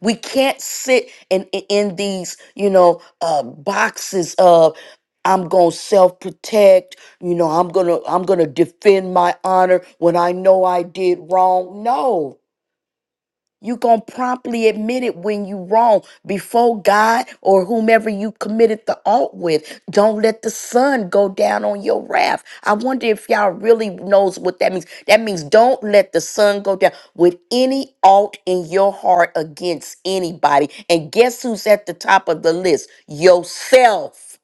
We can't sit in in in these, you know, uh, boxes of I'm gonna self protect. You know, I'm gonna I'm gonna defend my honor when I know I did wrong. No, you going to promptly admit it when you wrong before God or whomever you committed the alt with. Don't let the sun go down on your wrath. I wonder if y'all really knows what that means. That means don't let the sun go down with any alt in your heart against anybody. And guess who's at the top of the list? Yourself.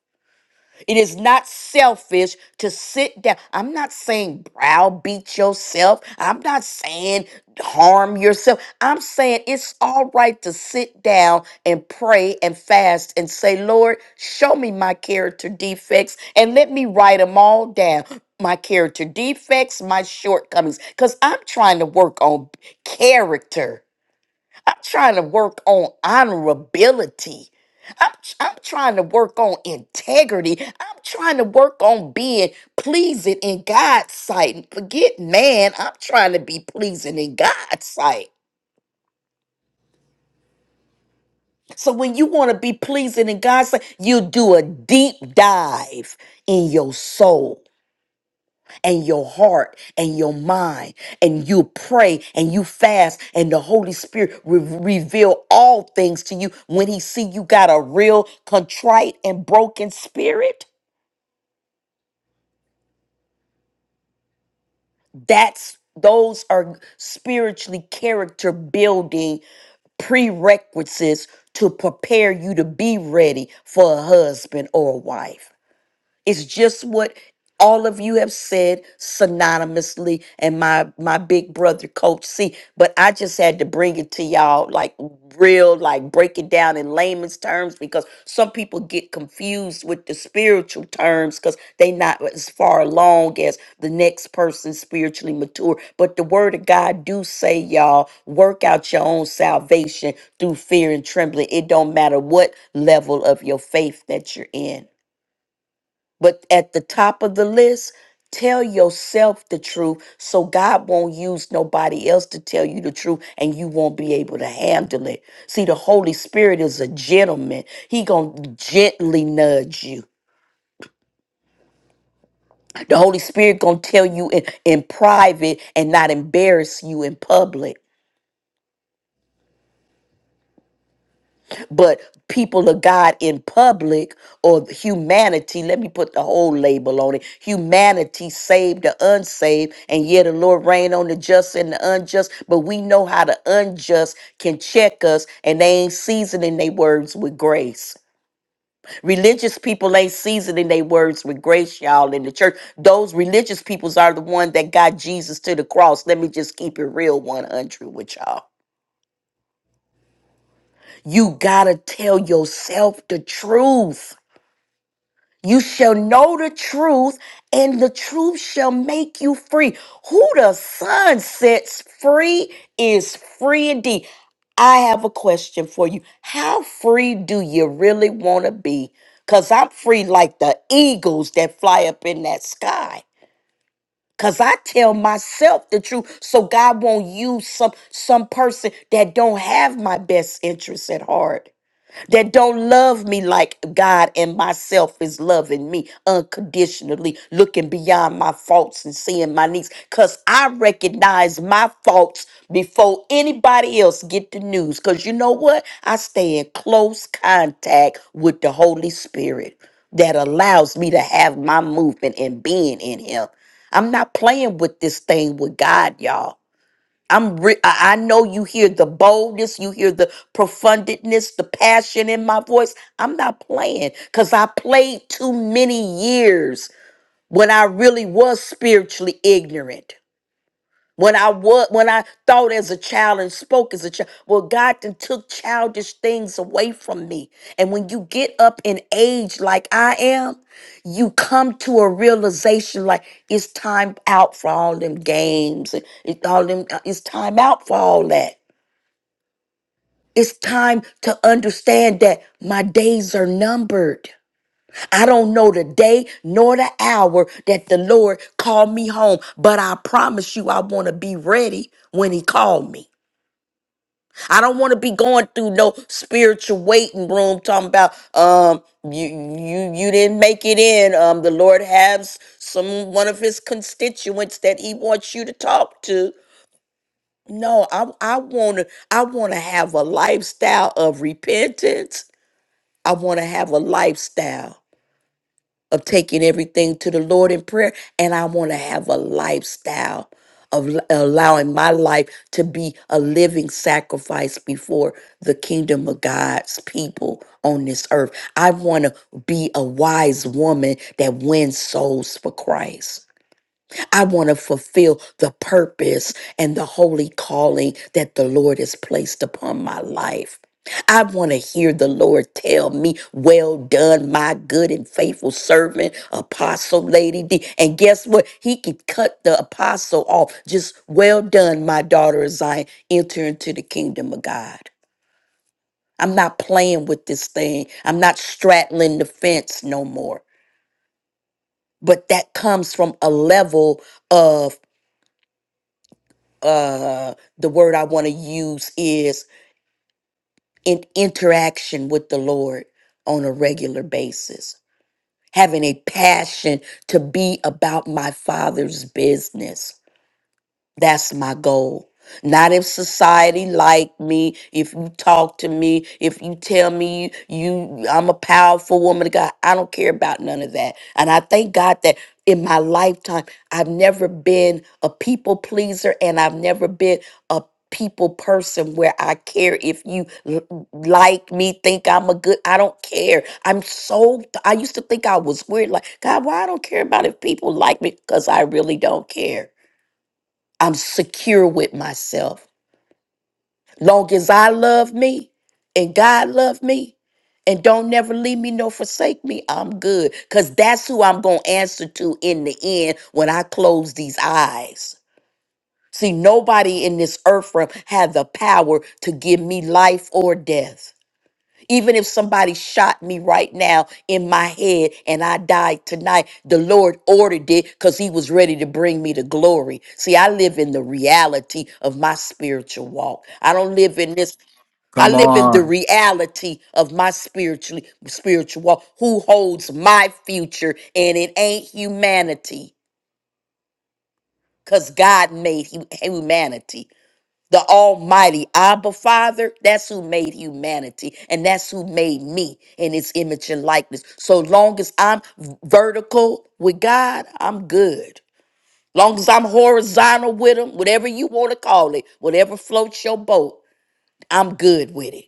It is not selfish to sit down. I'm not saying browbeat yourself. I'm not saying harm yourself. I'm saying it's all right to sit down and pray and fast and say, Lord, show me my character defects and let me write them all down. My character defects, my shortcomings, because I'm trying to work on character trying to work on honorability. I'm, I'm trying to work on integrity. I'm trying to work on being pleasing in God's sight. Forget man, I'm trying to be pleasing in God's sight. So when you want to be pleasing in God's sight, you do a deep dive in your soul and your heart and your mind and you pray and you fast and the holy spirit will reveal all things to you when he see you got a real contrite and broken spirit that's those are spiritually character building prerequisites to prepare you to be ready for a husband or a wife It's just what all of you have said synonymously and my my big brother coach C, but I just had to bring it to y'all like real like break it down in layman's terms because some people get confused with the spiritual terms cuz they not as far along as the next person spiritually mature. But the word of God do say y'all work out your own salvation through fear and trembling. It don't matter what level of your faith that you're in. But at the top of the list, tell yourself the truth so God won't use nobody else to tell you the truth and you won't be able to handle it. See, the Holy Spirit is a gentleman. He going to gently nudge you. The Holy Spirit going to tell you in, in private and not embarrass you in public. but people of God in public or humanity, let me put the whole label on it humanity, saved the unsaved, and yet the Lord reign on the just and the unjust. But we know how the unjust can check us, and they ain't seasoning their words with grace. Religious people ain't seasoning their words with grace, y'all, in the church. Those religious peoples are the one that got Jesus to the cross. Let me just keep it real, one hundred with y'all. You gotta tell yourself the truth. You shall know the truth, and the truth shall make you free. Who the Son sets free is free indeed. I have a question for you. How free do you really want to be? Because I'm free like the eagles that fly up in that sky. Because I tell myself the truth. So God won't use some, some person that don't have my best interests at heart that don't love me like God and myself is loving me unconditionally, looking beyond my faults and seeing my needs. Cause I recognize my faults before anybody else get the news. Cause you know what? I stay in close contact with the Holy Spirit that allows me to have my movement and being in Him. I'm not playing with this thing with God, y'all. I'm re- I I know you hear the boldness, you hear the profundness, the passion in my voice. I'm not playing because I played too many years when I really was spiritually ignorant. When I was, when I thought as a child and spoke as a child, well, God then took childish things away from me. And when you get up in age like I am, you come to a realization like it's time out for all them games and it, all them. uh, It's time out for all that. It's time to understand that my days are numbered. I don't know the day nor the hour that the Lord called me home, but I promise you I want to be ready when he called me. I don't want to be going through no spiritual waiting room talking about um you you you didn't make it in. Um the Lord has some one of his constituents that he wants you to talk to. No, I I want to I want to have a lifestyle of repentance. I want to have a lifestyle of taking everything to the Lord in prayer. And I want to have a lifestyle of l- allowing my life to be a living sacrifice before the kingdom of God's people on this earth. I want to be a wise woman that wins souls for Christ. I want to fulfill the purpose and the holy calling that the Lord has placed upon my life. I want to hear the Lord tell me, Well done, my good and faithful servant, Apostle Lady D. And guess what? He could cut the apostle off. Just, Well done, my daughter of Zion. Enter into the kingdom of God. I'm not playing with this thing, I'm not straddling the fence no more. But that comes from a level of uh the word I want to use is in interaction with the Lord on a regular basis, having a passion to be about my father's business that's my goal. Not if society like me, if you talk to me, if you tell me you I'm a powerful woman of God. I don't care about none of that. And I thank God that in my lifetime I've never been a people pleaser and I've never been a people person where I care if you l- like me, think I'm a good I don't care. I'm so I used to think I was weird like God, why I don't care about if people like me cuz I really don't care. I'm secure with myself. Long as I love me and God love me and don't never leave me nor forsake me, I'm good. Because that's who I'm going to answer to in the end when I close these eyes. See, nobody in this earth realm had the power to give me life or death. Even if somebody shot me right now in my head and I died tonight, the Lord ordered it because He was ready to bring me to glory. See, I live in the reality of my spiritual walk. I don't live in this. I Come live in the on. reality of my spiritually spiritual walk. Who holds my future? And it ain't humanity, cause God made hu- humanity the Almighty Abba Father, that's who made humanity and that's who made me in his image and likeness. So long as I'm vertical with God, I'm good. Long as I'm horizontal with him, whatever you want to call it, whatever floats your boat, I'm good with it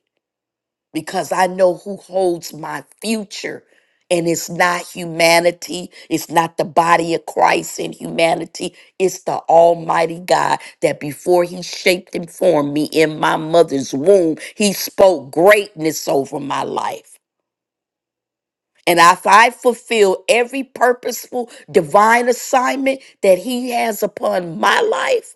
because I know who holds my future. And it's not humanity. It's not the body of Christ in humanity. It's the Almighty God that before He shaped and formed me in my mother's womb, He spoke greatness over my life. And if I fulfill every purposeful divine assignment that He has upon my life,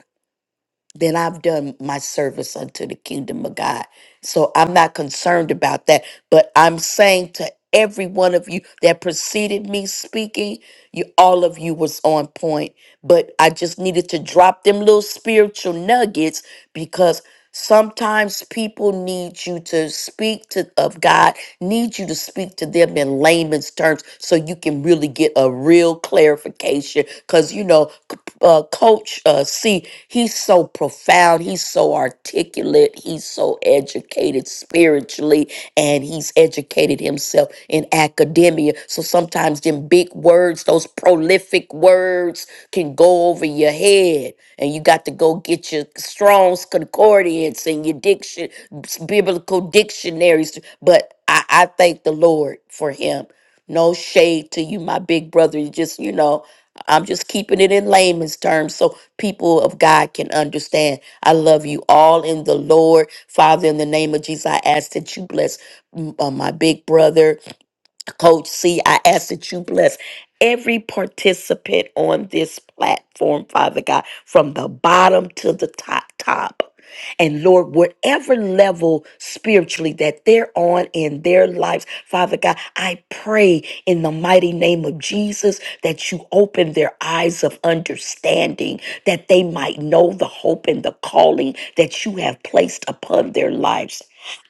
then I've done my service unto the kingdom of God. So I'm not concerned about that. But I'm saying to every one of you that preceded me speaking, you all of you was on point. But I just needed to drop them little spiritual nuggets because sometimes people need you to speak to of God, need you to speak to them in layman's terms so you can really get a real clarification application because you know c- uh, coach uh, c he's so profound he's so articulate he's so educated spiritually and he's educated himself in academia so sometimes them big words those prolific words can go over your head and you got to go get your strong's concordance and your diction biblical dictionaries but i, I thank the lord for him no shade to you, my big brother. You just, you know, I'm just keeping it in layman's terms so people of God can understand. I love you all in the Lord. Father, in the name of Jesus, I ask that you bless mm, uh, my big brother Coach C, I ask that you bless every participant on this platform, Father God, from the bottom to the top, top. And Lord, whatever level spiritually that they're on in their lives, Father God, I pray in the mighty name of Jesus that you open their eyes of understanding, that they might know the hope and the calling that you have placed upon their lives.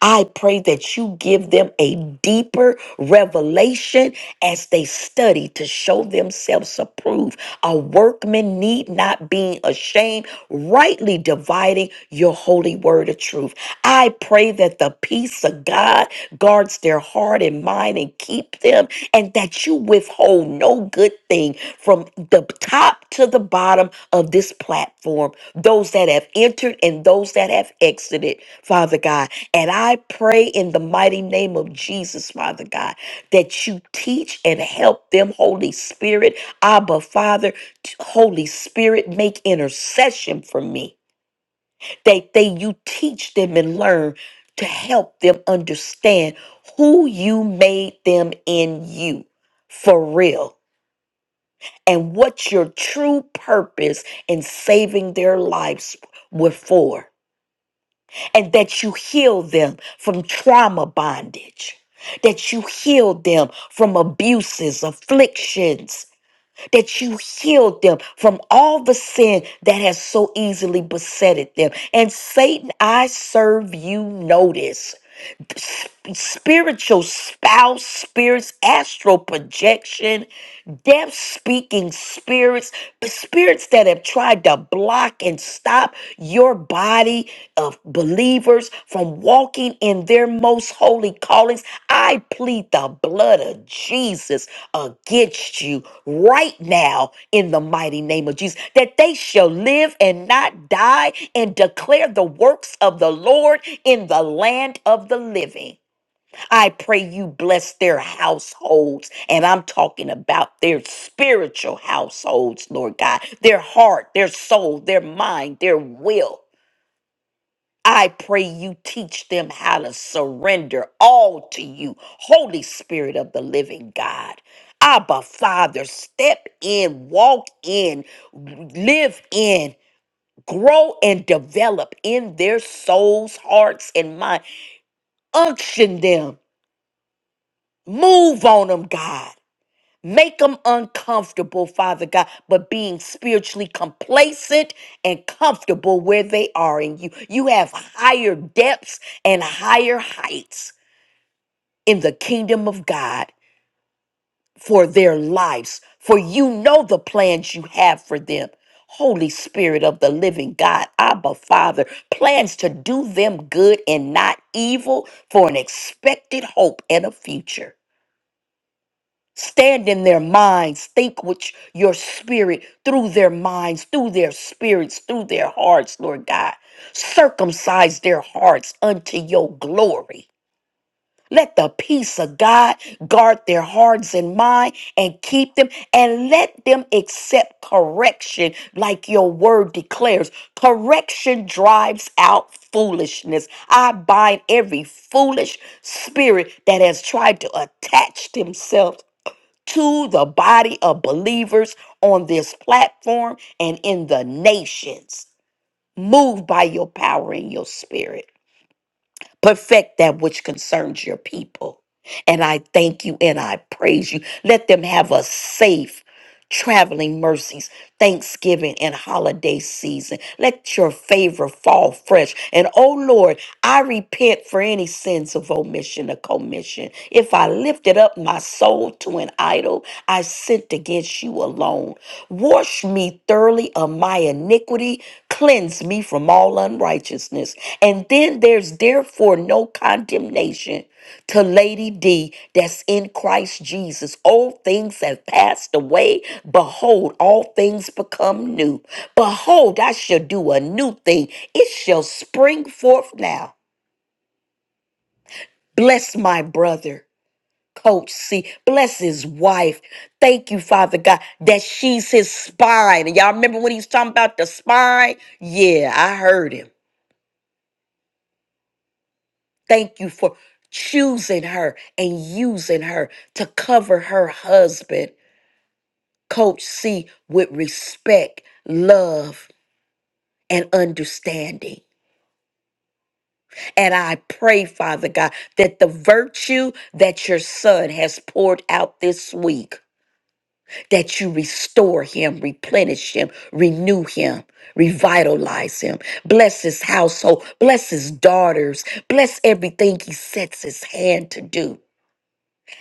I pray that you give them a deeper revelation as they study to show themselves approved. A workman need not be ashamed, rightly dividing your holy word of truth. I pray that the peace of God guards their heart and mind and keep them, and that you withhold no good thing from the top to the bottom of this platform, those that have entered and those that have exited, Father God. And I pray in the mighty name of Jesus, Father God, that you teach and help them, Holy Spirit. Abba, Father, t- Holy Spirit, make intercession for me. That they you teach them and learn to help them understand who you made them in you for real and what your true purpose in saving their lives were for and that you heal them from trauma bondage, that you heal them from abuses, afflictions, that you heal them from all the sin that has so easily besetted them. And Satan, I serve you notice spiritual spouse spirits, astral projection, deaf speaking spirits, but spirits that have tried to block and stop your body of believers from walking in their most holy callings. I plead the blood of Jesus against you right now in the mighty name of Jesus, that they shall live and not die and declare the works of the Lord in the land of the living. I pray you bless their households. And I'm talking about their spiritual households, Lord God, their heart, their soul, their mind, their will. I pray you teach them how to surrender all to you, Holy Spirit of the living God. Abba, Father, step in, walk in, live in, grow and develop in their souls, hearts, and mind. Unction them, move on them, God. Make them uncomfortable, Father God, but being spiritually complacent and comfortable where they are in you. You have higher depths and higher heights in the kingdom of God for their lives, for you know the plans you have for them. Holy Spirit of the living God, Abba Father, plans to do them good and not evil for an expected hope and a future. Stand in their minds. Think with your spirit through their minds, through their spirits, through their hearts, Lord God. Circumcise their hearts unto your glory. Let the peace of God guard their hearts and mind and keep them and let them accept correction like your word declares. Correction drives out foolishness. I bind every foolish spirit that has tried to attach themselves to the body of believers on this platform and in the nations. Move by your power and your spirit. Perfect that which concerns your people. And I thank you and I praise you. Let them have a safe traveling mercies, Thanksgiving, and holiday season. Let your favor fall fresh. And oh Lord, I repent for any sins of omission or commission. If I lifted up my soul to an idol, I sinned against you alone. Wash me thoroughly of my iniquity, cleanse me from all unrighteousness. And then there's therefore no condemnation to Lady D that's in Christ Jesus. Old things have passed away. Behold, all things become new. Behold, I shall do a new thing. It shall spring forth now. Bless my brother. Coach C, bless his wife. Thank you, Father God, that she's his spine. And y'all remember when he was talking about the spine? Yeah, I heard him. Thank you for choosing her and using her to cover her husband Coach C with respect, love, and understanding. And I pray, Father God, that the virtue that your son has poured out this week, that you restore him, replenish him, renew him, revitalize him. Bless his household, bless his daughters, bless everything he sets his hand to do.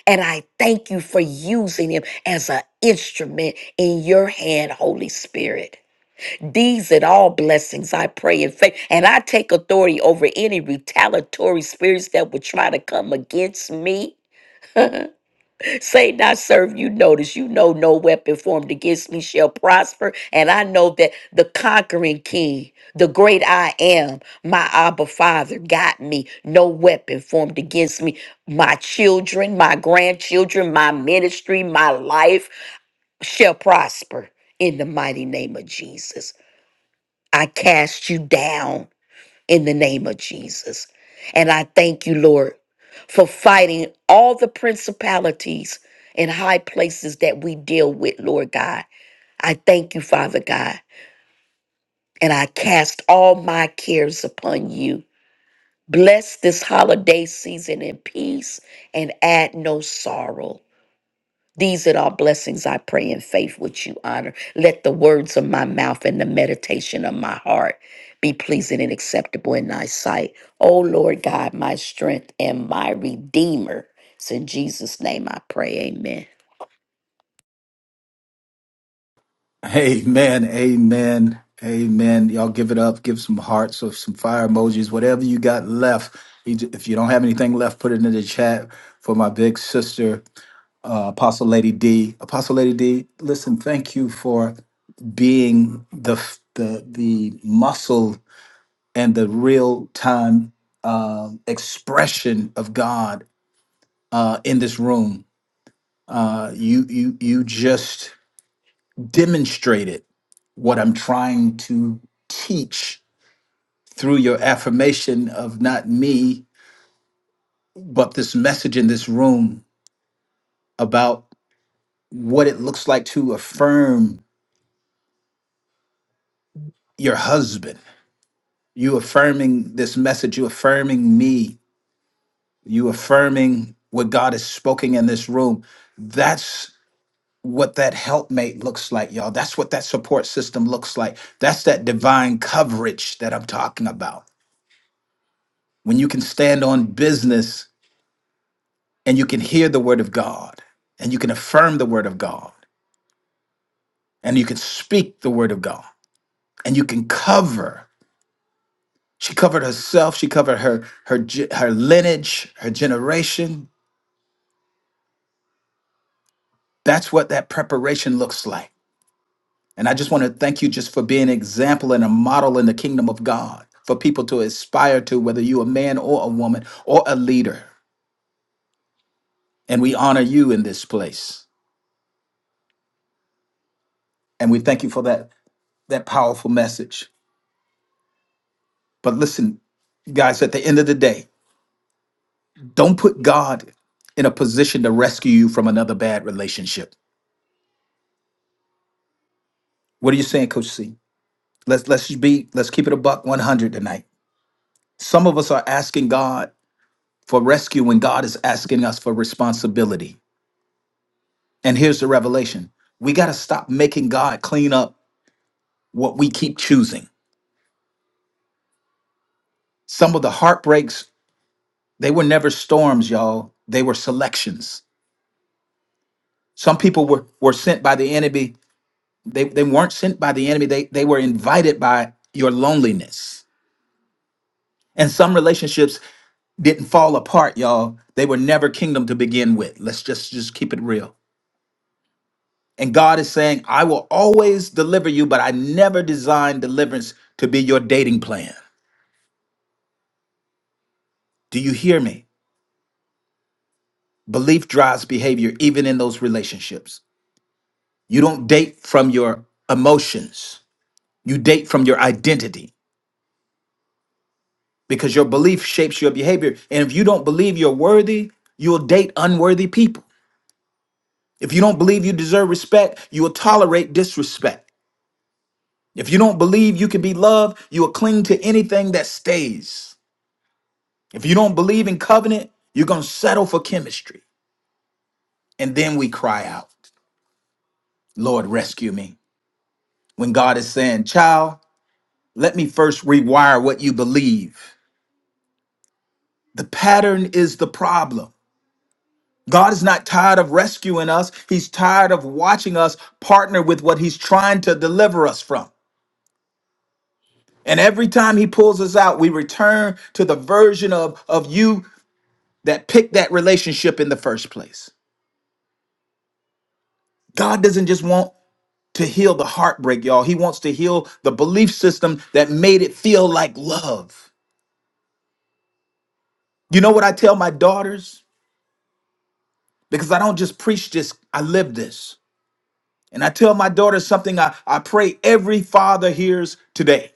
And I thank you for using him as an instrument in your hand, Holy Spirit. These and all blessings I pray in faith. And I take authority over any retaliatory spirits that would try to come against me. Say not serve you notice you know no weapon formed against me shall prosper and I know that the conquering king the great I am my Abba father got me no weapon formed against me my children my grandchildren my ministry my life shall prosper in the mighty name of Jesus I cast you down in the name of Jesus. And I thank you, Lord, for fighting all the principalities and high places that we deal with, Lord God. I thank you, Father God, and I cast all my cares upon you. Bless this holiday season in peace and add no sorrow. These are our blessings I pray in faith, which you honor. Let the words of my mouth and the meditation of my heart be pleasing and acceptable in thy sight. O Lord God, my strength and my redeemer. It's in Jesus' name I pray. Amen. Amen. Amen. Amen. Y'all give it up. Give some hearts or some fire emojis, whatever you got left. You j- If you don't have anything left, put it in the chat for my big sister, uh, Apostle Lady D. Apostle Lady D, listen, thank you for being the the the muscle and the real time um expression of God uh, in this room. Uh, you you you just demonstrated what I'm trying to teach through your affirmation of not me, but this message in this room about what it looks like to affirm your husband. You affirming this message, you affirming me, you affirming what God has spoken in this room. That's what that helpmate looks like, y'all. That's what that support system looks like. That's that divine coverage that I'm talking about. When you can stand on business and you can hear the word of God and you can affirm the word of God and you can speak the word of God and you can cover. She covered herself, she covered her her ge- her lineage, her generation. That's what that preparation looks like. And I just want to thank you just for being an example and a model in the kingdom of God for people to aspire to, whether you a man or a woman or a leader. And we honor you in this place. And we thank you for that, that powerful message. But listen, guys, at the end of the day, don't put God in a position to rescue you from another bad relationship. What are you saying, Coach C? Let's let's just be let's keep it a buck 100 tonight. Some of us are asking God for rescue when God is asking us for responsibility. And here's the revelation we got to stop making God clean up what we keep choosing. Some of the heartbreaks, they were never storms, y'all. They were selections. Some people were, were sent by the enemy. They, they weren't sent by the enemy, they, they were invited by your loneliness. And some relationships didn't fall apart, y'all. They were never kingdom to begin with. Let's just, just keep it real. And God is saying, I will always deliver you, but I never designed deliverance to be your dating plan. Do you hear me? Belief drives behavior, even in those relationships. You don't date from your emotions, you date from your identity because your belief shapes your behavior. And if you don't believe you're worthy, you'll date unworthy people. If you don't believe you deserve respect, you will tolerate disrespect. If you don't believe you can be loved, you will cling to anything that stays. If you don't believe in covenant, you're going to settle for chemistry. And then we cry out, Lord, rescue me. When God is saying, child, Let me first rewire what you believe. The pattern is the problem. God is not tired of rescuing us, He's tired of watching us partner with what He's trying to deliver us from. And every time He pulls us out, we return to the version of, of you that picked that relationship in the first place. God doesn't just want to heal the heartbreak, y'all. He wants to heal the belief system that made it feel like love. You know what I tell my daughters? Because I don't just preach this, I live this. And I tell my daughter something I, I pray every father hears today.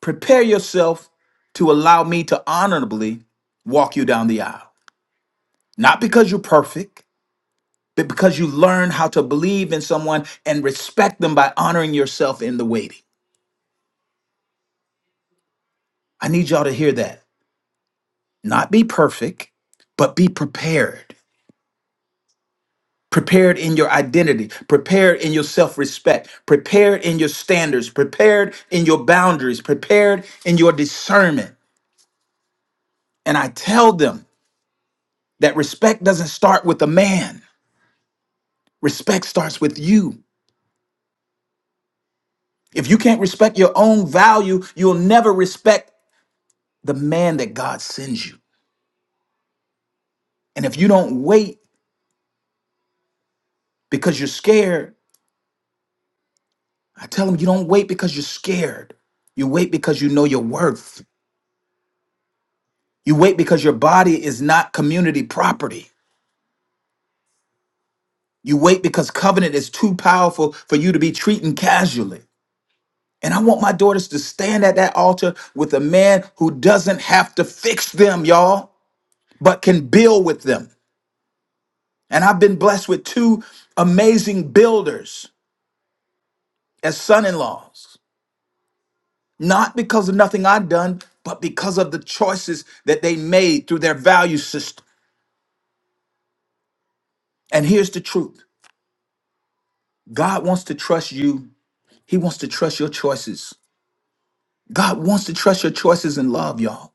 Prepare yourself to allow me to honorably walk you down the aisle. Not because you're perfect, but because you learn how to believe in someone and respect them by honoring yourself in the waiting. I need y'all to hear that. Not be perfect, but be prepared. Prepared in your identity, prepared in your self respect, prepared in your standards, prepared in your boundaries, prepared in your discernment And I tell them that respect doesn't start with a man, respect starts with you. If you can't respect your own value, you'll never respect the man that God sends you. And if you don't wait because you're scared, I tell them you don't wait because you're scared. You wait because you know your worth. You wait because your body is not community property. You wait because covenant is too powerful for you to be treating casually. And I want my daughters to stand at that altar with a man who doesn't have to fix them, y'all, but can build with them. And I've been blessed with two amazing builders as son in laws, not because of nothing I've done, but because of the choices that they made through their value system. And here's the truth God wants to trust you, He wants to trust your choices. God wants to trust your choices in love, y'all.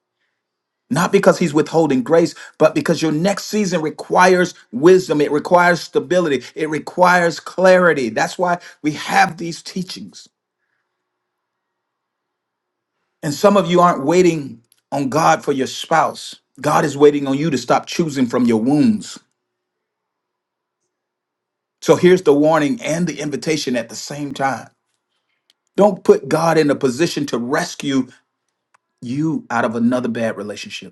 Not because he's withholding grace, but because your next season requires wisdom. It requires stability. It requires clarity. That's why we have these teachings. And some of you aren't waiting on God for your spouse. God is waiting on you to stop choosing from your wounds. So here's the warning and the invitation at the same time. Don't put God in a position to rescue you out of another bad relationship.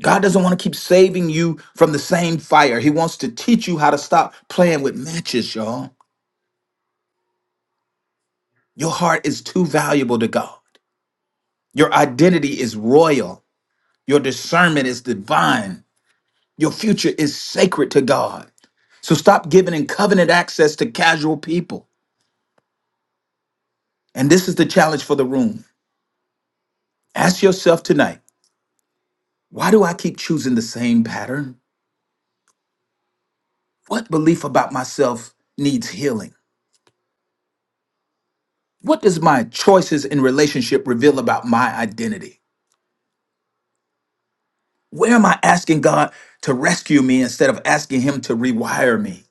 God doesn't want to keep saving you from the same fire. He wants to teach you how to stop playing with matches, y'all. Your heart is too valuable to God. Your identity is royal. Your discernment is divine. Your future is sacred to God. So stop giving in covenant access to casual people. And this is the challenge for the room. Ask yourself tonight why do I keep choosing the same pattern? What belief about myself needs healing? What does my choices in relationship reveal about my identity? Where am I asking God to rescue me instead of asking Him to rewire me?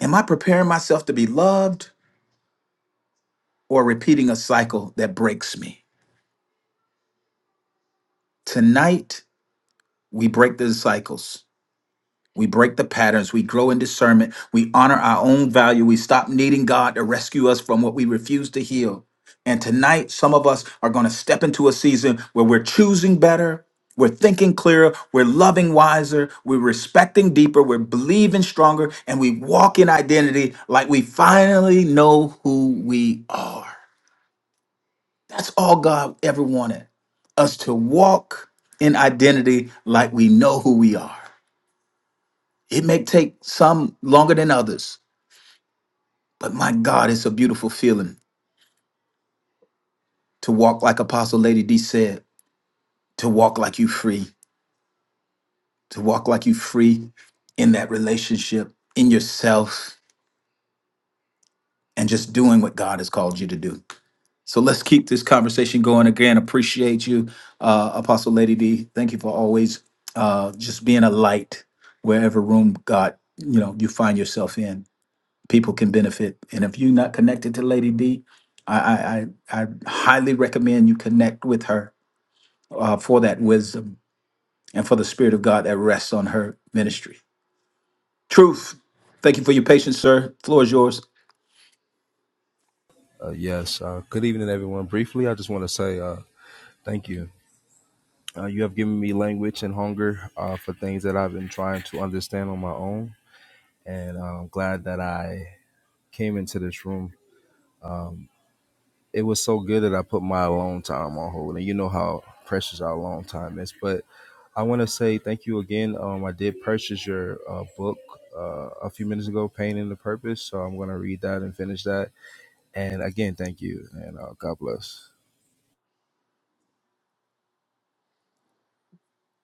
Am I preparing myself to be loved or repeating a cycle that breaks me? Tonight, we break the cycles. We break the patterns. We grow in discernment. We honor our own value. We stop needing God to rescue us from what we refuse to heal. And tonight, some of us are going to step into a season where we're choosing better. We're thinking clearer. We're loving wiser. We're respecting deeper. We're believing stronger. And we walk in identity like we finally know who we are. That's all God ever wanted us to walk in identity like we know who we are. It may take some longer than others, but my God, it's a beautiful feeling to walk like Apostle Lady D said, to walk like you free, to walk like you free in that relationship, in yourself, and just doing what God has called you to do. So let's keep this conversation going. Again, appreciate you, uh, Apostle Lady D. Thank you for always uh, just being a light wherever room God, you know, you find yourself in. people can benefit. And if you're not connected to Lady D, I, I, I I highly recommend you connect with her uh, for that wisdom and for the Spirit of God that rests on her ministry. Truth. Thank you for your patience, sir. Floor is yours. Uh, yes. Uh, good evening, everyone. Briefly, I just want to say uh, thank you. Uh, you have given me language and hunger uh, for things that I've been trying to understand on my own, and I'm glad that I came into this room. It was so good that I put my alone time on hold, and you know how precious our alone time is. But I want to say thank you again. Um, I did purchase your uh, book uh, a few minutes ago, Pain and the Purpose. So I'm going to read that and finish that. And again, thank you, and uh, God bless.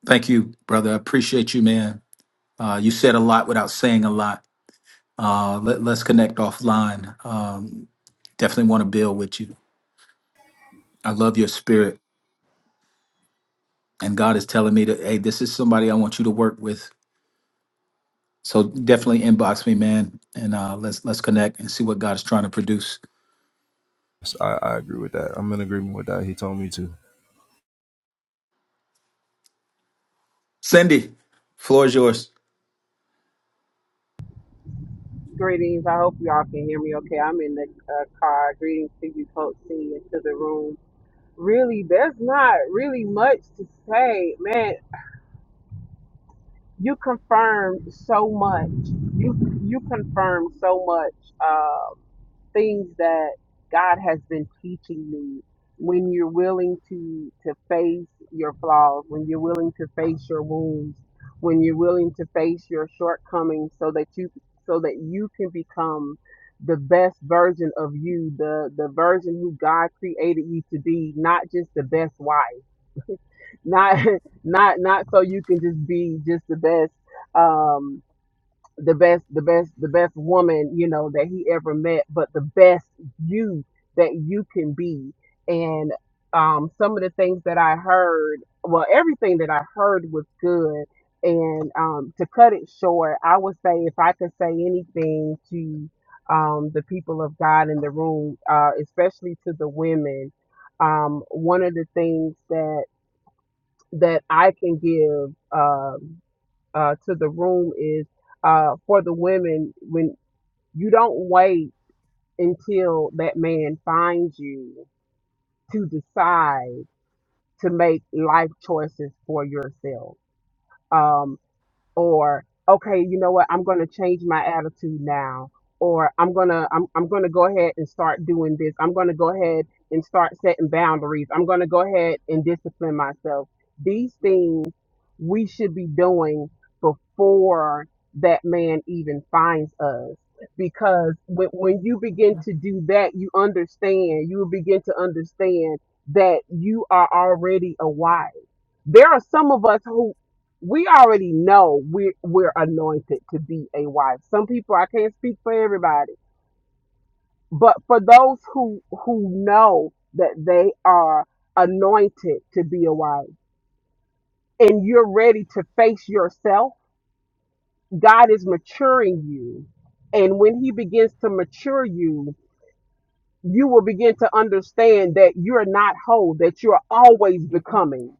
Thank you, brother. I appreciate you, man. Uh, you said a lot without saying a lot. Uh, let, let's connect offline. Um, definitely want to build with you. I love your spirit. And God is telling me that, hey, this is somebody I want you to work with So definitely inbox me, man, and uh, let's let's connect and see what God is trying to produce. So I, I agree with that. I'm in agreement with that. He told me to. Cindy, floor is yours. Greetings. I hope y'all can hear me okay. I'm in the uh, car. Greetings to you, Coach C, and to the room. Really, there's not really much to say, man. You confirmed so much. You you confirmed so much. Um, things that God has been teaching me. When you're willing to to face your flaws, when you're willing to face your wounds, when you're willing to face your shortcomings, so that you so that you can become the best version of you, the the version who God created you to be, not just the best wife, not not not so you can just be just the best. Um, the best the best the best woman you know that he ever met but the best you that you can be and um some of the things that i heard well everything that i heard was good and um to cut it short i would say if i could say anything to um the people of god in the room uh especially to the women um one of the things that that i can give Um, uh, to the room is uh, for the women when you don't wait until that man finds you to decide to make life choices for yourself. Um, or okay, you know what, I'm going to change my attitude now, or I'm going to I'm I'm going to go ahead and start doing this. I'm going to go ahead and start setting boundaries. I'm going to go ahead and discipline myself. These things we should be doing before that man even finds us because when, when you begin to do that you understand you will begin to understand that you are already a wife there are some of us who we already know we're, we're anointed to be a wife. Some people, I can't speak for everybody, but for those who, who know that they are anointed to be a wife and you're ready to face yourself, God is maturing you. And when he begins to mature you, you will begin to understand that you're not whole, that you're always becoming.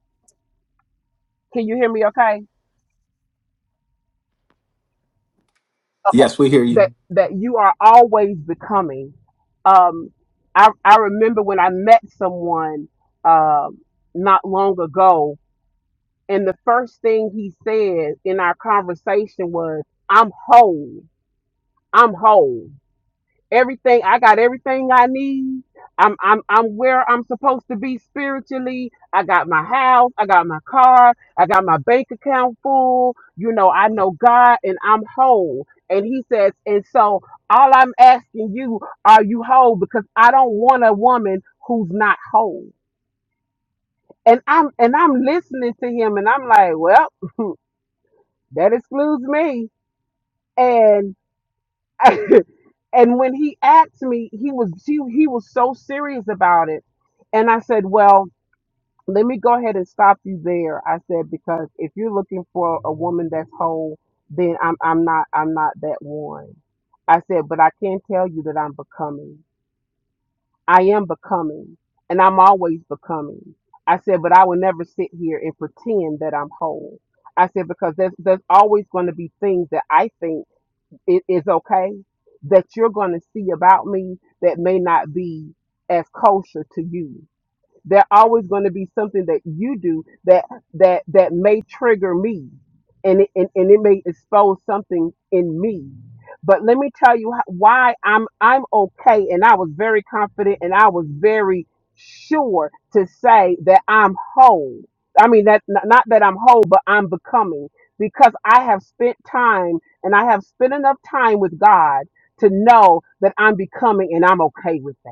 Can you hear me okay? okay Yes, we hear that you. that you are always becoming um i i remember when i met someone um not long ago and the first thing he said in our conversation was i'm whole i'm whole everything I got everything I need. I'm I'm I'm where I'm supposed to be spiritually. I got my house, I got my car, I got my bank account full. You know, I know God and I'm whole. And he says, and so all I'm asking you, are you whole? Because I don't want a woman who's not whole. And I'm and I'm listening to him and I'm like, well, that excludes me. And. and when he asked me, he was he, he was so serious about it. And I said, Well, let me go ahead and stop you there. I said, because if you're looking for a woman that's whole, then I'm I'm not I'm not that one. I said, but I can tell you that I'm becoming. I am becoming. And I'm always becoming. I said, but I will never sit here and pretend that I'm whole. I said, because there's there's always going to be things that I think it is okay that you're going to see about me that may not be as kosher to you there always going to be something that you do that that that may trigger me and it, and, and it may expose something in me but let me tell you how, why i'm i'm okay and i was very confident and i was very sure to say that i'm whole i mean that n- not that i'm whole but i'm becoming because i have spent time and i have spent enough time with god to know that i'm becoming and i'm okay with that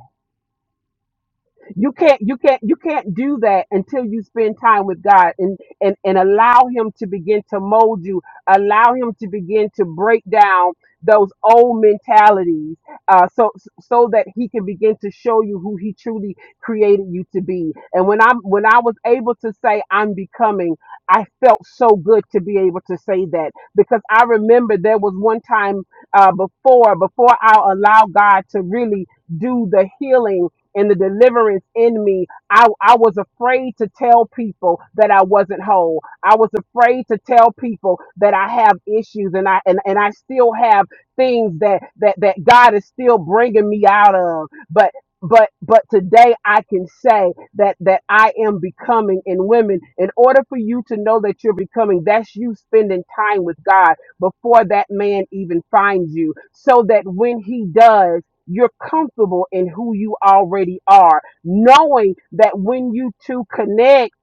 you can't you can't you can't do that until you spend time with god and and and allow him to begin to mold you allow him to begin to break down those old mentalities uh so so that he can begin to show you who he truly created you to be and when i'm when i was able to say i'm becoming i felt so good to be able to say that because i remember there was one time uh before before i allowed god to really do the healing and the deliverance in me, I, I was afraid to tell people that I wasn't whole. I was afraid to tell people that I have issues and I and, and I still have things that, that that God is still bringing me out of. But but but today I can say that that I am becoming in women. In order for you to know that you're becoming, that's you spending time with God before that man even finds you, so that when he does. You're comfortable in who you already are, knowing that when you two connect,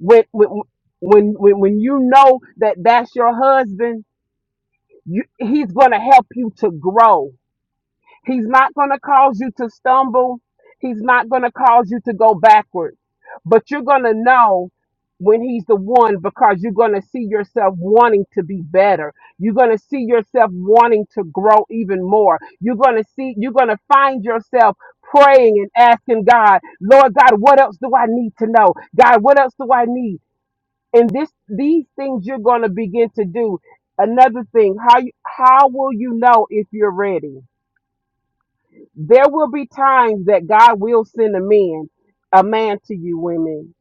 with, with when when when you know that that's your husband, you, he's gonna help you to grow. He's not going to cause you to stumble. He's not going to cause you to go backwards. But you're going to know when he's the one because you're going to see yourself wanting to be better. You're going to see yourself wanting to grow even more. You're going to see, you're going to find yourself praying and asking God, Lord God, what else do I need to know? God, what else do I need? And this, these things you're going to begin to do. Another thing, how you, how will you know if you're ready? there will be times that God will send a man, a man to you, women,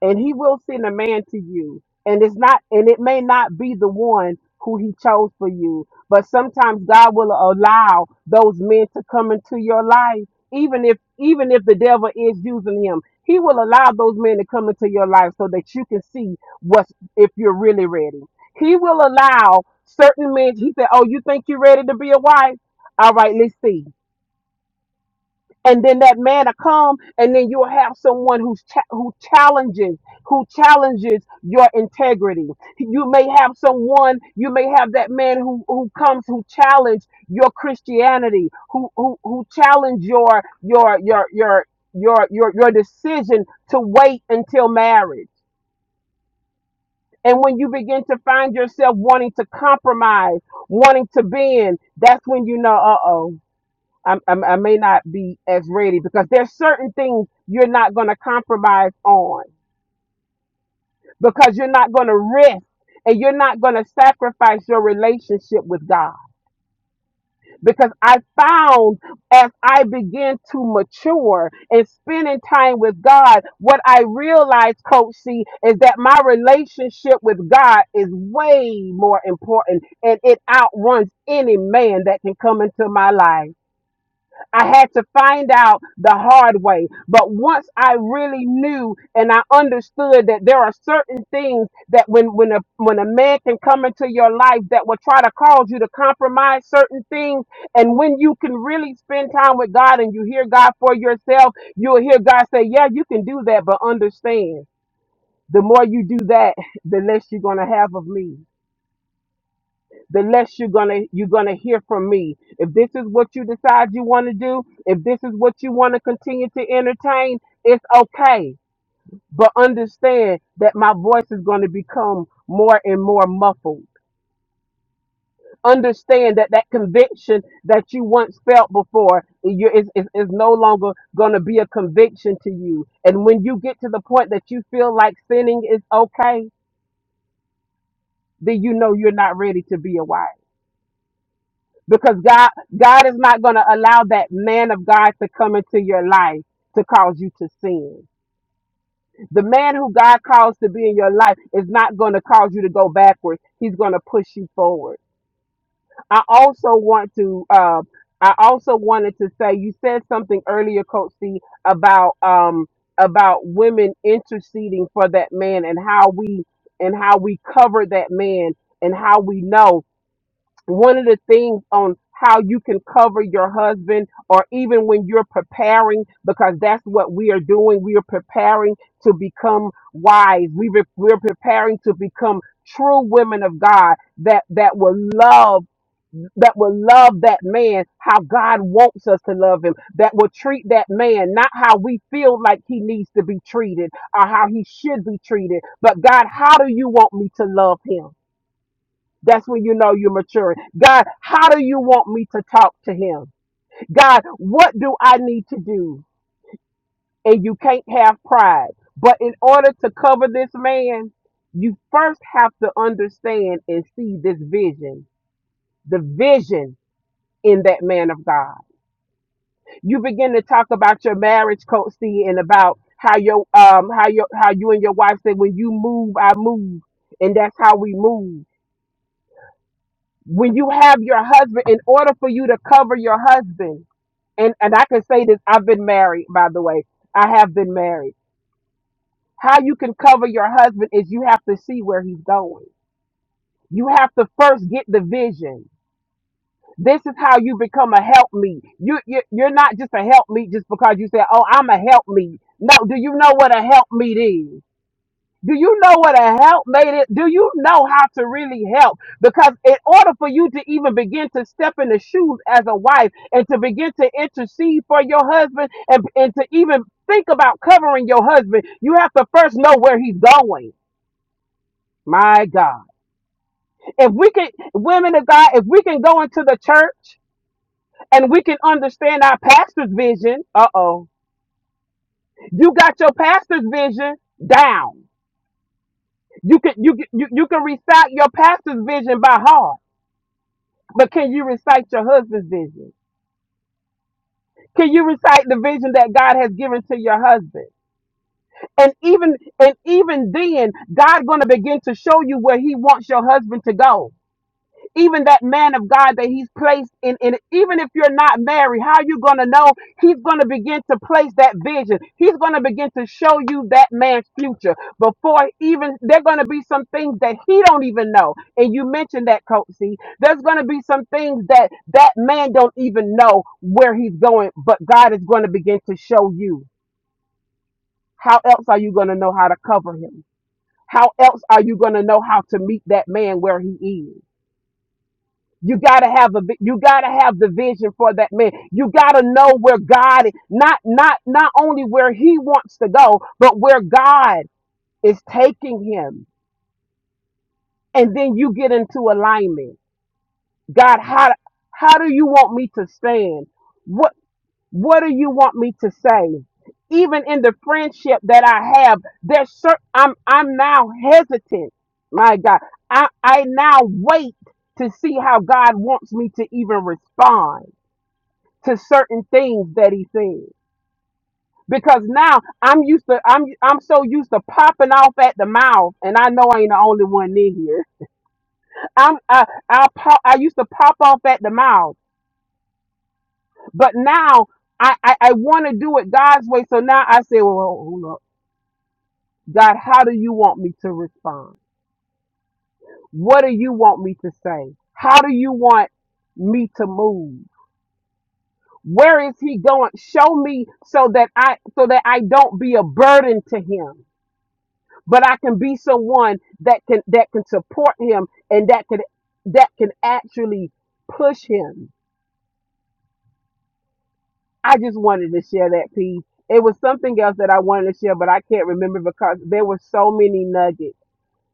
and he will send a man to you. And it's not, and it may not be the one who he chose for you, but sometimes God will allow those men to come into your life, even if, even if the devil is using him, he will allow those men to come into your life so that you can see what's, if you're really ready. He will allow certain men, he said, Oh, you think you're ready to be a wife? All right, let's see and then that man will come and then you'll have someone who's cha- who challenges who challenges your integrity you may have someone you may have that man who who comes who challenge your christianity who who who challenge your your your your your your, your decision to wait until marriage and when you begin to find yourself wanting to compromise wanting to bend that's when you know uh-oh I, I, I may not be as ready because there's certain things you're not going to compromise on because you're not going to risk and you're not going to sacrifice your relationship with God. Because I found as I began to mature and spending time with God, what I realized, Coach C, is that my relationship with God is way more important and it outruns any man that can come into my life. I had to find out the hard way. But once I really knew and I understood that there are certain things that when when a when a man can come into your life that will try to cause you to compromise certain things. And when you can really spend time with God and you hear God for yourself, you'll hear God say, Yeah, you can do that, but understand the more you do that, the less you're gonna have of me the less you're gonna you're gonna hear from me. If this is what you decide you want to do, if this is what you want to continue to entertain, it's okay. But understand that my voice is going to become more and more muffled. Understand that that conviction that you once felt before you is, is, is no longer going to be a conviction to you. And when you get to the point that you feel like sinning is okay, then you know you're not ready to be a wife. because God God is not going to allow that man of God to come into your life to cause you to sin. The man who God calls to be in your life is not going to cause you to go backwards. He's going to push you forward. I also want to uh, I also wanted to say you said something earlier, Coach C, about um about women interceding for that man and how we and how we cover that man and how we know one of the things on how you can cover your husband or even when you're preparing because that's what we are doing we are preparing to become wise we re- we're preparing to become true women of god that that will love that will love that man how God wants us to love him, that will treat that man not how we feel like he needs to be treated or how he should be treated, but God, how do you want me to love him? That's when you know you're maturing. God, how do you want me to talk to him? God, what do I need to do? And you can't have pride. But in order to cover this man, you first have to understand and see this vision, the vision in that man of God. You begin to talk about your marriage, Coach C, and about how your um how your how you and your wife say when you move, I move, and that's how we move when you have your husband, in order for you to cover your husband, and and I can say this, I've been married, by the way. I have been married. How you can cover your husband is you have to see where he's going. You have to first get the vision. This is how you become a helpmeet. You, you you're not just a helpmeet just because you say, "Oh, I'm a helpmeet." No, do you know what a helpmeet is? Do you know what a help made it? Do you know how to really help? Because in order for you to even begin to step in the shoes as a wife and to begin to intercede for your husband and, and to even think about covering your husband, you have to first know where he's going. My God. If we can, women of God, if we can go into the church and we can understand our pastor's vision, uh oh, you got your pastor's vision down. You can you can you, you can recite your pastor's vision by heart. But can you recite your husband's vision? Can you recite the vision that God has given to your husband? And even and even then, God gonna begin to show you where He wants your husband to go. even that man of God that he's placed in, in even if you're not married, how are you going to know he's going to begin to place that vision? He's going to begin to show you that man's future before even there going to be some things that he don't even know. And you mentioned that, Coach C. There's going to be some things that that man don't even know where he's going, but God is going to begin to show you. How else are you going to know how to cover him? How else are you going to know how to meet that man where he is? You gotta have a vi- you gotta have the vision for that man. You gotta know where God is, not not not only where He wants to go, but where God is taking him. And then you get into alignment. God, how how do you want me to stand? What what do you want me to say? Even in the friendship that I have, there's certain I'm I'm now hesitant. My God, I I now wait to see how God wants me to even respond to certain things that he said because now I'm used to I'm I'm so used to popping off at the mouth, and I know I ain't the only one in here. I'm I I pop I used to pop off at the mouth, but now I I, I want to do it God's way. So now I say, well, hold up, God, how do you want me to respond? What do you want me to say? How do you want me to move? Where is he going? Show me so that I so that I don't be a burden to him but I can be someone that can that can support him and that can that can actually push him. I just wanted to share that piece. It was something else that I wanted to share, but I can't remember because there were so many nuggets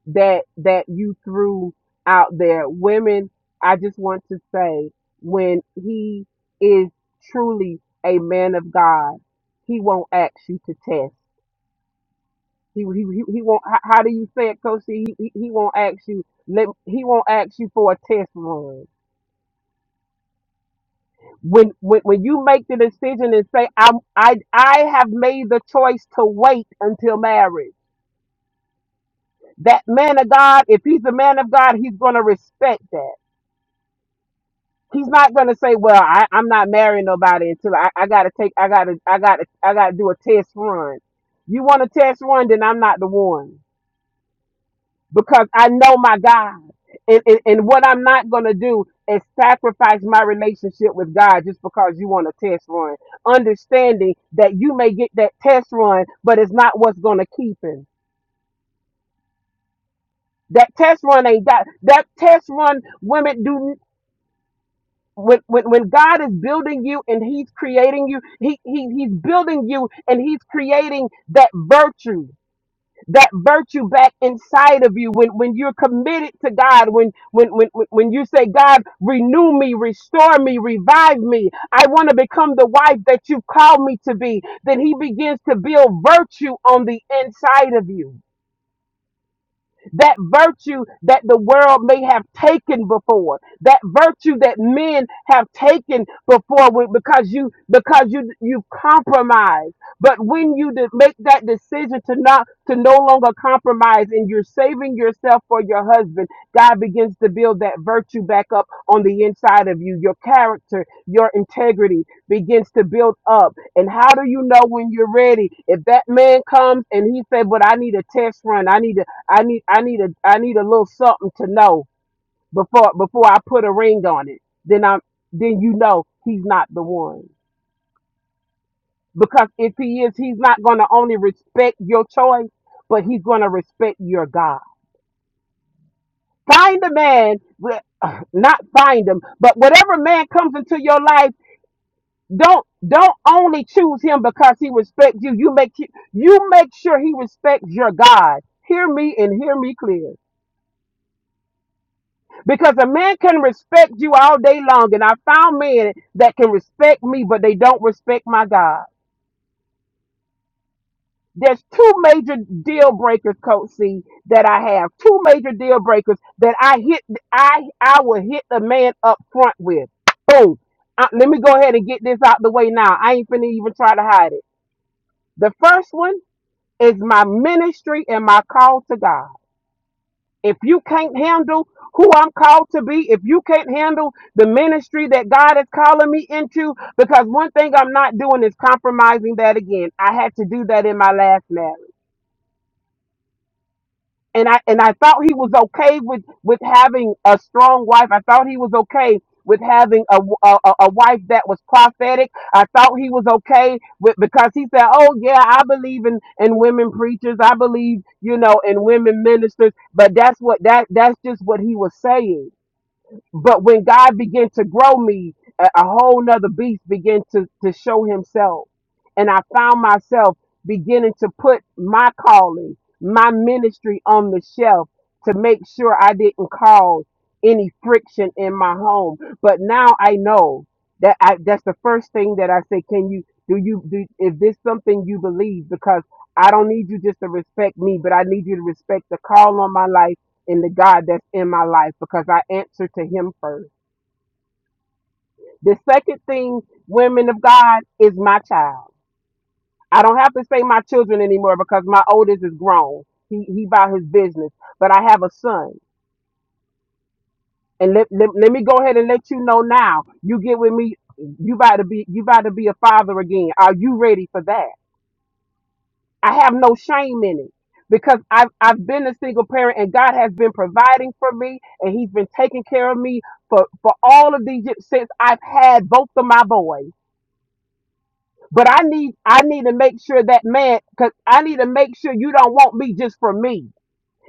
that that you threw out there. Women, I just want to say when he is truly a man of God, he won't ask you to test. He he he he won't. How, how do you say it, Coach? He, he he won't ask you. Let he won't ask you for a test run. When when when you make the decision and say I I I have made the choice to wait until marriage. That man of God, if he's a man of God, he's gonna respect that. He's not gonna say, well, I I'm not marrying nobody until I I gotta take I gotta I gotta I gotta do a test run. You want a test run? Then I'm not the one. because I know my God. And, and, and what I'm not going to do is sacrifice my relationship with God just because you want a test run. Understanding that you may get that test run, but it's not what's going to keep him. That test run ain't got that test run. Women do when, when when God is building you and He's creating you. He, he he's building you and He's creating that virtue. that virtue back inside of you when, when you're committed to God, when, when, when, when when you say, God, renew me, restore me, revive me. I want to become the wife that you've called me to be. Then he begins to build virtue on the inside of you that virtue that the world may have taken before, that virtue that men have taken before with- because you because you you've compromised. But when you de- make that decision to not to no longer compromise and you're saving yourself for your husband, God begins to build that virtue back up on the inside of you. Your character, your integrity begins to build up. And how do you know when you're ready? If that man comes and he said, "But I need a test run. I need to." I need I need a I need a little something to know before before I put a ring on it. Then I'm then you know he's not the one. Because if he is, he's not gonna only respect your choice, but he's gonna respect your God. Find a man, re- not find him, but whatever man comes into your life, don't don't only choose him because he respects you. You make you make sure he respects your God. Hear me and hear me clear. Because a man can respect you all day long, and I found men that can respect me, but they don't respect my God. There's two major deal breakers, Coach C, that I have. Two major deal breakers that I hit. I I will hit the man up front with. Boom. Uh, let me go ahead and get this out the way now. I ain't finna even try to hide it. The first one is my ministry and my call to God. If you can't handle who I'm called to be, if you can't handle the ministry that God is calling me into, because one thing I'm not doing is compromising that again. I had to do that in my last marriage. And I and I thought he was okay with with having a strong wife. I thought he was okay with having a a a a wife that was prophetic. I thought he was okay with because he said, "Oh yeah, I believe in in women preachers. I believe, you know, in women ministers." But that's what that that's just what he was saying But when God began to grow me, a, a whole nother beast began to, to show himself. And I found myself beginning to put my calling, my ministry on the shelf to make sure I didn't cause any friction in my home. But now I know that I, that's the first thing that I say, can you, do you, do, is this something you believe? Because I don't need you just to respect me, but I need you to respect the call on my life in the God that's in my life because I answer to Him first. The second thing, women of God, is my child. I don't have to say my children anymore because my oldest is grown. He he about his business, but I have a son, and let, let let me go ahead and let you know now. You get with me. You about to be you about to be a father again. Are you ready for that? I have no shame in it because I've I've been a single parent and God has been providing for me and He's been taking care of me for for all of these years since I've had both of my boys. But I need I need to make sure that man because I need to make sure you don't want me just for me.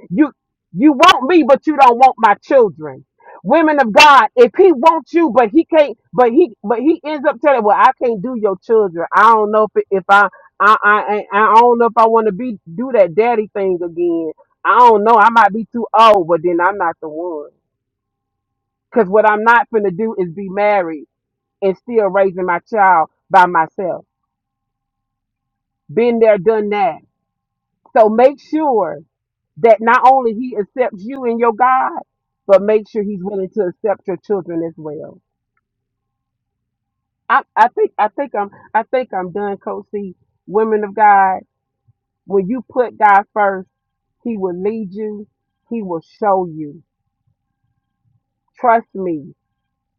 You you want me, but you don't want my children. Women of God, if he wants you, but he can't, but he but he ends up telling, well, I can't do your children. I don't know if if I I I I I don't know if I want to be do that daddy thing again. I don't know. I might be too old, but then I'm not the one. Cause what I'm not finna do is be married and still raising my child by myself. Been there, done that. So make sure. that not only he accepts you and your God, but make sure he's willing to accept your children as well. I, I think I think I'm I think I'm done, Coach C. Women of God, when you put God first, He will lead you, He will show you. Trust me,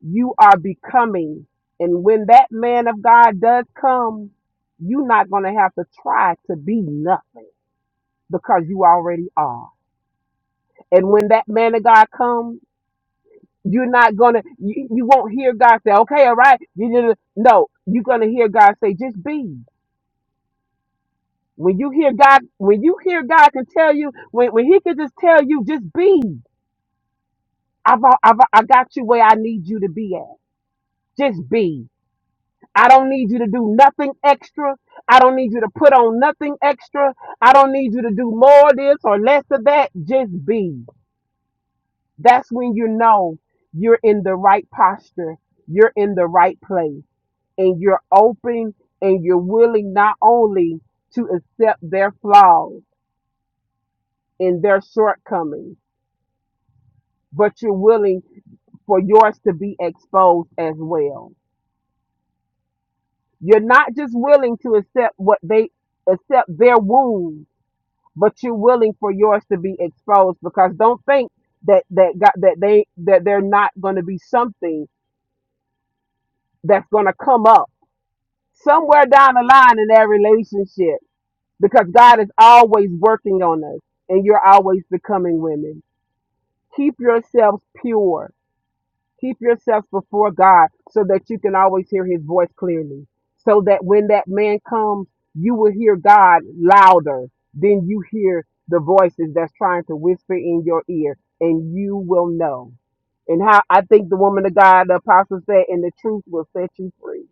you are becoming. And when that man of God does come, you're not gonna have to try to be nothing because you already are. And when that man of God comes, You're not gonna, you, you won't hear God say, okay, all right. You did it. no, you're gonna hear God say, just be. When you hear God, when you hear God can tell you, when, when he can just tell you, just be. I've, al- I've, I got you where I need you to be at. Just be. I don't need you to do nothing extra. I don't need you to put on nothing extra. I don't need you to do more of this or less of that. Just be. That's when you know you're in the right posture. You're in the right place and you're open and you're willing not only to accept their flaws and their shortcomings, but you're willing for yours to be exposed as well. You're not just willing to accept what they accept their wounds, but you're willing for yours to be exposed because don't think that that got that they that they're not going to be something that's going to come up somewhere down the line in their relationship because God is always working on us and you're always becoming women. Keep yourselves pure. Keep yourselves before God so that you can always hear his voice clearly. So that when that man comes, you will hear God louder than you hear the voices that's trying to whisper in your ear and you will know. And how I think the woman of God, the apostle said, and the truth will set you free.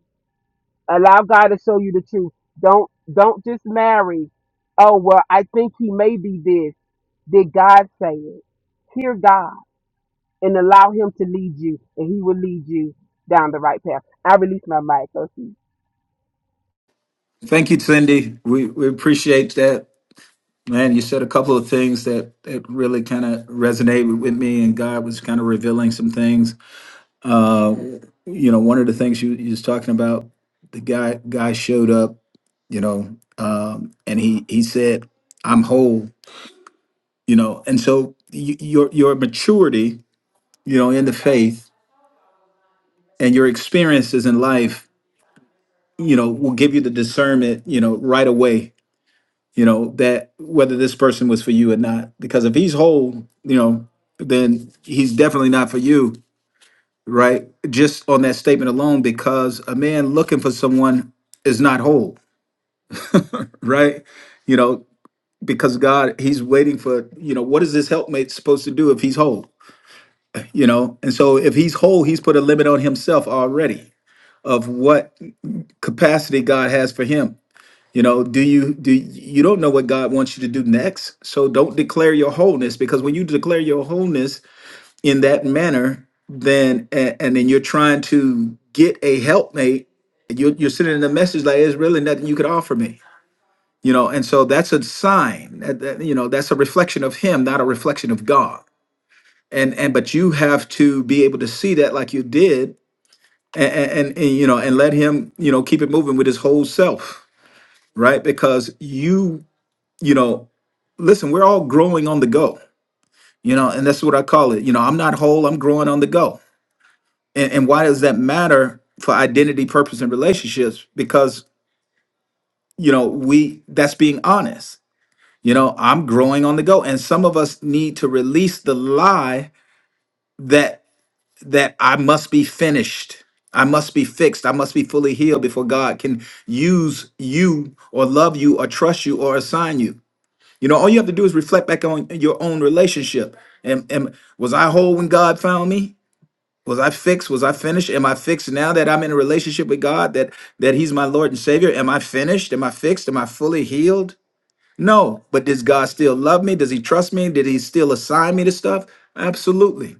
Allow God to show you the truth. Don't don't just marry. Oh well, I think he may be this. Did God say it? Hear God and allow Him to lead you, and He will lead you down the right path. I release my mic, OC. Thank you, Cindy. We we appreciate that, man. You said a couple of things that that really kind of resonated with me, and God was kind of revealing some things. Uh, you know, one of the things you you was talking about, the guy guy showed up, you know, um, and he he said, "I'm whole," you know, and so y- your your maturity, you know, in the faith and your experiences in life you know will give you the discernment you know right away you know that whether this person was for you or not because if he's whole you know then he's definitely not for you right just on that statement alone because a man looking for someone is not whole right you know because god he's waiting for you know what is this helpmate supposed to do if he's whole you know and so if he's whole he's put a limit on himself already of what capacity god has for him You know, do you do you don't know what God wants you to do next? So don't declare your wholeness because when you declare your wholeness in that manner, then and, and then you're trying to get a helpmate, you're, you're sending a message like there's really nothing you could offer me. You know, and so that's a sign that, that you know that's a reflection of Him, not a reflection of God. And and but you have to be able to see that like you did, and and, and you know, and let Him you know keep it moving with His whole self, right? Because you you know listen, we're all growing on the go, you know, and that's what I call it. You know, I'm not whole, I'm growing on the go. And, and why does that matter for identity, purpose, and relationships? Because, you know, we that's being honest. You know, I'm growing on the go. And some of us need to release the lie that that I must be finished. I must be fixed. I must be fully healed before God can use you or love you or trust you or assign you. You know, all you have to do is reflect back on your own relationship. And, and was I whole when God found me? Was I fixed? Was I finished? Am I fixed now that I'm in a relationship with God? That that He's my Lord and Savior? Am I finished? Am I fixed? Am I fully healed? No. But does God still love me? Does He trust me? Did He still assign me to stuff? Absolutely.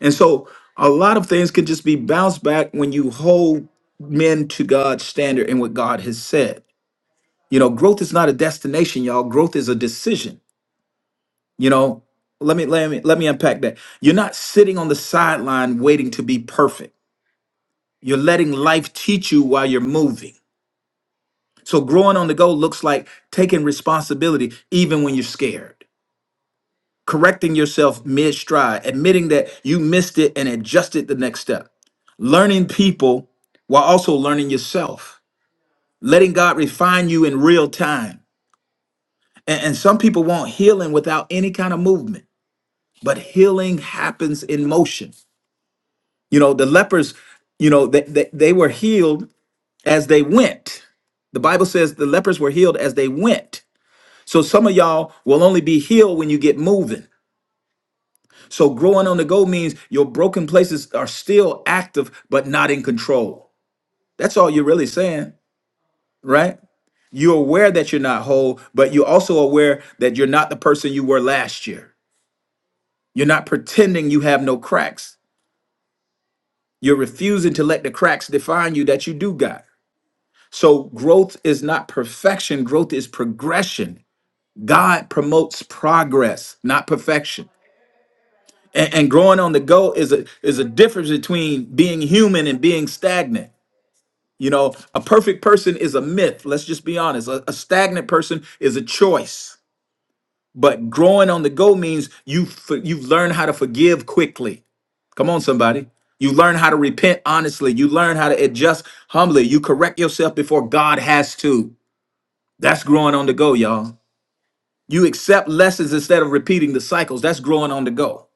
And so a lot of things can just be bounced back when you hold men to God's standard and what God has said. You know, growth is not a destination, y'all. Growth is a decision. You know, let me let me let me unpack that. You're not sitting on the sideline waiting to be perfect. You're letting life teach you while you're moving. So growing on the go looks like taking responsibility even when you're scared. Correcting yourself mid-stride, admitting that you missed it and adjusted the next step. Learning people while also learning yourself. Letting God refine you in real time. And, and some people want healing without any kind of movement, but healing happens in motion. You know, the lepers, you know, they, they, they were healed as they went. The Bible says the lepers were healed as they went. So some of y'all will only be healed when you get moving. So growing on the go means your broken places are still active, but not in control. That's all you're really saying, right? You're aware that you're not whole, but you're also aware that you're not the person you were last year. You're not pretending you have no cracks. You're refusing to let the cracks define you that you do got. So growth is not perfection, growth is progression. God promotes progress, not perfection. And, and growing on the go is a is a difference between being human and being stagnant. You know, a perfect person is a myth. Let's just be honest. A, a stagnant person is a choice. But growing on the go means you for, you've learned how to forgive quickly. Come on, somebody. You learn how to repent honestly. You learn how to adjust humbly. You correct yourself before God has to. That's growing on the go, y'all. You accept lessons instead of repeating the cycles. That's growing on the go.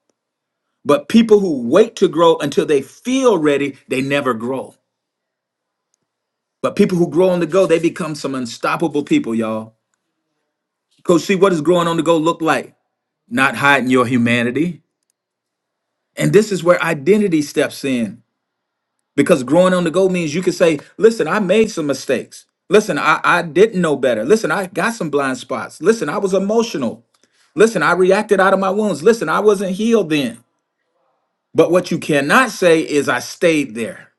But people who wait to grow until they feel ready, they never grow. But people who grow on the go, they become some unstoppable people, y'all. Coach C, what does growing on the go look like? Not hiding your humanity. And this is where identity steps in. Because growing on the go means you can say, listen, I made some mistakes. Listen, I, I didn't know better. Listen, I got some blind spots. Listen, I was emotional. Listen, I reacted out of my wounds. Listen, I wasn't healed then. But what you cannot say is I stayed there.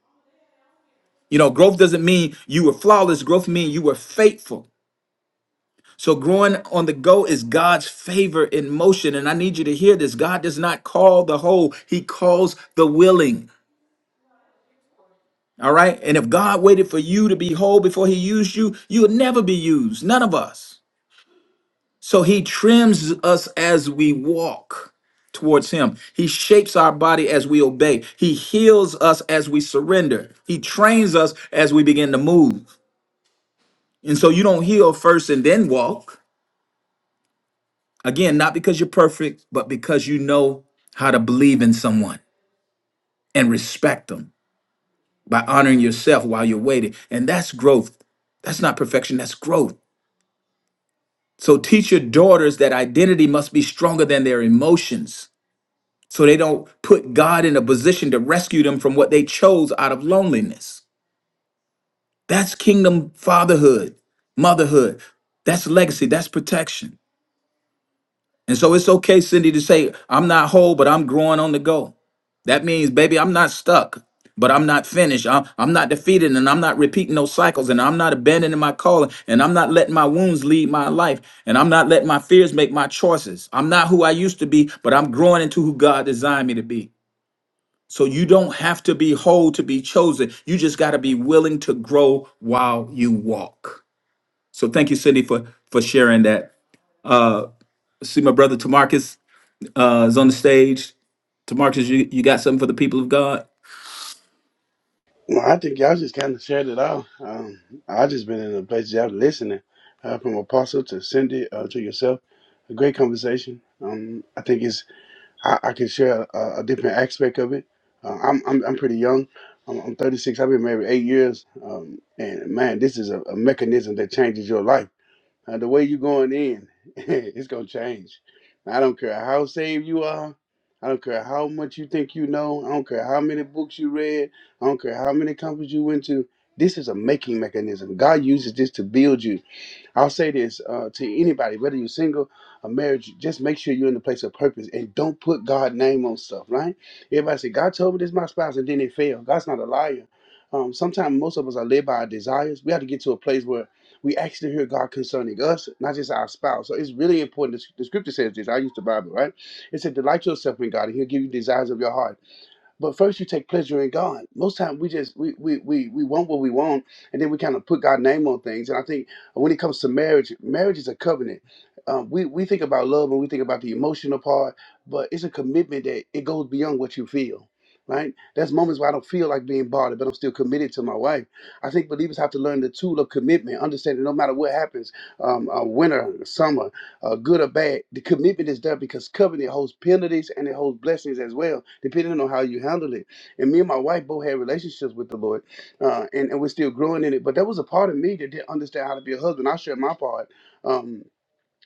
You know, growth doesn't mean you were flawless. Growth means you were faithful. So growing on the go is God's favor in motion. And I need you to hear this. God does not call the whole, He calls the willing. All right. And if God waited for you to be whole before He used you, you would never be used. None of us. So he trims us as we walk towards him. He shapes our body as we obey. He heals us as we surrender. He trains us as we begin to move. And so you don't heal first and then walk. Again, not because you're perfect, but because you know how to believe in someone and respect them by honoring yourself while you're waiting. And that's growth. That's not perfection, that's growth. So teach your daughters that identity must be stronger than their emotions so they don't put God in a position to rescue them from what they chose out of loneliness. That's kingdom fatherhood, motherhood. That's legacy, that's protection. And so it's okay, Cindy, to say, I'm not whole, but I'm growing on the go. That means, baby, I'm not stuck, but I'm not finished. I'm, I'm not defeated, and I'm not repeating those cycles, and I'm not abandoning my calling, and I'm not letting my wounds lead my life, and I'm not letting my fears make my choices. I'm not who I used to be, but I'm growing into who God designed me to be. So you don't have to be whole to be chosen. You just got to be willing to grow while you walk. So thank you, Cindy, for for sharing that. Uh, see, my brother Tamarcus uh, is on the stage. Tamarcus, you, you got something for the people of God? Well, I think y'all just kind of shared it all. Um, I just been in a place y'all listening uh, from Apostle to Cindy uh, to yourself. A great conversation. Um, I think it's I, I can share a, a different aspect of it. Uh, I'm, I'm I'm pretty young. I'm, I'm 36. I've been married eight years. Um, and man, this is a, a mechanism that changes your life. Uh, the way you're going in, it's gonna change. I don't care how saved you are. I don't care how much you think you know. I don't care how many books you read. I don't care how many companies you went to. This is a making mechanism. God uses this to build you I'll say this uh, to anybody, whether you're single or married, just make sure you're in the place of purpose and don't put God's name on stuff, right? Everybody say, God told me this is my spouse, and then they fail. God's not a liar. Um, Sometimes most of us are led by our desires. We have to get to a place where we actually hear God concerning us, not just our spouse. So it's really important. The the scripture says this. I use the Bible, right? It said, Delight yourself in God, and He'll give you desires of your heart. But first, you take pleasure in God. Most time, we just we we we we want what we want, and then we kind of put God's name on things. And I think when it comes to marriage, marriage is a covenant. Um, we we think about love and we think about the emotional part, but it's a commitment that it goes beyond what you feel. Right? There's moments where I don't feel like being bothered, but I'm still committed to my wife. I think believers have to learn the tool of commitment, understanding no matter what happens, um, uh, winter, summer uh, good or bad, the commitment is there because covenant holds penalties and it holds blessings as well, depending on how you handle it. And me and my wife both had relationships with the Lord, uh, and, and we're still growing in it. But there was a part of me that didn't understand how to be a husband. I shared my part. Um,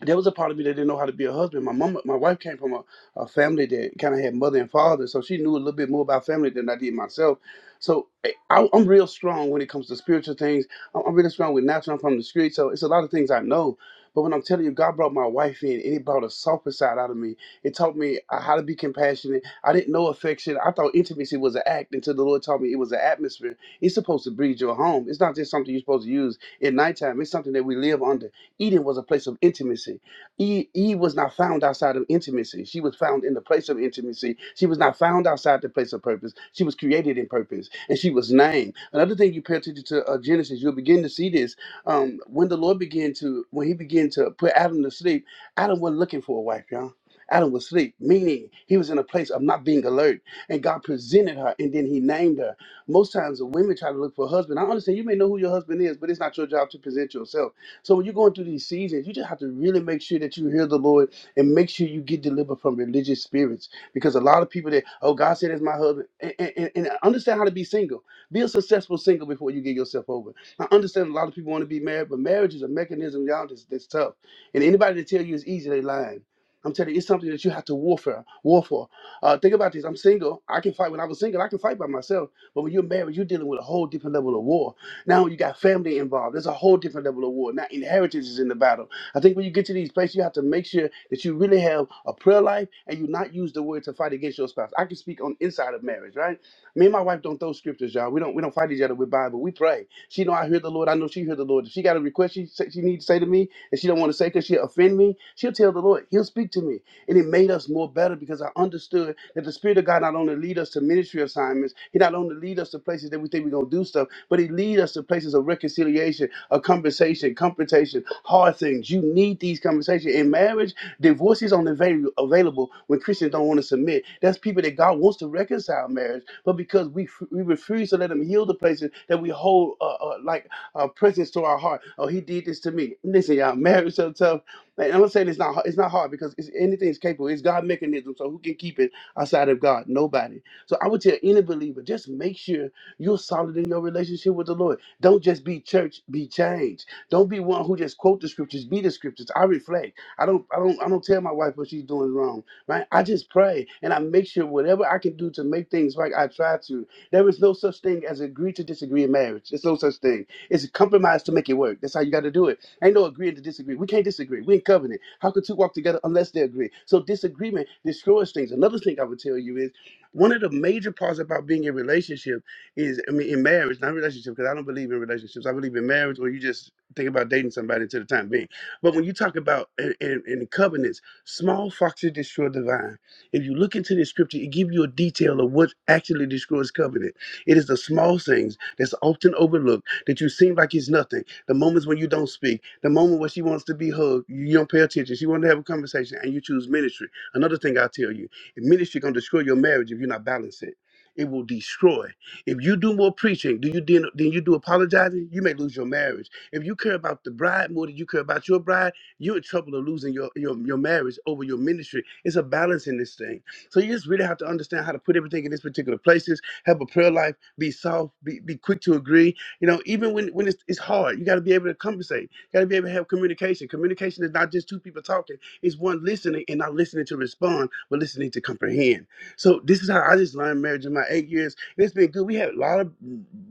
there was a part of me that didn't know how to be a husband. My mom, my wife came from a, a family that kind of had mother and father, so she knew a little bit more about family than I did myself. So eh, I, I'm real strong when it comes to spiritual things. I'm, I'm really strong with natural. I'm from the street, so it's a lot of things I know. But when I'm telling you, God brought my wife in, and He brought a softer side out of me. It taught me uh, how to be compassionate. I didn't know affection. I thought intimacy was an act until the Lord taught me it was an atmosphere. It's supposed to breed your home. It's not just something you're supposed to use at nighttime. It's something that we live under. Eden was a place of intimacy. Eve, Eve was not found outside of intimacy. She was found in the place of intimacy. She was not found outside the place of purpose. She was created in purpose, and she was named. Another thing you pay attention to uh, Genesis, you'll begin to see this um, when the Lord began to when He began to put Adam to sleep. Adam wasn't looking for a wife, y'all. Adam was asleep, meaning he was in a place of not being alert. And God presented her and then he named her. Most times the women try to look for a husband. I understand you may know who your husband is, but it's not your job to present yourself. So when you're going through these seasons, you just have to really make sure that you hear the Lord and make sure you get delivered from religious spirits. Because a lot of people that, oh, God said it's my husband. And, and, and understand how to be single. Be a successful single before you get yourself over. I understand a lot of people want to be married, but marriage is a mechanism, y'all, that's, that's tough. And anybody that tell you it's easy, they lying. I'm telling you, it's something that you have to warfare, war for. Uh, think about this. I'm single. I can fight. When I was single, I can fight by myself. But when you're married, you're dealing with a whole different level of war now you got family involved. There's a whole different level of war. Now inheritance is in the battle. I think when you get to these places, you have to make sure that you really have a prayer life and you not use the word to fight against your spouse. I can speak on inside of marriage, right? Me and my wife don't throw scriptures, y'all. We don't we don't fight each other with Bible. We pray. She know I hear the Lord. I know she hear the Lord. If she got a request she say, she needs to say to me, and she don't want to say because she offend me, she'll tell the Lord. He'll speak to me. And it made us more better because I understood that the Spirit of God not only lead us to ministry assignments, He not only lead us to places that we think we're gonna do stuff, but He lead us to places of reconciliation, of conversation, confrontation, hard things. You need these conversations in marriage. Divorce is only avail- available when Christians don't want to submit. That's people that God wants to reconcile marriage, but because we f- we refuse to let Him heal the places that we hold uh, uh, like uh, presence to our heart. Oh, He did this to me. Listen, y'all, marriage so tough and I'm not saying it's not it's not hard because it's, anything is capable. It's God mechanism, so who can keep it outside of God? Nobody. So I would tell any believer, just make sure you're solid in your relationship with the Lord. Don't just be church, be changed. Don't be one who just quote the scriptures, be the scriptures. I reflect. I don't I don't I don't tell my wife what she's doing wrong. Right? I just pray and I make sure whatever I can do to make things right, I try to. There is no such thing as agree to disagree in marriage. There's no such thing. It's a compromise to make it work. That's how you got to do it. Ain't no agreeing to disagree. We can't disagree. We in covenant. How could two walk together unless they agree? So disagreement destroys things. Another thing I would tell you is one of the major parts about being in relationship is, I mean, in marriage, not relationship, because I don't believe in relationships. I believe in marriage, or you just think about dating somebody to the time being. But when you talk about in, in, in covenants, small foxes destroy the vine. If you look into the scripture, it gives you a detail of what actually destroys covenant. It is the small things that's often overlooked that you seem like it's nothing the moments when you don't speak, the moment when she wants to be hugged, you don't pay attention. She wants to have a conversation, and you choose ministry. Another thing I tell you, ministry gonna destroy your marriage if you're not balanced. It It will destroy. If you do more preaching, do you then, then you do apologizing, you may lose your marriage. If you care about the bride more than you care about your bride, you're in trouble of losing your, your, your marriage over your ministry. It's a balance in this thing. So you just really have to understand how to put everything in its particular places, have a prayer life, be soft, be, be quick to agree, you know, even when when it's, it's hard, you got to be able to compensate. You got to be able to have communication. Communication is not just two people talking; it's one listening and not listening to respond, but listening to comprehend. So this is how I just learned marriage in my eight years, and it's been good. We had a lot of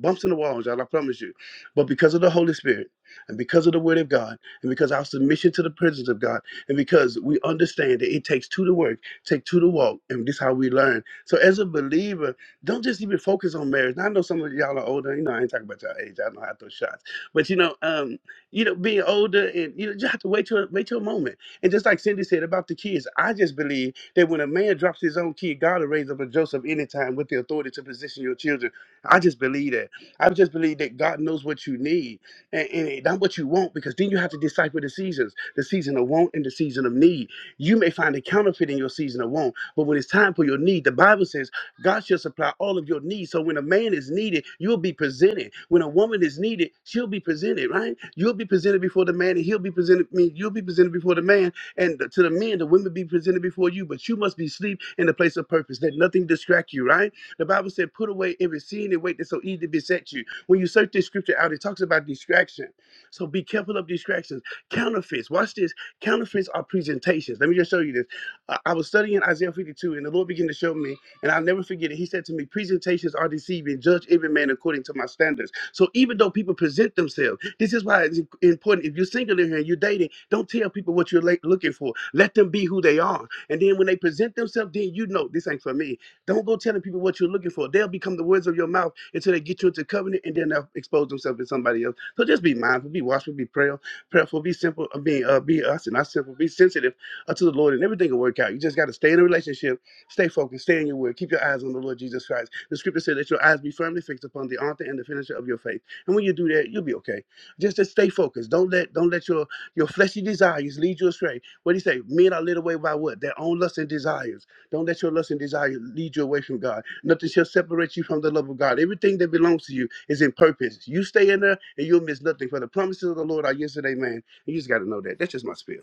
bumps in the walls, y'all. I promise you, but because of the Holy Spirit and because of the Word of God and because our submission to the presence of God and because we understand that it takes two to work, take two to walk, and this is how we learn. So as a believer don't just even focus on marriage. Now, I know some of y'all are older. You know, I ain't talking about y'all age. I know how to throw shots, but you know, um, you know, being older and you know, you have to wait till wait your moment. And just like Cindy said about the kids, I just believe that when a man drops his own kid, God will raise up a Joseph anytime with the authority to position your children. I just believe that. I just believe that God knows what you need and, and not what you want, because then you have to decipher the seasons, the season of want and the season of need. You may find a counterfeit in your season of want, but when it's time for your need, the Bible says. God shall supply all of your needs. So when a man is needed, you'll be presented. When a woman is needed, she'll be presented, right? You'll be presented before the man, and he'll be presented. I mean, you'll be presented before the man, and to the men, the women be presented before you. But you must be asleep in the place of purpose. Let nothing distract you, right? The Bible said, "Put away every sin and weight that so easily beset you." When you search this scripture out, it talks about distraction. So be careful of distractions, counterfeits. Watch this. Counterfeits are presentations. Let me just show you this. I I was studying Isaiah 52, and the Lord began to show me. And I'll never forget it. He said to me, Presentations are deceiving. Judge every man according to my standards. So even though people present themselves, this is why it's im- important. If you're single in here and you're dating, don't tell people what you're like, looking for. Let them be who they are. And then when they present themselves, then you know this ain't for me. Don't go telling people what you're looking for. They'll become the words of your mouth until they get you into covenant and then they'll expose themselves to somebody else. So just be mindful, be watchful, be prayer, prayerful, be simple, I mean, uh, be us and not simple, be sensitive uh, to the Lord and everything will work out. You just got to stay in a relationship Stay focused, stay in your word. Keep your eyes on the Lord Jesus Christ. The scripture said that your eyes be firmly fixed upon the author and the finisher of your faith. And when you do that, you'll be okay. Just to stay focused. Don't let don't let your your fleshy desires lead you astray. What do you say? Men are led away by what? Their own lust and desires. Don't let your lust and desire lead you away from God. Nothing shall separate you from the love of God. Everything that belongs to you is in purpose. You stay in there and you'll miss nothing. For the promises of the Lord are yesterday, man. You just gotta know that. That's just my spiel.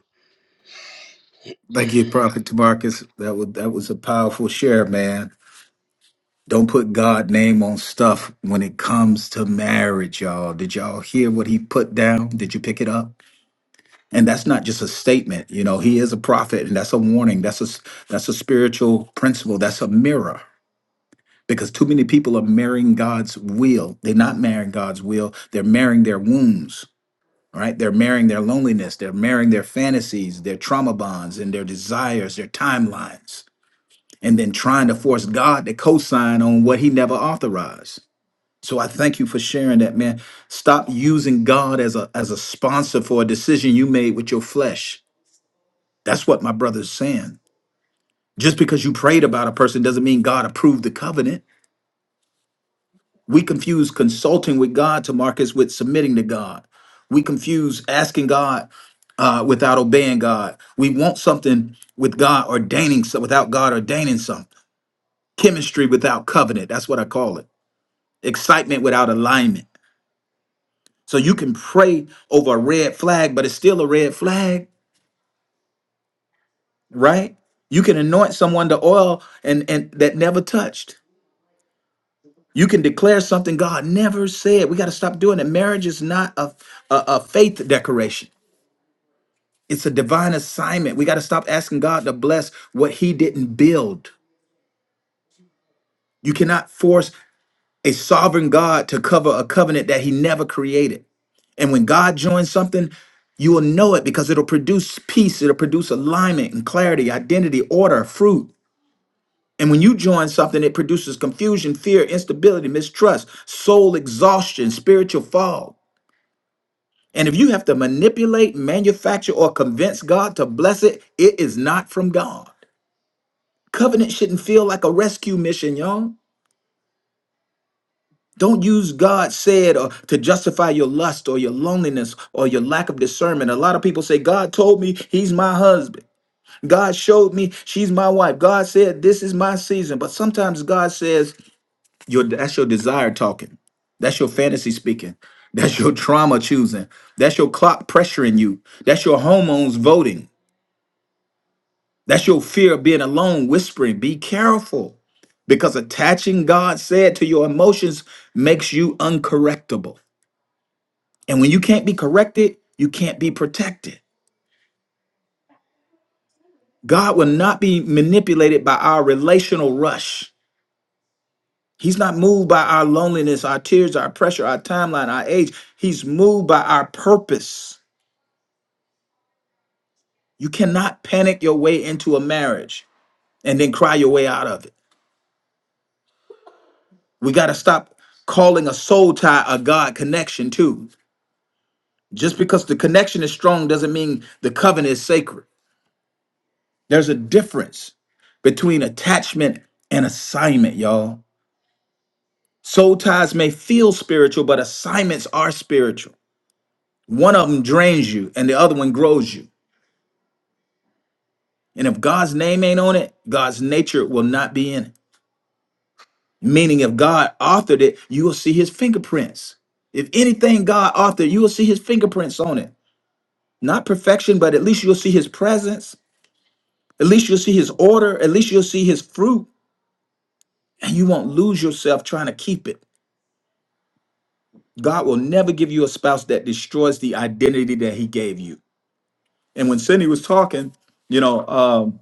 Thank you, Prophet Tamarcus. That was that was a powerful share, man. Don't put God name on stuff when it comes to marriage, y'all. Did y'all hear what he put down? Did you pick it up? and that's not just a statement you know he is a prophet and that's a warning that's a that's a spiritual principle that's a mirror because too many people are marrying god's will they're not marrying god's will they're marrying their wounds all right they're marrying their loneliness they're marrying their fantasies their trauma bonds and their desires their timelines and then trying to force god to co-sign on what he never authorized so i thank you for sharing that man stop using god as a as a sponsor for a decision you made with your flesh that's what my brother's saying. Just because you prayed about a person doesn't mean God approved the covenant. We confuse consulting with God to Marcus with submitting to God. We confuse asking God uh, without obeying God. We want something with God ordaining so- without God ordaining something. Chemistry without covenant. That's what I call it. Excitement without alignment. So you can pray over a red flag, but it's still a red flag, right? You can anoint someone to oil and and that never touched You can declare something God never said. We got to stop doing it. Marriage is not a, a, a faith decoration, it's a divine assignment. We got to stop asking God to bless what He didn't build. You cannot force a sovereign God to cover a covenant that He never created. And when God joins something, you will know it because it'll produce peace, it'll produce alignment and clarity, identity, order, fruit. And when you join something, it produces confusion, fear, instability, mistrust, soul exhaustion, spiritual fog. And if you have to manipulate, manufacture, or convince God to bless it, it is not from God. Covenant shouldn't feel like a rescue mission, y'all. Don't use God said or to justify your lust or your loneliness or your lack of discernment. A lot of people say, God told me he's my husband. God showed me she's my wife. God said this is my season. But sometimes God says, your, that's your desire talking. That's your fantasy speaking. That's your trauma choosing. That's your clock pressuring you. That's your hormones voting. That's your fear of being alone whispering. Be careful because attaching God said to your emotions makes you uncorrectable. And when you can't be corrected, you can't be protected. God will not be manipulated by our relational rush. He's not moved by our loneliness, our tears, our pressure, our timeline, our age. He's moved by our purpose. You cannot panic your way into a marriage and then cry your way out of it. We got to stop calling a soul tie a God connection too. Just because the connection is strong doesn't mean the covenant is sacred. There's a difference between attachment and assignment, y'all. Soul ties may feel spiritual, but assignments are spiritual. One of them drains you and the other one grows you. And if God's name ain't on it, God's nature will not be in it. Meaning, if God authored it, you will see his fingerprints. If anything God authored, you will see his fingerprints on it. Not perfection, but at least you'll see his presence At least you'll see his order. At least you'll see his fruit, and you won't lose yourself trying to keep it. God will never give you a spouse that destroys the identity that he gave you. And when Cindy was talking, you know, um,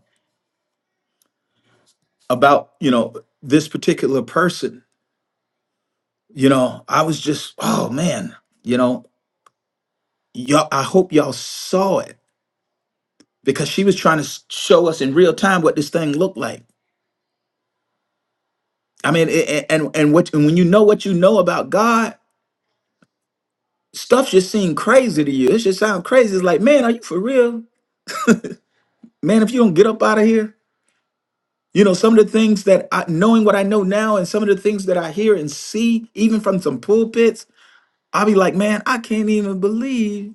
about, you know, this particular person, you know, I was just, oh man, you know, y'all, I hope y'all saw it because she was trying to s- show us in real time what this thing looked like. I mean, a- a- and and what and when you know what you know about God, Stuff just seem crazy to you. It just sound crazy. It's like, man, are you for real? Man, if you don't get up out of here, you know, some of the things that I knowing what I know now and some of the things that I hear and see, even from some pulpits, I'll be like, man, I can't even believe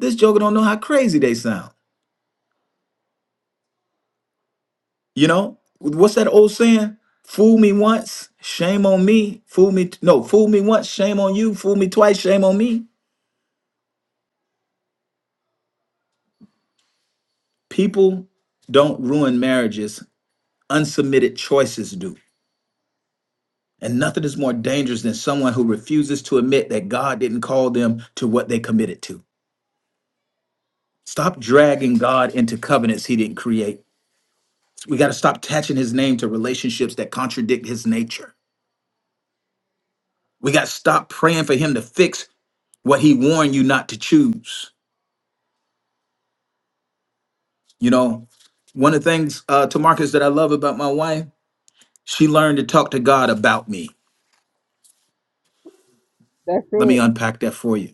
this joker don't know how crazy they sound. You know? What's that old saying? Fool me once, shame on me. Fool me, t- no, fool me once, shame on you. Fool me twice, shame on me. People don't ruin marriages. Unsubmitted choices do. And nothing is more dangerous than someone who refuses to admit that God didn't call them to what they committed to. Stop dragging God into covenants he didn't create. We got to stop attaching his name to relationships that contradict his nature. We got to stop praying for him to fix what he warned you not to choose. You know, one of the things uh, to that I love about my wife, she learned to talk to God about me. That's Let me it. unpack that for you.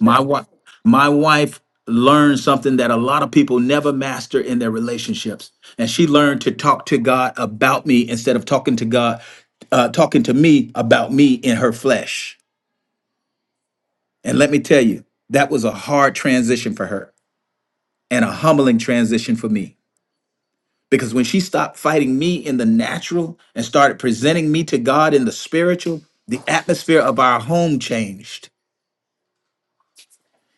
My wife, my wife learned something that a lot of people never master in their relationships, and she learned to talk to God about me instead of talking to God, uh, talking to me about me in her flesh. And let me tell you, that was a hard transition for her and a humbling transition for me. Because when she stopped fighting me in the natural and started presenting me to God in the spiritual, the atmosphere of our home changed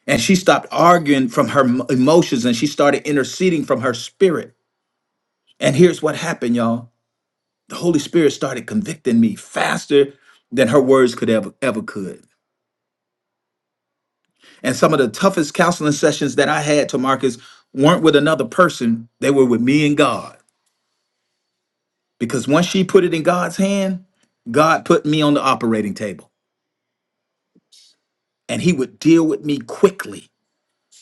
and she stopped arguing from her m- emotions and she started interceding from her spirit. And here's what happened, y'all. The Holy Spirit started convicting me faster than her words could ever ever could. And some of the toughest counseling sessions that I had to Marcus weren't with another person, they were with me and God. Because once she put it in God's hand, God put me on the operating table and he would deal with me quickly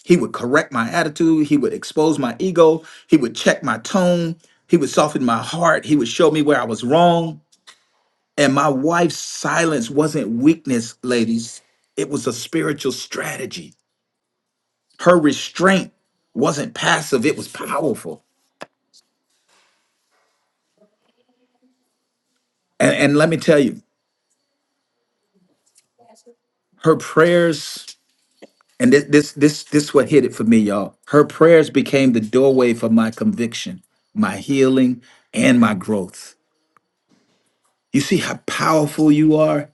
He would correct my attitude. He would expose my ego. He would check my tone. He would soften my heart. He would show me where I was wrong. And my wife's silence wasn't weakness, ladies. It was a spiritual strategy. Her restraint wasn't passive, it was powerful. And, and let me tell you, her prayers, and this, this, this, this what hit it for me, y'all. Her prayers became the doorway for my conviction, my healing, and my growth. You see how powerful you are?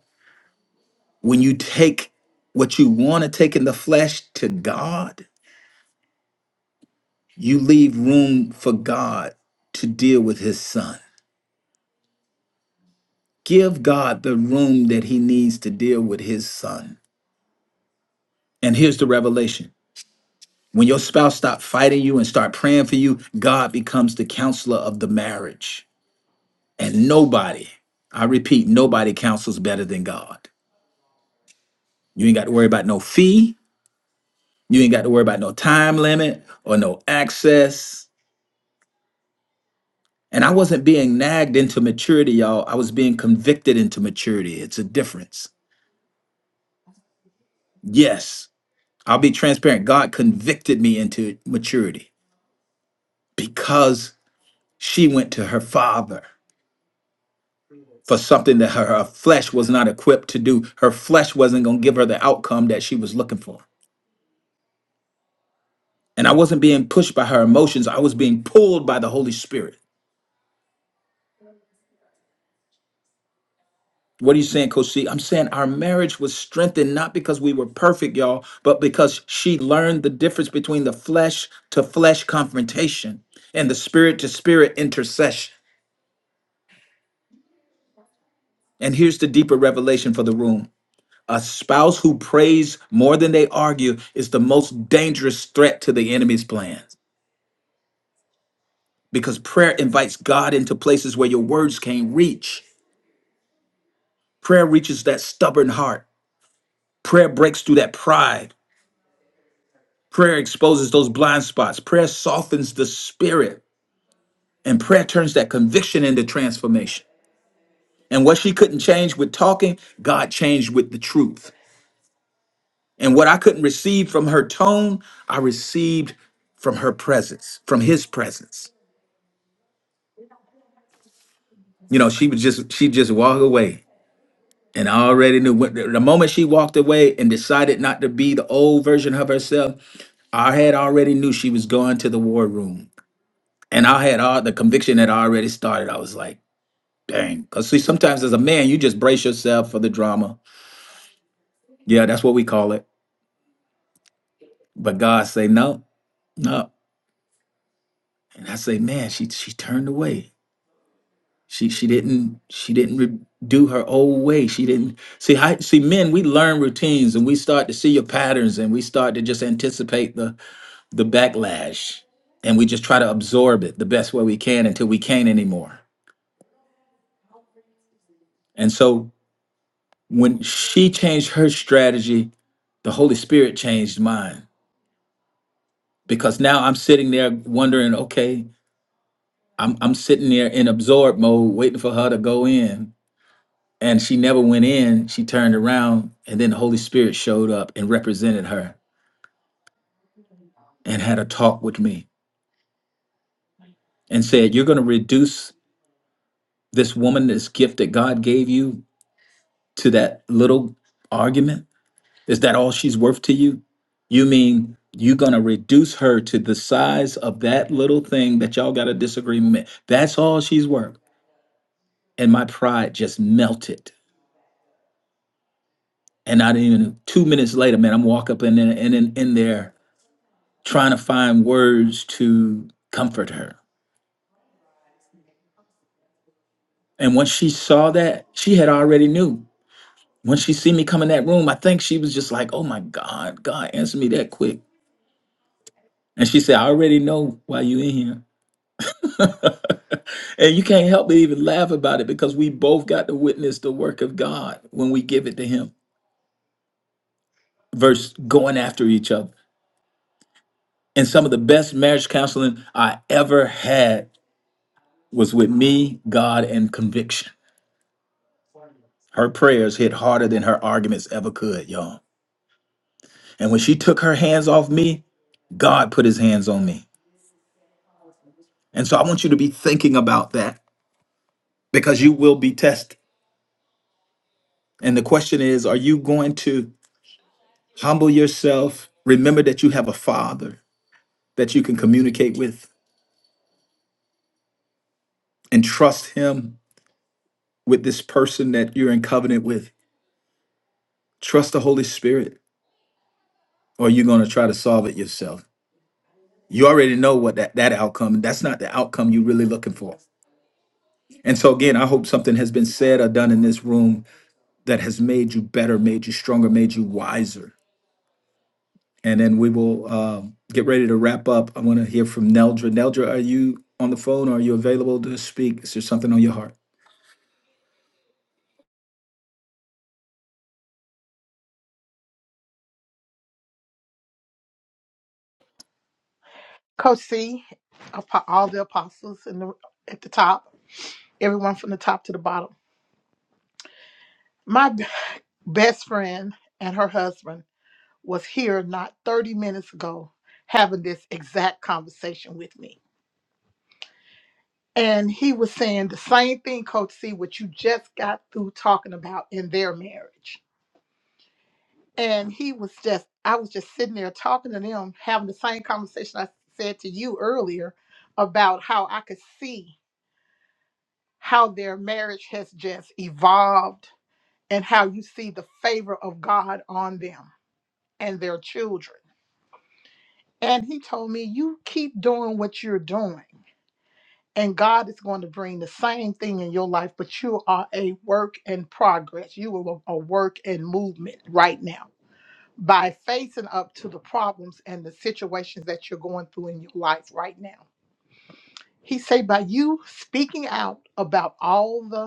when you take what you want to take in the flesh to God, you leave room for God to deal with his son. Give God the room that he needs to deal with his son. And here's the revelation. When your spouse stops fighting you and start praying for you, God becomes the counselor of the marriage. And nobody, I repeat, nobody counsels better than God. You ain't got to worry about no fee. You ain't got to worry about no time limit or no access. And I wasn't being nagged into maturity, y'all. I was being convicted into maturity. It's a difference. Yes, I'll be transparent. God convicted me into maturity because she went to her father for something that her, her flesh was not equipped to do. Her flesh wasn't going to give her the outcome that she was looking for. And I wasn't being pushed by her emotions, I was being pulled by the Holy Spirit. What are you saying, Coach C? I'm saying our marriage was strengthened not because we were perfect, y'all, but because she learned the difference between the flesh to flesh confrontation and the spirit to spirit intercession. And here's the deeper revelation for the room a spouse who prays more than they argue is the most dangerous threat to the enemy's plans because prayer invites God into places where your words can't reach. Prayer reaches that stubborn heart, prayer breaks through that pride. Prayer exposes those blind spots. Prayer softens the spirit, and prayer turns that conviction into transformation. And what she couldn't change with talking, God changed with the truth. And what I couldn't receive from her tone, I received from her presence, from his presence. You know, she would just she just walk away. And I already knew when, the moment she walked away and decided not to be the old version of herself, I had already knew she was going to the war room. And I had all the conviction had already started. I was like, Dang. Cause see, sometimes as a man, you just brace yourself for the drama. Yeah, that's what we call it. But God say no, no. And I say, man, she she turned away. She she didn't she didn't re- do her old way. She didn't see. I, see, men, we learn routines and we start to see your patterns and we start to just anticipate the the backlash and we just try to absorb it the best way we can until we can't anymore. And so when she changed her strategy, the Holy Spirit changed mine because now I'm sitting there wondering, okay, I'm I'm sitting there in absorb mode, waiting for her to go in, and she never went in. She turned around, and then the Holy Spirit showed up and represented her and had a talk with me and said, "You're going to reduce this woman, this gift that God gave you, to that little argument. Is that all she's worth to you? You mean?" You're gonna reduce her to the size of that little thing that y'all got a disagreement. That's all she's worth. and my pride just melted. And not even two minutes later, man, I'm walk up in there in, in there trying to find words to comfort her. And once she saw that, she had already knew. When she see me come in that room, I think she was just like, "Oh my God, God, answered me that quick." And she said, "I already know why you in here." and you can't help but even laugh about it because we both got to witness the work of God when we give it to Him versus going after each other. And some of the best marriage counseling I ever had was with me, God, and conviction. Her prayers hit harder than her arguments ever could, y'all. And when she took her hands off me, God put his hands on me. And so I want you to be thinking about that because you will be tested. And the question is are you going to humble yourself? Remember that you have a father that you can communicate with and trust him with this person that you're in covenant with. Trust the Holy Spirit or you're going to try to solve it yourself. You already know what that, that outcome, that's not the outcome you're really looking for. And so, again, I hope something has been said or done in this room that has made you better, made you stronger, made you wiser. And then we will um, get ready to wrap up. I want to hear from Neldra. Neldra, are you on the phone? Are you available to speak? Is there something on your heart? Coach C, apo- all the apostles in the, at the top, everyone from the top to the bottom. My b- best friend and her husband was here not 30 minutes ago having this exact conversation with me. And he was saying the same thing, Coach C, what you just got through talking about in their marriage. And he was just, I was just sitting there talking to them, having the same conversation I said to you earlier about how I could see. how their marriage has just evolved and how you see the favor of God on them and their children. And he told me, You keep doing what you're doing, and God is going to bring the same thing in your life, but you are a work in progress. You are a a work in movement right now by facing up to the problems and the situations that you're going through in your life right now. He said, By you speaking out about all the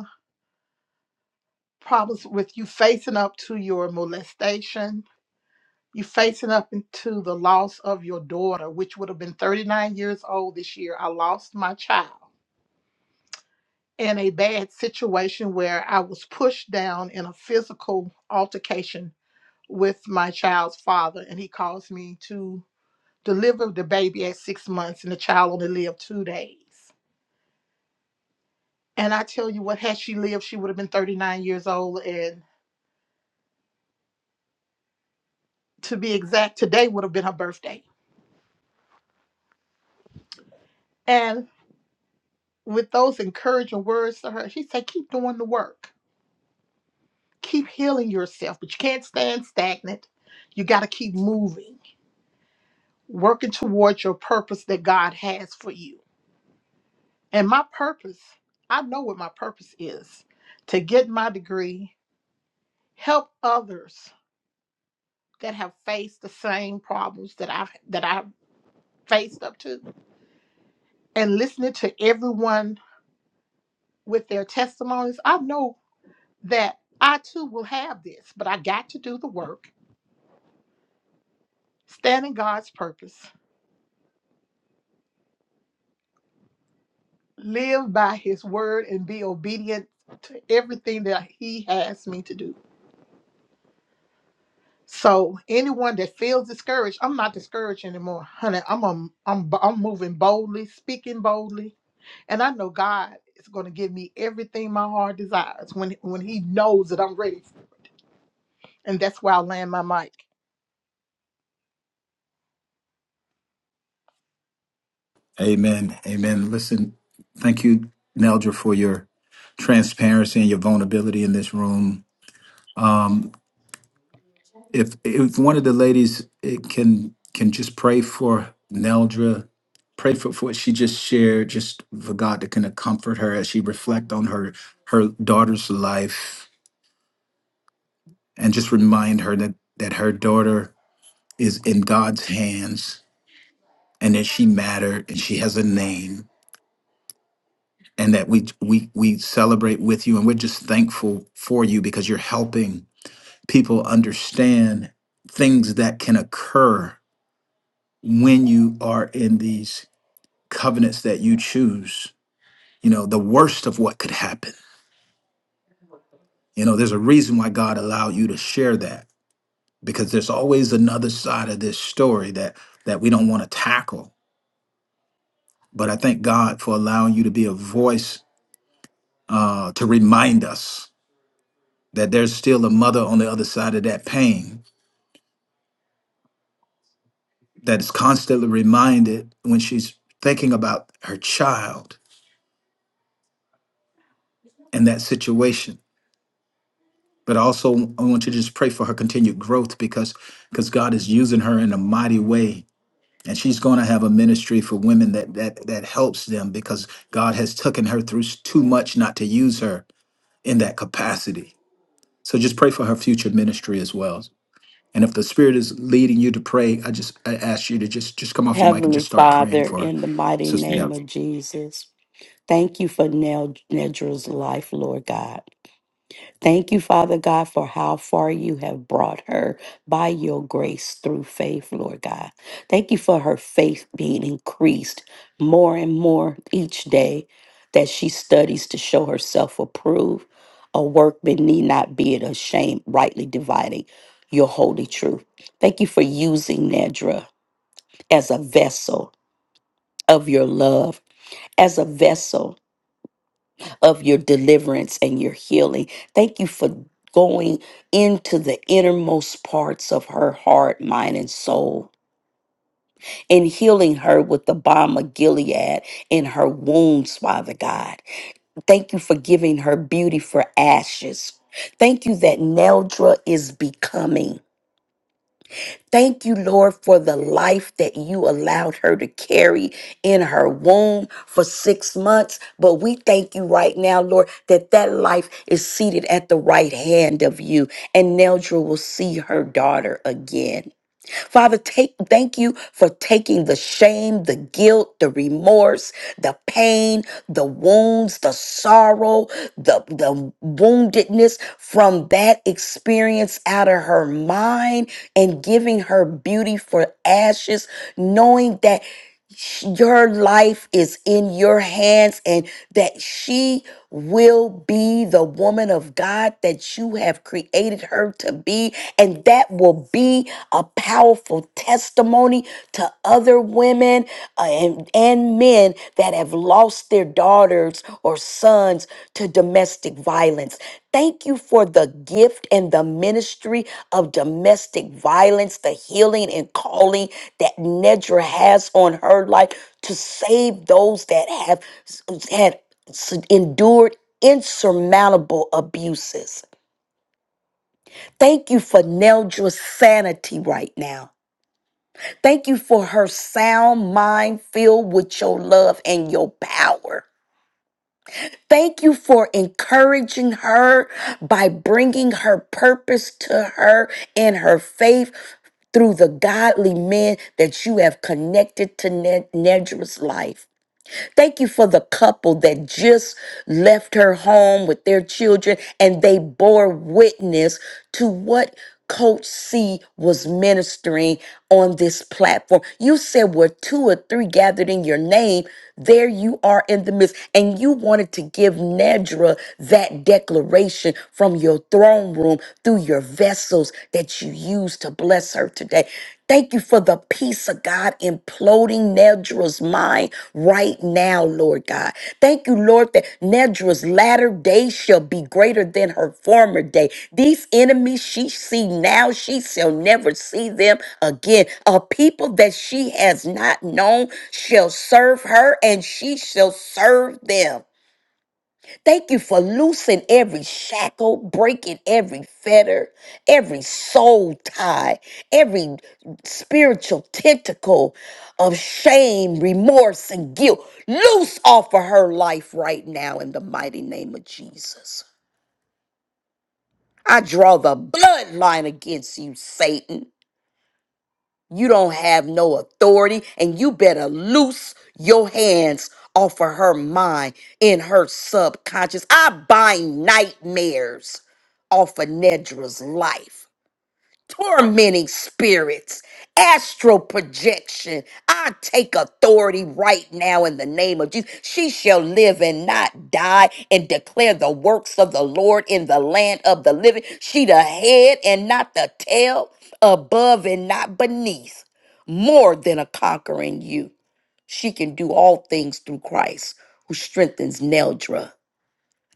problems with you facing up to your molestation, you facing up into the loss of your daughter, which would have been 39 years old this year. I lost my child in a bad situation where I was pushed down in a physical altercation with my child's father, and he caused me to deliver the baby at six months, and the child only lived two days. And I tell you what, had she lived, she would have been 39 years old, and to be exact, today would have been her birthday. And with those encouraging words to her, she said, keep doing the work. Keep healing yourself, but you can't stand stagnant. You got to keep moving, working towards your purpose that God has for you. And my purpose, I know what my purpose is to get my degree, help others that have faced the same problems that I've that I've faced up to. And listening to everyone with their testimonies, I know that I too will have this, but I got to do the work. Stand in God's purpose, live by His word, and be obedient to everything that He has me to do. So, anyone that feels discouraged, I'm not discouraged anymore, honey. I'm i I'm I'm moving boldly, speaking boldly, and I know God is going to give me everything my heart desires when when He knows that I'm ready, and that's where I land my mic. Amen. Amen. Listen, thank you, Neldra, for your transparency and your vulnerability in this room. if if one of the ladies eh, can can just pray for Neldra, pray for, for what she just shared, just for God to kind of comfort her as she reflect on her her daughter's life, and just remind her that that her daughter is in God's hands, and that she mattered, and she has a name, and that we we we celebrate with you, and we're just thankful for you because you're helping people understand things that can occur when you are in these covenants that you choose, you know, the worst of what could happen. You know, there's a reason why God allowed you to share that because there's always another side of this story that that we don't want to tackle. But I thank God for allowing you to be a voice uh, to remind us that there's still a mother on the other side of that pain that is constantly reminded when she's thinking about her child in that situation but also I want you to just pray for her continued growth because because God is using her in a mighty way. And she's going to have a ministry for women that that that helps them because God has taken her through s- too much not to use her in that capacity. So just pray for her future ministry as well. And if the Spirit is leading you to pray, I just I ask you to just just come off your mic and Heavenly just start praying Father, for in the mighty Sister name Deb. of Jesus, thank you for Ned- Nedra's life, Lord God. Thank you, Father God, for how far you have brought her by your grace through faith, Lord God. Thank you for her faith being increased more and more each day that she studies to show herself approved, a workman need not be ashamed, rightly dividing your holy truth. Thank you for using Nedra as a vessel of your love, as a vessel of your deliverance and your healing. Thank you for going into the innermost parts of her heart, mind, and soul and healing her with the balm of Gilead in her wounds, Father God. Thank you for giving her beauty for ashes. Thank you that Neldra is becoming. Thank you, Lord, for the life that you allowed her to carry in her womb for six months. But we thank you right now, Lord, that that life is seated at the right hand of you, and Neldra will see her daughter again. Father, take thank you for taking the shame, the guilt, the remorse, the pain, the wounds, the sorrow, the, the woundedness from that experience out of her mind and giving her beauty for ashes, knowing that sh- your life is in your hands and that she will be the woman of God that you have created her to be. And that will be a powerful testimony to other women uh, and, and men that have lost their daughters or sons to domestic violence. Thank you for the gift and the ministry of domestic violence, the healing and calling that Nedra has on her life to save those that have had endured insurmountable abuses. Thank you for Neldra's sanity right now. Thank you for her sound mind filled with your love and your power. Thank you for encouraging her by bringing her purpose to her and her faith through the godly men that you have connected to Ned- Nedra's life. Thank you for the couple that just left her home with their children and they bore witness to what Coach C was ministering on this platform. You said where two or three gathered in your name, there you are in the midst. And you wanted to give Nedra that declaration from your throne room through your vessels that you you used to bless her today. Thank you for the peace of God imploding Nedra's mind right now, Lord God. Thank you, Lord, that Nedra's latter day shall be greater than her former day. These enemies she see now, she shall never see them again. A people that she has not known shall serve her, and she shall serve them. Thank you for loosing every shackle, breaking every fetter, every soul tie, every spiritual tentacle of shame, remorse, and guilt. Loose off of her life right now in the mighty name of Jesus. I draw the bloodline against you, Satan. You don't have no authority, and you better loose your hands off of her mind in her subconscious. I bind nightmares off of Nedra's life tormenting spirits, astral projection. I take authority right now in the name of Jesus. She shall live and not die and declare the works of the Lord in the land of the living. She the head and not the tail, above and not beneath, more than a conquering you. She can do all things through Christ who strengthens Neldra.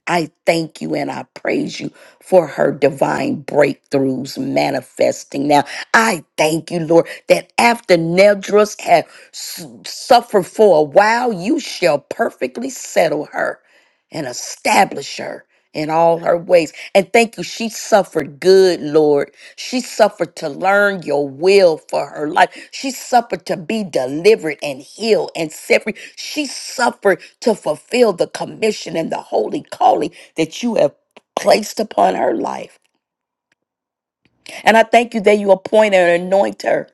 I thank you and I praise you for her divine breakthroughs manifesting. Now, I thank you, Lord, that after Nedra's had s- suffered for a while, you shall perfectly settle her and establish her in all her ways. And thank you, she suffered good, Lord. She suffered to learn your will for her life. She suffered to be delivered and healed and set free. She suffered to fulfill the commission and the holy calling that you have placed upon her life. And I thank you that you appoint and anoint her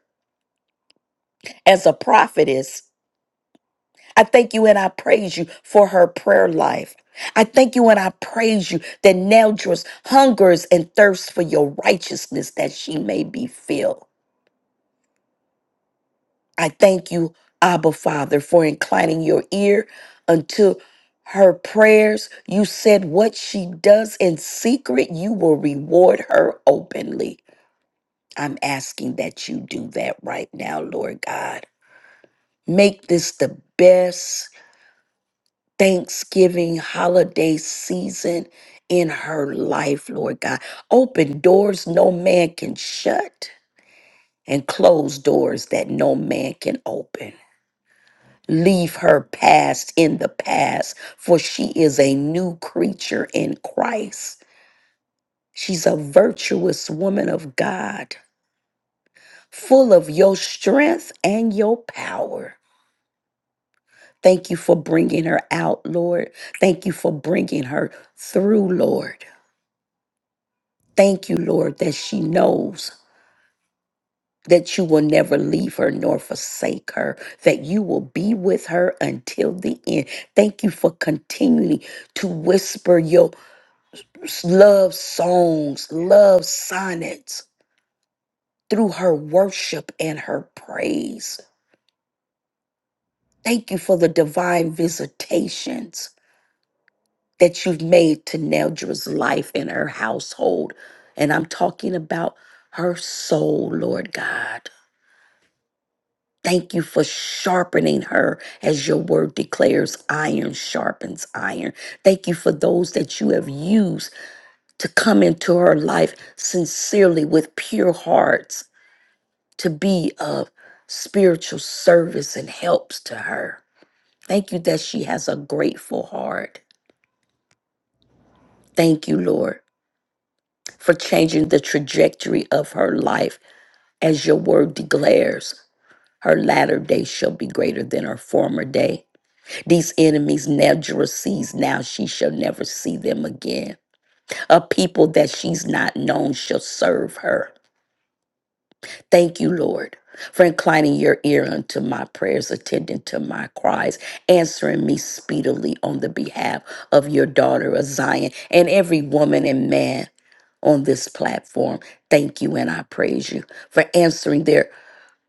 as a prophetess. I thank you and I praise you for her prayer life. I thank you and I praise you that now just hungers and thirsts for your righteousness that she may be filled. I thank you, Abba Father, for inclining your ear unto her prayers. You said what she does in secret, you will reward her openly. I'm asking that you do that right now, Lord God. Make this the best Thanksgiving holiday season in her life, Lord God. Open doors no man can shut and close doors that no man can open. Leave her past in the past, for she is a new creature in Christ. She's a virtuous woman of God, full of your strength and your power. Thank you for bringing her out, Lord. Thank you for bringing her through, Lord. Thank you, Lord, that she knows that you will never leave her nor forsake her, that you will be with her until the end. Thank you for continually to whisper your love songs, love sonnets through her worship and her praise. Thank you for the divine visitations that you've made to Neldra's life and her household. And I'm talking about her soul, Lord God. Thank you for sharpening her as your word declares iron sharpens iron. Thank you for those that you have used to come into her life sincerely with pure hearts to be of spiritual service and helps to her. Thank you that she has a grateful heart. Thank you, Lord, for changing the trajectory of her life as your word declares. Her latter day shall be greater than her former day. These enemies Nedra sees now, she shall never see them again. A people that she's not known shall serve her. Thank you, Lord, for inclining your ear unto my prayers, attending to my cries, answering me speedily on the behalf of your daughter of Zion and every woman and man on this platform. Thank you, and I praise you for answering their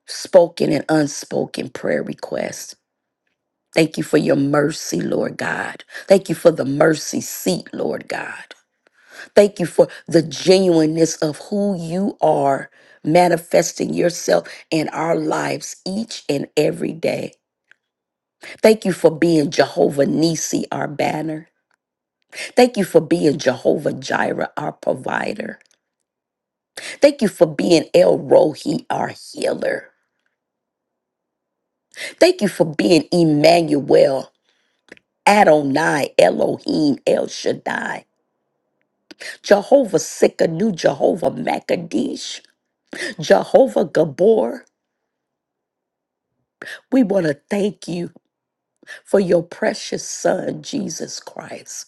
spoken and unspoken prayer requests. Thank you for your mercy, Lord God. Thank you for the mercy seat, Lord God. Thank you for the genuineness of who you are manifesting yourself in our lives each and every day. Thank you for being Jehovah Nisi, our banner. Thank you for being Jehovah Jireh, our provider. Thank you for being El Rohi, our healer. Thank you for being Emmanuel, Adonai, Elohim, El Shaddai, Jehovah Sikkenu, Jehovah Makadesh, Jehovah Gabor. We want to thank you. for your precious Son, Jesus Christ.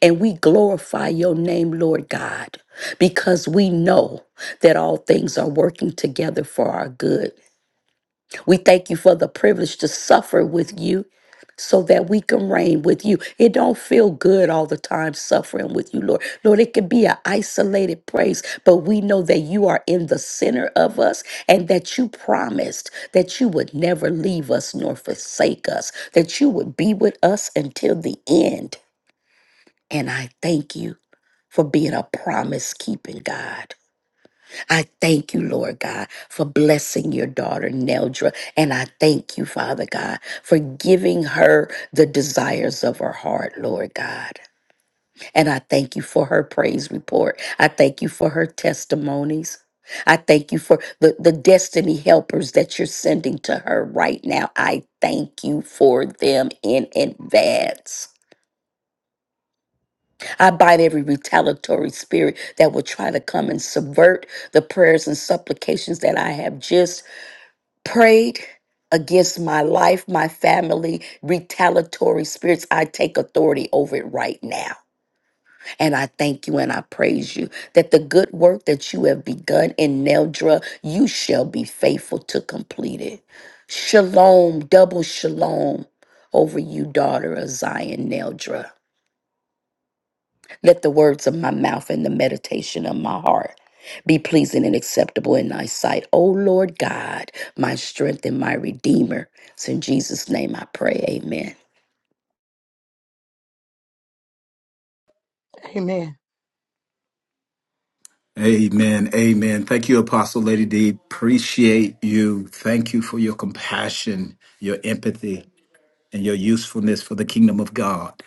And we glorify your name, Lord God, because we know that all things are working together for our good we thank you for the privilege to suffer with you so that we can reign with you. It don't feel good all the time suffering with you, Lord. Lord, it can be an isolated praise, but we know that you are in the center of us and that you promised that you would never leave us nor forsake us, that you would be with us until the end. And I thank you for being a promise keeping God. I thank you, Lord God, for blessing your daughter, Neldra. And I thank you, Father God, for giving her the desires of her heart, Lord God. And I thank you for her praise report. I thank you for her testimonies. I thank you for the, the destiny helpers that you're sending to her right now. I thank you for them in advance. I bind every retaliatory spirit that will try to come and subvert the prayers and supplications that I have just prayed against my life, my family, retaliatory spirits. I take authority over it right now. And I thank you and I praise you that the good work that you have begun in Neldra, you shall be faithful to complete it. Shalom, double shalom over you, daughter of Zion Neldra. Let the words of my mouth and the meditation of my heart be pleasing and acceptable in thy sight. O Lord God, my strength and my redeemer. It's in Jesus' name I pray. Amen. Amen. Amen. Amen. Thank you, Apostle Lady D. Appreciate you. Thank you for your compassion, your empathy. and your usefulness for the kingdom of God.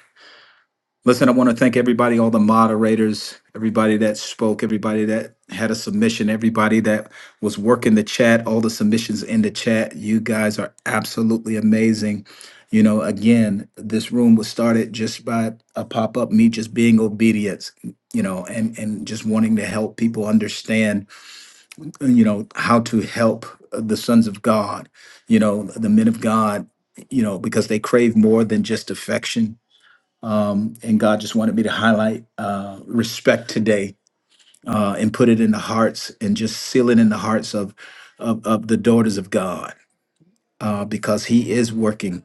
Listen, I want to thank everybody, all the moderators, everybody that spoke, everybody that had a submission, everybody that was working the chat, all the submissions in the chat. You guys are absolutely amazing. You know, again, this room was started just by a pop up, me just being obedient, you know, and, and just wanting to help people understand you know how to help the sons of god you know the men of god you know because they crave more than just affection um, and god just wanted me to highlight uh, respect today uh, and put it in the hearts and just seal it in the hearts of of, of the daughters of god uh, because he is working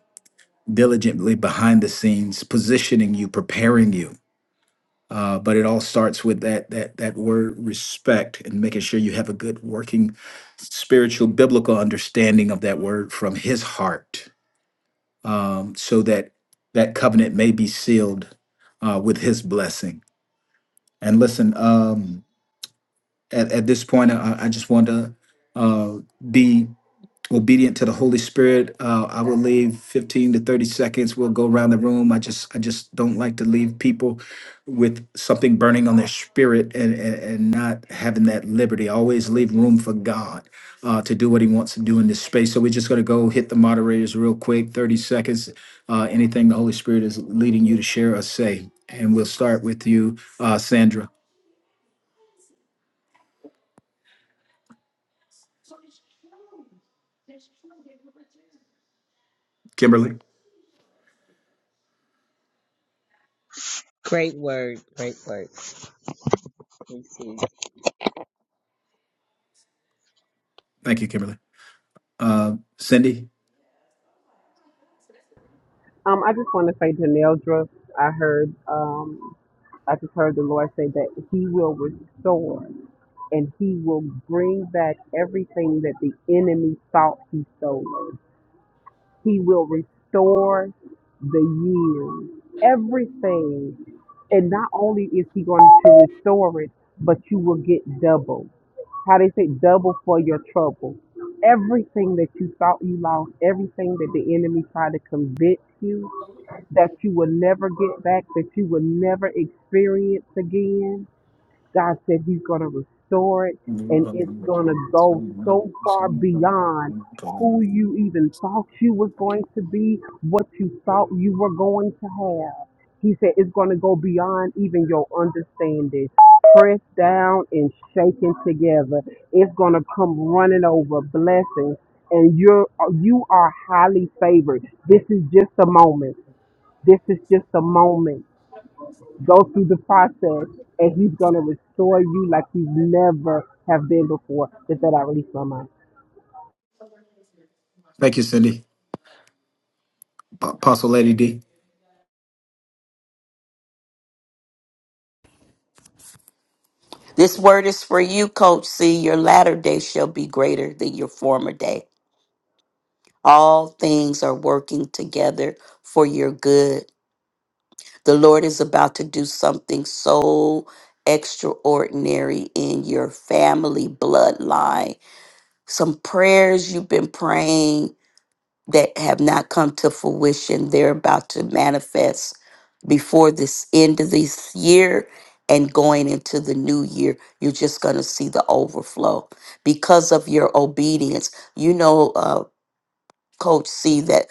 diligently behind the scenes positioning you preparing you uh, but it all starts with that that that word respect and making sure you have a good working spiritual biblical understanding of that word from his heart um, so that that covenant may be sealed uh, with his blessing and listen um, at, at this point I, I just want to uh, be obedient to the Holy Spirit. Uh, I will leave 15 to 30 seconds. We'll go around the room. I just I just don't like to leave people with something burning on their spirit and, and, and not having that liberty. I always leave room for God uh, to do what he wants to do in this space. So we're just going to go hit the moderators real quick, 30 seconds. Uh, anything the Holy Spirit is leading you to share or say. And we'll start with you, uh, Sandra. Kimberly. Thank you, Kimberly. Uh, Cindy. Um, I just want to say to Neldra, I heard um, I just heard the Lord say that He will restore and He will bring back everything that the enemy thought He stole. He will restore the years, everything. And not only is he going to restore it, but you will get double. How they say double for your trouble. Everything that you thought you lost, everything that the enemy tried to convince you that you will never get back, that you will never experience again God said He's going to restore it, Thank and it's going to go so far beyond who you even thought you was going to be, what you thought you were going to have. He said it's going to go beyond even your understanding. Pressed down and shaken together, it's going to come running over blessings, and you're you are highly favored. This is just a moment. This is just a moment go through the process and he's going to restore you like you never have been before. Is that, I release my mind. you, Cindy. Pa- Apostle Lady D. This word is for you, Coach C. Your latter day shall be greater than your former day. All things are working together for your good. The Lord is about to do something so extraordinary in your family bloodline. Some prayers you've been praying that have not come to fruition. They're about to manifest before this end of this year and going into the new year. You're just going to see the overflow because of your obedience. You know, uh, Coach C, that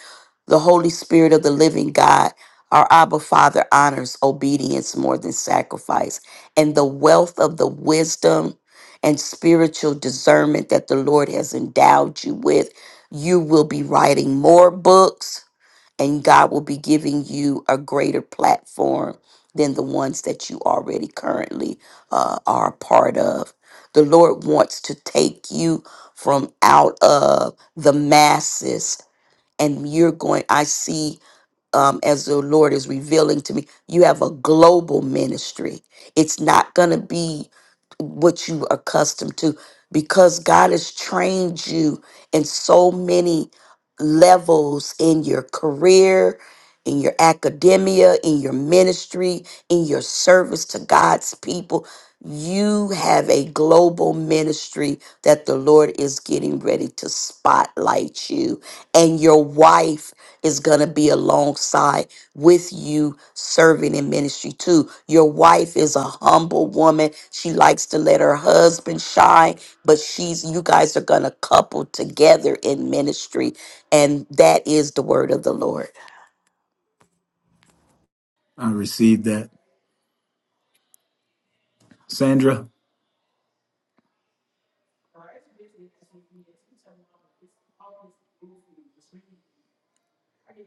the Holy Spirit of the living God, our Abba Father, honors obedience more than sacrifice. And the wealth of the wisdom and spiritual discernment that the Lord has endowed you with, you will be writing more books and God will be giving you a greater platform than the ones that you already currently uh, are a part of. The Lord wants to take you from out of the masses and you're going i see um, as the Lord is revealing to me, you have a global ministry. It's not going to be what you accustomed to because God has trained you in so many levels in your career, in your academia, in your ministry, in your service to God's people. You have a global ministry that the Lord is getting ready to spotlight you and your wife is going to be alongside with you serving in ministry too. Your wife is a humble woman. She likes to let her husband shine, but she's you guys are going to couple together in ministry and that is the word of the Lord. I received that. Sandra,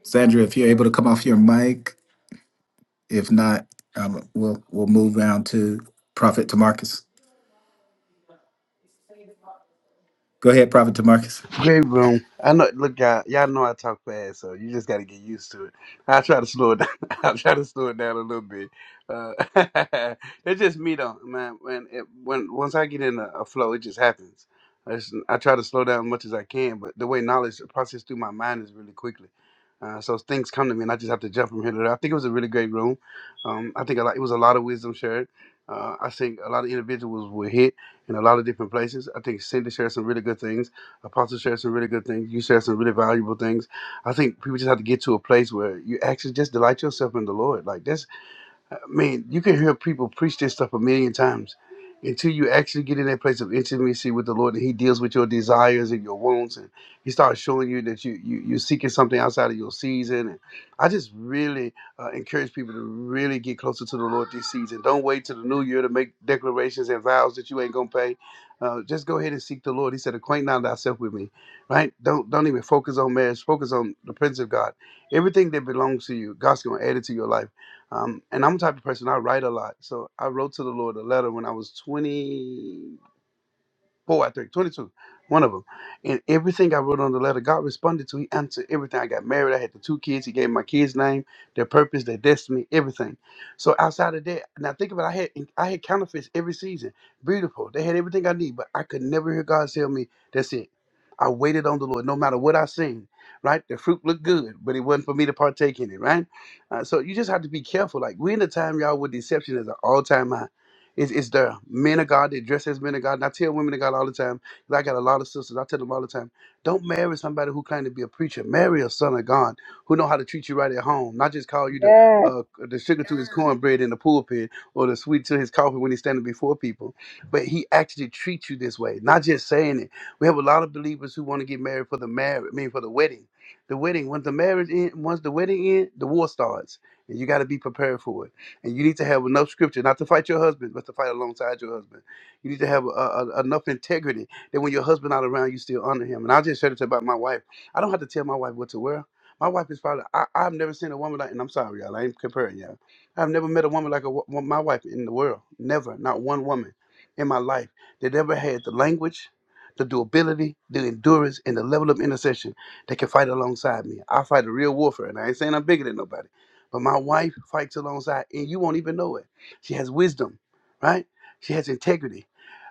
Sandra, if you're able to come off your mic. If not, um, we'll we'll move down to Prophet Tamarcus. Go ahead, Prophet Tamarcus. Great room. I know. Look, y'all, y'all know I talk fast, so you just got to get used to it. I try to slow it down. I try to slow it down a little bit. Uh, it's just me though, man. When it, when once I get in a, a flow, it just happens. I, just, I try to slow down as much as I can, but the way knowledge processes through my mind is really quickly. Uh, so things come to me, and I just have to jump from here to there. I think it was a really great room. Um, I think a lot, it was a lot of wisdom shared. Uh, I think a lot of individuals were hit in a lot of different places. I think Cindy shared some really good things. Apostle shared some really good things. You shared some really valuable things. I think people just have to get to a place where you actually just delight yourself in the Lord. Like that's I mean, you can hear people preach this stuff a million times until you actually get in that place of intimacy with the Lord and He deals with your desires and your wants and He starts showing you that you, you you're seeking something outside of your season. And I just really uh, encourage people to really get closer to the Lord this season. Don't wait till the new year to make declarations and vows that you ain't gonna pay. Uh, just go ahead and seek the Lord. He said, "Acquaint not thyself with me." Right? Don't don't even focus on marriage. Focus on the Prince of God. Everything that belongs to you, God's gonna add it to your life. Um, and I'm the type of person I write a lot. So I wrote to the Lord a letter when I was 20, Four out of three, 22, one of them. And everything I wrote on the letter, God responded to. He answered everything. I got married. I had the two kids. He gave my kids' name, their purpose, their destiny, everything. So outside of that, now think about it, I had I had counterfeits every season. Beautiful. They had everything I need, but I could never hear God tell me, that's it. I waited on the Lord no matter what I seen, right? The fruit looked good, but it wasn't for me to partake in it, right? Uh, so you just have to be careful. Like we're in a time, y'all, where deception is an all-time high. It's, it's the men of God that dress as men of God. And I tell women of God all the time, 'cause I got a lot of sisters, I tell them all the time, don't marry somebody who claims to be a preacher. Marry a son of God who know how to treat you right at home, not just call you the Yes. uh, the sugar to his cornbread in the pulpit or the sweet to his coffee when he's standing before people. But he actually treats you this way, not just saying it. We have a lot of believers who want to get married for the marriage, I mean for the wedding. The wedding, once the marriage end, once the wedding ends, the war starts, and you got to be prepared for it and you need to have enough scripture not to fight your husband, but to fight alongside your husband. You need to have a, a, enough integrity that when your husband not around, you still honor him. And I just said it about my wife. I don't have to tell my wife what to wear. My wife is probably I, I've never seen a woman like, and I'm sorry, y'all, I ain't comparing y'all. I've never met a woman like a, wo- my wife in the world. Never, not one woman in my life that ever had the language, the durability, the endurance, and the level of intercession that can fight alongside me. I fight a real warfare, and I ain't saying I'm bigger than nobody. But my wife fights alongside, and you won't even know it. She has wisdom, right? She has integrity.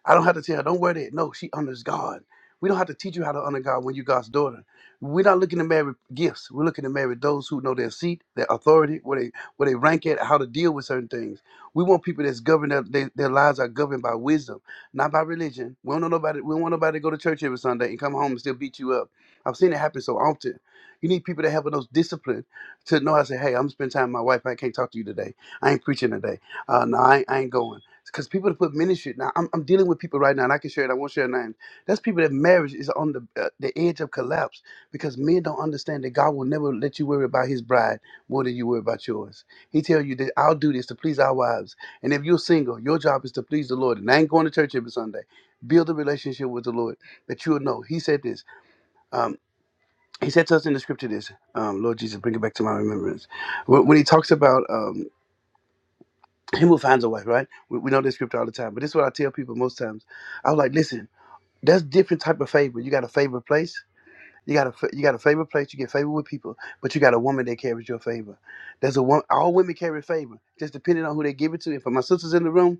I don't have to tell her, don't wear that. No, she honors God. We don't have to teach you how to honor God when you're God's daughter. We're not looking to marry gifts. We're looking to marry those who know their seat, their authority, where they where they rank at, how to deal with certain things. We want people that's governed their, their, their lives are governed by wisdom, not by religion. We don't know nobody. We don't want nobody to go to church every Sunday and come home and still beat you up. I've seen it happen so often. You need people that have those discipline to know I say, hey, I'm spending time with my wife. I can't talk to you today. I ain't preaching today. Uh, no, I, ain't- I ain't going. Because people that put ministry now, I'm, I'm dealing with people right now, and I can share it. I won't share names. That's people that marriage is on the uh, the edge of collapse because men don't understand that God will never let you worry about His bride more than you worry about yours. He tell you that I'll do this to please our wives, and if you're single, your job is to please the Lord. And I ain't going to church every Sunday. Build a relationship with the Lord that you'll know. He said this. um, he said to us in the scripture this um, lord jesus bring it back to my remembrance when, when he talks about um, him who finds a wife right we, we know this scripture all the time but this is what i tell people most times i was like listen that's different type of favor you got a favorite place you got a fa- you got a favorite place you get favor with people but you got a woman that carries your favor there's a one all women carry favor just depending on who they give it to and for my sisters in the room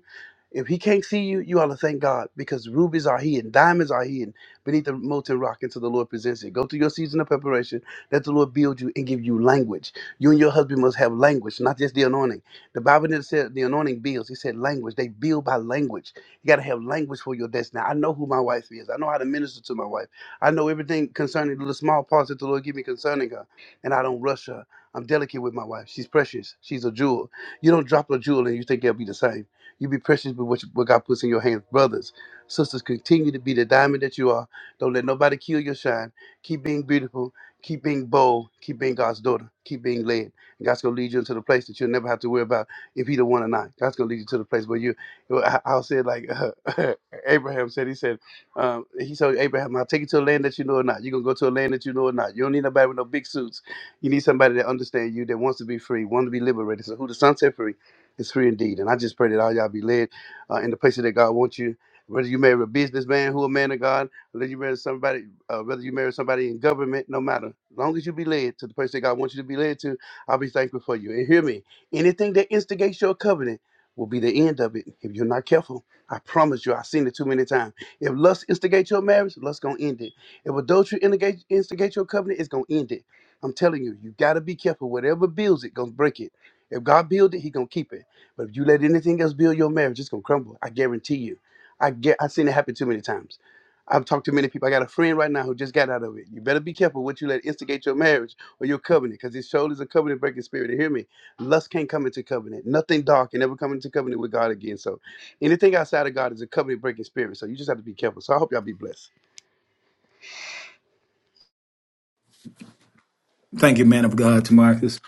if he can't see you, you ought to thank God because rubies are hidden, diamonds are hidden beneath the molten rock until the Lord presents it. Go through your season of preparation. Let the Lord build you and give you language. You and your husband must have language, not just the anointing. The Bible didn't say the anointing builds. He said language. They build by language. You got to have language for your destiny. I know who my wife is. I know how to minister to my wife. I know everything concerning the small parts that the Lord give me concerning her, and I don't rush her. I'm delicate with my wife. She's precious. She's a jewel. You don't drop a jewel and you think they'll be the same. You be precious with what, you, what God puts in your hands. Brothers, sisters, continue to be the diamond that you are. Don't let nobody kill your shine. Keep being beautiful. Keep being bold. Keep being God's daughter. Keep being led. And God's going to lead you into the place that you'll never have to worry about if He the one or not. God's going to lead you to the place where you, I- I'll say it like uh, Abraham said, he said, um, he told Abraham, I'll take you to a land that you know or not. You're going to go to a land that you know or not. You don't need nobody with no big suits. You need somebody that understands you, that wants to be free, wants to be liberated. So who the sun set free? It's free indeed. And I just pray that all y'all be led uh, in the places that God wants you. Whether you marry a businessman who a man of God, whether you marry somebody, uh, whether you marry somebody in government, no matter. As long as you be led to the place that God wants you to be led to, I'll be thankful for you. And hear me, anything that instigates your covenant will be the end of it if you're not careful. I promise you, I've seen it too many times. If lust instigates your marriage, lust gonna end it. If adultery instigate, instigate your covenant, it's gonna end it. I'm telling you, you gotta be careful. Whatever builds it, gonna break it. If God build it, He gonna keep it. But if you let anything else build your marriage, it's gonna crumble. I guarantee you. I get. I've seen it happen too many times. I've talked to many people. I got a friend right now who just got out of it. You better be careful what you let instigate your marriage or your covenant, because it shows is a covenant breaking spirit. And hear me, lust can't come into covenant. Nothing dark can ever come into covenant with God again. So anything outside of God is a covenant breaking spirit. So you just have to be careful. So I hope y'all be blessed. Thank you, man of God, Tamarcus.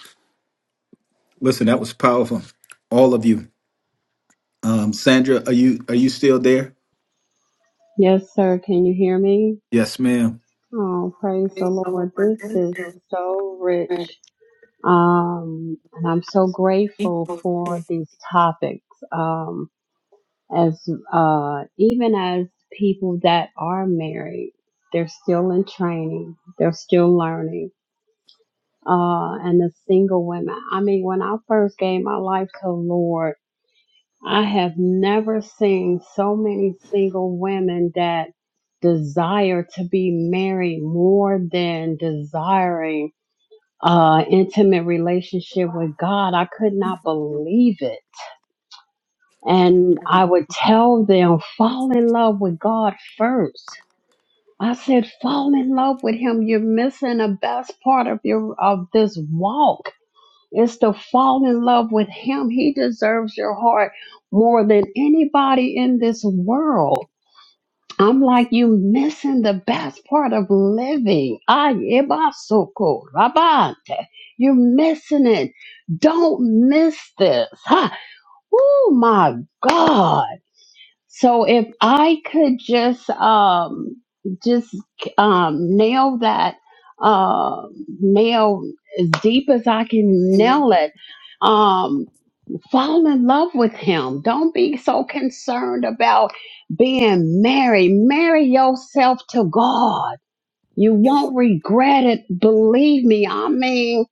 Listen, that was powerful. All of you. Um, Sandra, are you are you still there? Yes, sir. Can you hear me? Yes, ma'am. Oh, praise the Lord. This is so rich. Um, and I'm so grateful for these topics. Um, as uh, even as people that are married, they're still in training, they're still learning. Uh, and the single women. I mean, when I first gave my life to the Lord, I have never seen so many single women that desire to be married more than desiring uh, intimate relationship with God. I could not believe it. And I would tell them, fall in love with God first. I said, fall in love with Him. You're missing the best part of your of this walk. It's to fall in love with Him. He deserves your heart more than anybody in this world. I'm like, you missing the best part of living. Ayebasoko, rabante. You're missing it. Don't miss this. Huh? Oh my God. So if I could just um just um nail that um nail as deep as I can nail it. Um Fall in love with him. Don't be so concerned about being married. Marry yourself to God. You won't regret it. Believe me. I mean,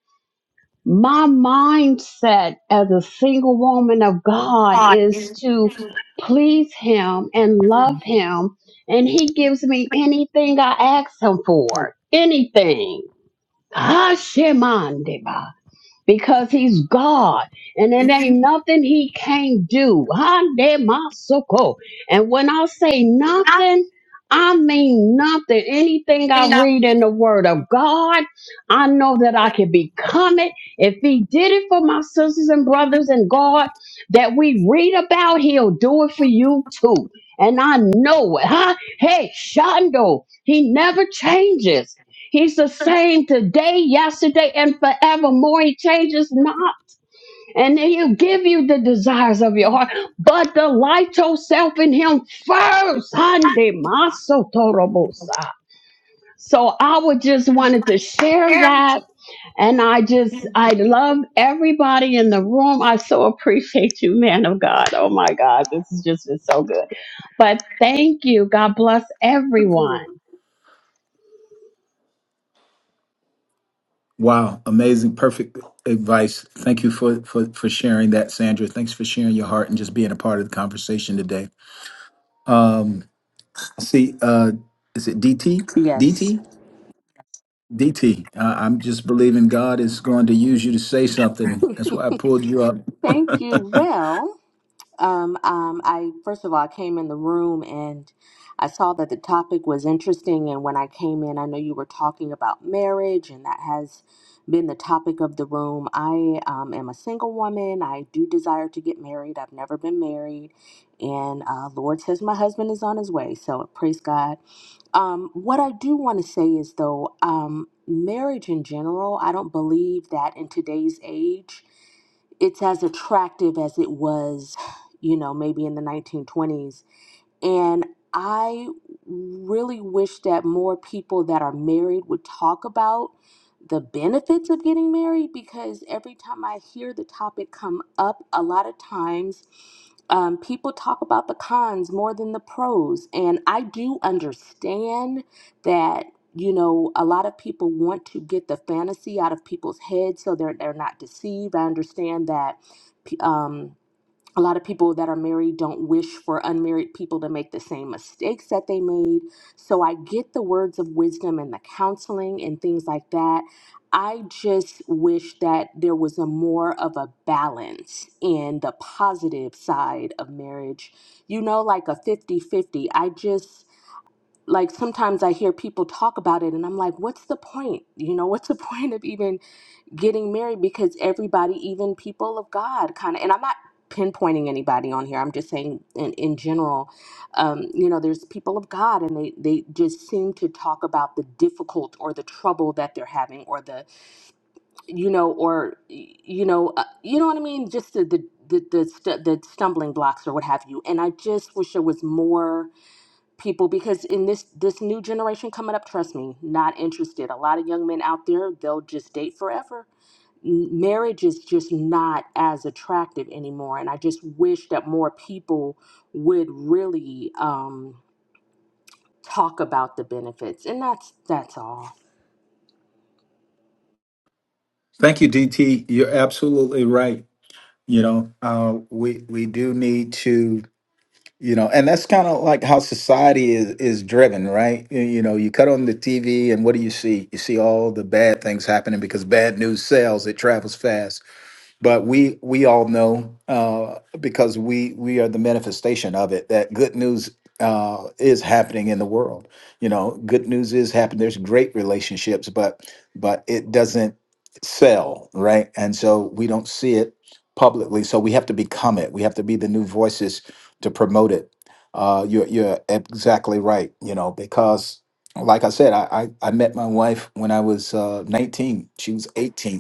my mindset as a single woman of God is to please him and love him. And he gives me anything I ask him for. Anything. Hashemandeba because he's God and it ain't nothing he can't do. Hande masoko. And when I say nothing, I mean nothing. Anything I read in the word of God, I know that I can become it. If he did it for my sisters and brothers in God that we read about, he'll do it for you too. And I know it. Huh? Hey, Shondo, he never changes. He's the same today, yesterday, and forevermore. He changes not. And then he'll give you the desires of your heart. But delight yourself in him first. Hande maso torobosa. So I would just wanted to share that. And I just I love everybody in the room. I so appreciate you, man of God. Oh my God. This has just been so good. But thank you. God bless everyone. Wow, amazing, perfect advice. Thank you for, for for sharing that, Sandra. Thanks for sharing your heart and just being a part of the conversation today. Um, see, uh, is it DT? Yes. DT? DT. Uh, I'm just believing God is going to use you to say something. That's why I pulled you up. Thank you. Well, Um, um, I first of all, I came in the room and I saw that the topic was interesting. And when I came in, I know you were talking about marriage, and that has been the topic of the room. I um, am a single woman. I do desire to get married. I've never been married, and uh, Lord says my husband is on his way. So praise God. Um, what I do want to say is though, um, marriage in general, I don't believe that in today's age it's as attractive as it was you know, maybe in the 1920s. And I really wish that more people that are married would talk about the benefits of getting married because every time I hear the topic come up, a lot of times um, people talk about the cons more than the pros. And I do understand that. You know, a lot of people want to get the fantasy out of people's heads so they're, they're not deceived. I understand that um, a lot of people that are married don't wish for unmarried people to make the same mistakes that they made. So I get the words of wisdom and the counseling and things like that. I just wish that there was a more of a balance in the positive side of marriage. You know, like a fifty-fifty. I just, like, sometimes I hear people talk about it and I'm like, what's the point? You know, what's the point of even getting married because everybody, even people of God, kind of, and I'm not pinpointing anybody on here. I'm just saying in, in general, um, you know, there's people of God and they, they just seem to talk about the difficult or the trouble that they're having or the, you know, or, y- you know, uh, you know what I mean? Just the, the, the, the, stu- the stumbling blocks or what have you. And I just wish there was more people because in this this new generation coming up trust me not interested a lot of young men out there they'll just date forever m- marriage is just not as attractive anymore and i just wish that more people would really um, talk about the benefits and that's that's all Thank you, DT. You're absolutely right. You know, uh, we we do need to. you know and that's kind of like how society is is driven right you, you know you cut on the tv and what do you see you see all the bad things happening because bad news sells it travels fast but we we all know uh, because we we are the manifestation of it that good news uh, is happening in the world. You know, good news is happening. There's great relationships, but but it doesn't sell, right? And so we don't see it publicly. So we have to become it. We have to be the new voices to promote it. Uh, you're you're exactly right. You know, because like I said, I I, I met my wife when I was uh, 19. She was 18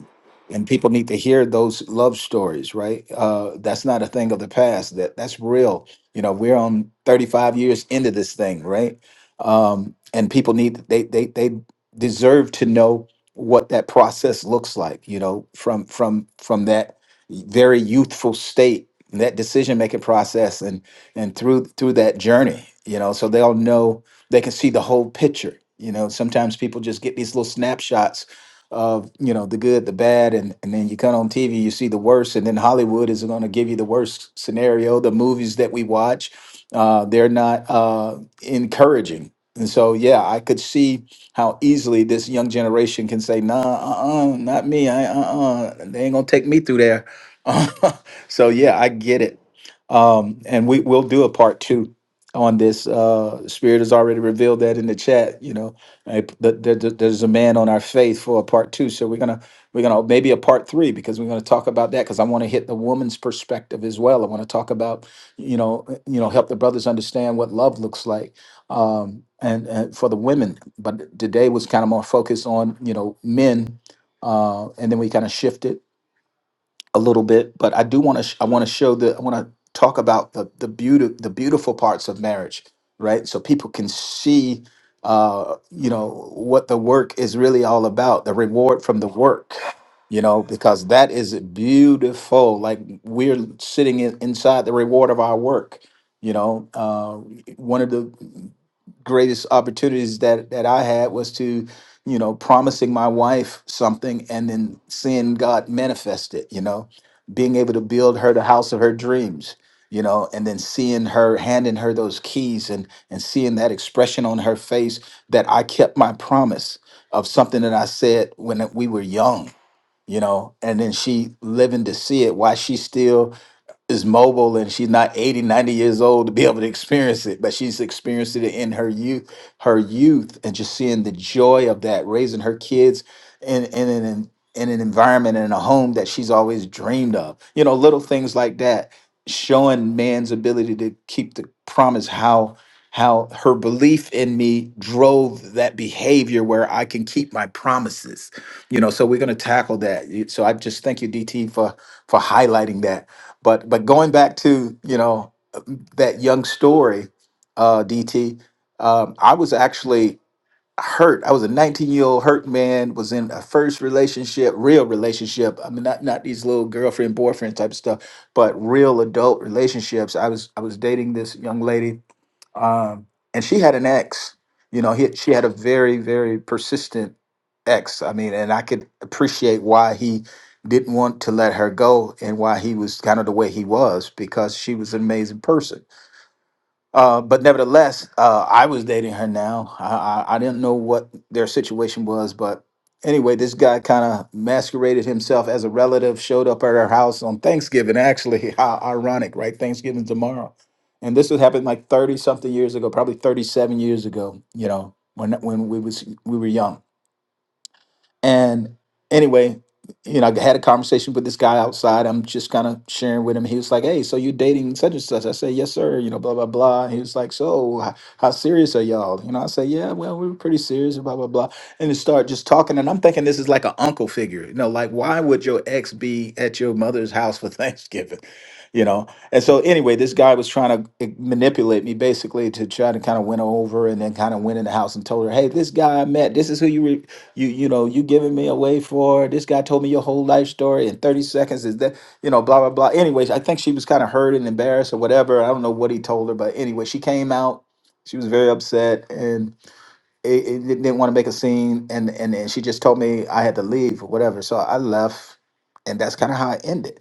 and people need to hear those love stories right uh that's not a thing of the past that that's real you know we're on 35 years into this thing right um and people need they they they deserve to know what that process looks like you know from from from that very youthful state that decision making process and and through through that journey you know so they'll know they can see the whole picture you know sometimes people just get these little snapshots of you know the good, the bad, and and then you come on TV, you see the worst, and then Hollywood is going to give you the worst scenario. The movies that we watch, uh, they're not uh, encouraging. And so, yeah, I could see how easily this young generation can say, "Nah, uh, uh not me. I, uh, uh, they ain't gonna take me through there." so, yeah, I get it. Um, and we will do a part two on this. Uh, Spirit has already revealed that in the chat. You know, uh, th- th- th- There's a man on our faith for a part two, so we're gonna we're gonna maybe a part three because we're gonna talk about that because I want to hit the woman's perspective as well. I want to talk about you know uh, you know help the brothers understand what love looks like um, and, and for the women. But today was kind of more focused on you know men, uh, and then we kind of shifted a little bit, but I do want to. Sh- I want to show the. I want to talk about the the beauty, the beautiful parts of marriage, right? So people can see, uh, you know, what the work is really all about, the reward from the work, you know, because that is beautiful. Like we're sitting in, inside the reward of our work. You know, uh, one of the greatest opportunities that that I had was to you know, promising my wife something and then seeing God manifest it, you know, being able to build her the house of her dreams, you know, and then seeing her handing her those keys and and seeing that expression on her face that I kept my promise of something that I said when we were young, you know, and then she living to see it while she's still is mobile and she's not 80, 90 years old to be able to experience it but she's experienced it in her youth her youth and just seeing the joy of that raising her kids in in an in an environment and in a home that she's always dreamed of you know little things like that showing man's ability to keep the promise how how her belief in me drove that behavior where I can keep my promises you know so we're going to tackle that You- so I just thank you DT for for highlighting that but but going back to you know that young story, uh, DT, um, I was actually hurt. I was a 19 year old hurt man. Was in a first relationship, real relationship. I mean, not not these little girlfriend boyfriend type of stuff, but real adult relationships. I was I was dating this young lady um, and she had an ex. You know, he, she had a very, very persistent ex. I mean, and I could appreciate why he didn't want to let her go and why he was kind of the way he was because she was an amazing person uh, but nevertheless, uh, I was dating her now. I, I, I didn't know what their situation was, but anyway, this guy kind of masqueraded himself as a relative, showed up at her house on Thanksgiving. Actually, how ironic, right? Thanksgiving tomorrow. And this would happen like 30 something years ago, probably 37 years ago, you know, when when we was we were young and anyway, you know, I had a conversation with this guy outside. I'm just kind of sharing with him. He was like, "Hey, so you dating such and such?" I said, "Yes, sir." You know, blah blah blah. He was like, "So, h- how serious are y'all?" You know, I said, "Yeah, well, we were pretty serious." Blah blah blah. And they start just talking, and I'm thinking this is like an uncle figure. You know, like why would your ex be at your mother's house for Thanksgiving? You know. And so anyway, this guy was trying to eh, manipulate me basically to try to kind of win her over, and then kind of went in the house and told her, "Hey, this guy I met. This is who you were you you know you giving me away for this guy told me your whole life story in 30 seconds is that you know blah blah blah anyways i think she was kind of hurt and embarrassed or whatever i don't know what he told her but anyway she came out she was very upset and it, it didn't didn't want to make a scene and, and and she just told me i had to leave or whatever so i left and that's kind of how i ended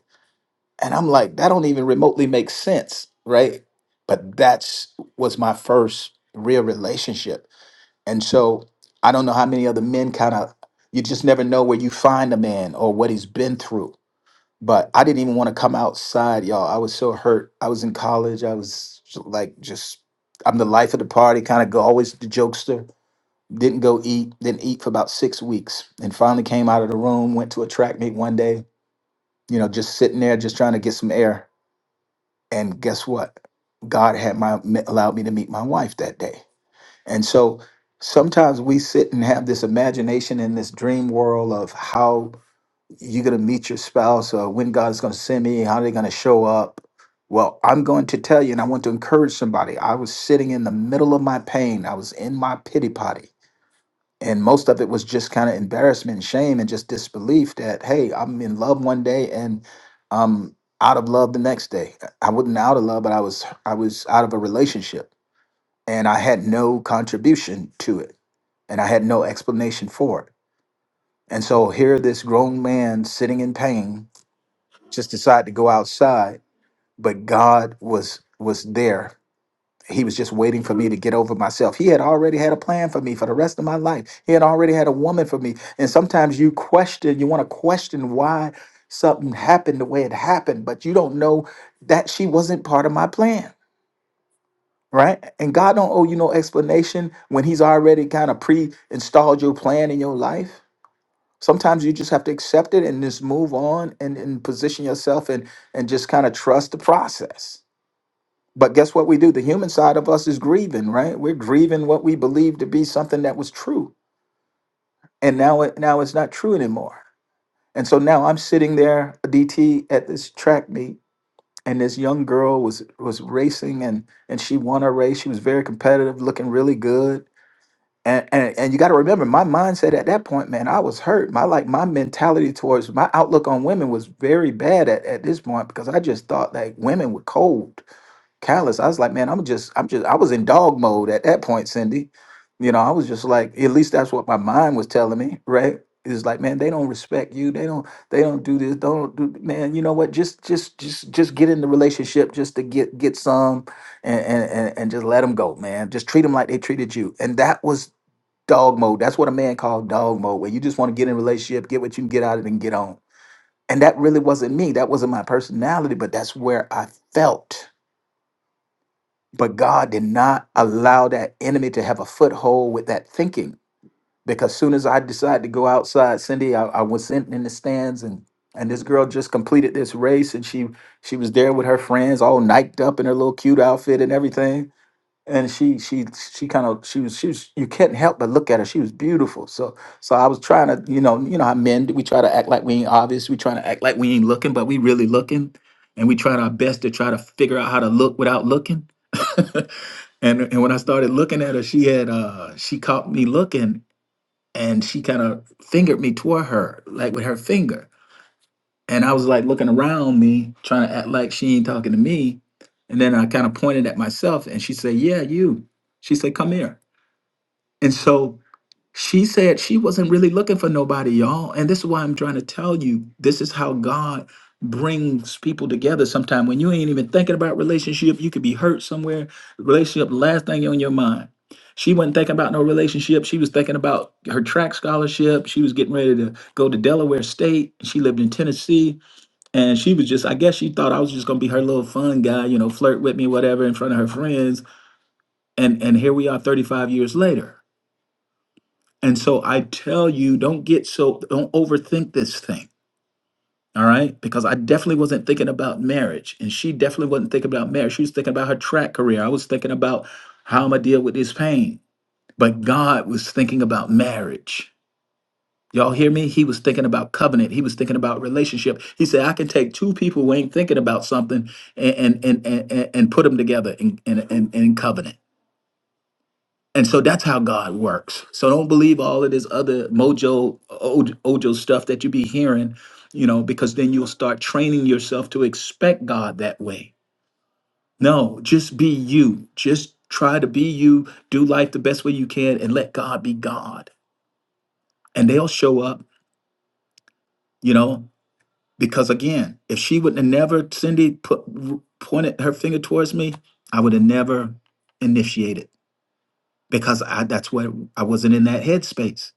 and i'm like that don't even remotely make sense right but that's was my first real relationship and so I don't know how many other men kind of, you just never know where you find a man or what he's been through. But I didn't even want to come outside, y'all. I was so hurt. I was in college. I was j- like, just, I'm the life of the party, kind of go, always the jokester. Didn't go eat, didn't eat for about six weeks. And finally came out of the room, went to a track meet one day, you know, just sitting there, just trying to get some air. And guess what? God had my, allowed me to meet my wife that day. And so sometimes we sit and have this imagination in this dream world of how you're going to meet your spouse or when God is going to send me, how they're going to show up. Well, I'm going to tell you, and I want to encourage somebody. I was sitting in the middle of my pain, I was in my pity potty. And most of it was just kind of embarrassment and shame and just disbelief that, hey, I'm in love one day and I'm out of love the next day. I wasn't out of love, but I was I was out of a relationship and I had no contribution to it, and I had no explanation for it. And so here, this grown man sitting in pain just decided to go outside, but God was was there. He was just waiting for me to get over myself. He had already had a plan for me for the rest of my life. He had already had a woman for me. And sometimes you question, you want to question why something happened the way it happened, but you don't know that she wasn't part of my plan right? And God don't owe you no explanation when He's already kind of pre-installed your plan in your life. Sometimes you just have to accept it and just move on and, and position yourself and and just kind of trust the process. But guess what we do? The human side of us is grieving, right? We're grieving what we believe to be something that was true. And now it now it's not true anymore. And so now I'm sitting there, DT, at this track meet, and this young girl was was racing and and she won her race. She was very competitive, looking really good and and, and you got to remember my mindset at that point man i was hurt my like my mentality towards my outlook on women was very bad at, at this point because i just thought like women were cold callous i was like man i'm just i'm just i was in dog mode at that point cindy you know i was just like at least that's what my mind was telling me right it's like man they don't respect you they don't they don't do this don't do man you know what just just just just get in the relationship just to get get some and and and, and just let them go man just treat them like they treated you and that was dog mode. That's what a man called dog mode, where you just want to get in a relationship, get what you can get out of it, and get on. And that really wasn't me. That wasn't my personality, but that's where I felt. But God did not allow that enemy to have a foothold with that thinking. Because soon as I decided to go outside, Cindy, I, I was sitting in the stands and and this girl just completed this race and she she was there with her friends all niked up in her little cute outfit and everything and she she she kind of she was she was you can not help but look at her she was beautiful so so i was trying to you know you know how men do, we try to act like we ain't obvious we trying to act like we ain't looking but we really looking and we tried our best to try to figure out how to look without looking and and when i started looking at her she had uh she caught me looking and she kind of fingered me toward her like with her finger and I was like looking around me, trying to act like she ain't talking to me. And then I kind of pointed at myself and she said, Yeah, you. She said, Come here. And so she said she wasn't really looking for nobody, y'all. And this is why I'm trying to tell you this is how God brings people together sometime when you ain't even thinking about relationship you could be hurt somewhere relationship last thing on your mind she wasn't thinking about no relationship she was thinking about her track scholarship she was getting ready to go to delaware state she lived in tennessee and she was just, I guess she thought I was just gonna be her little fun guy, you know, flirt with me, whatever, in front of her friends. And and here we are 35 years later. And so I tell you, don't get so don't overthink this thing. All right. Because I definitely wasn't thinking about marriage. And she definitely wasn't thinking about marriage. She was thinking about her track career. I was thinking about how I'm gonna deal with this pain. But God was thinking about marriage. Y'all hear me? He was thinking about covenant. He was thinking about relationship. He said, I can take two people who ain't thinking about something and and and and, and put them together in, in, in, in covenant. And so that's how God works. So don't believe all of this other mojo oj- ojo stuff that you be hearing, you know, because then you'll start training yourself to expect God that way. No, just be you. Just try to be you, do life the best way you can, and let God be God. And they'll show up, you know. Because again, if she would have never, Cindy put, pointed her finger towards me, I would have never initiated because I, that's where I wasn't in that headspace.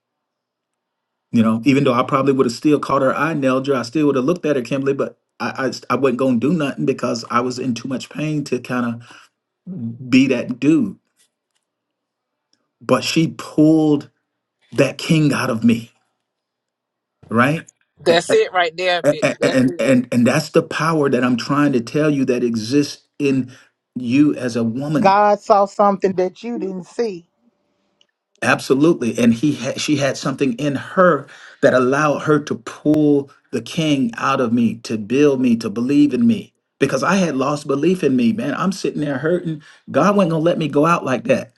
You know, even though I probably would have still caught her eye, nailed her, I still would have looked at her, Kimberly, but I, I, I wasn't going to do nothing because I was in too much pain to kind of be that dude. But she pulled that king out of me, right? A- That's it right there, a- bitch. a- That's and it. and and that's the power that I'm trying to tell you that exists in you as a woman God saw something that you didn't see. Absolutely. And he had, she had something in her that allowed her to pull the king out of me, to build me, to believe in me. Because I had lost belief in me, man. I'm sitting there hurting. God wasn't gonna let me go out like that.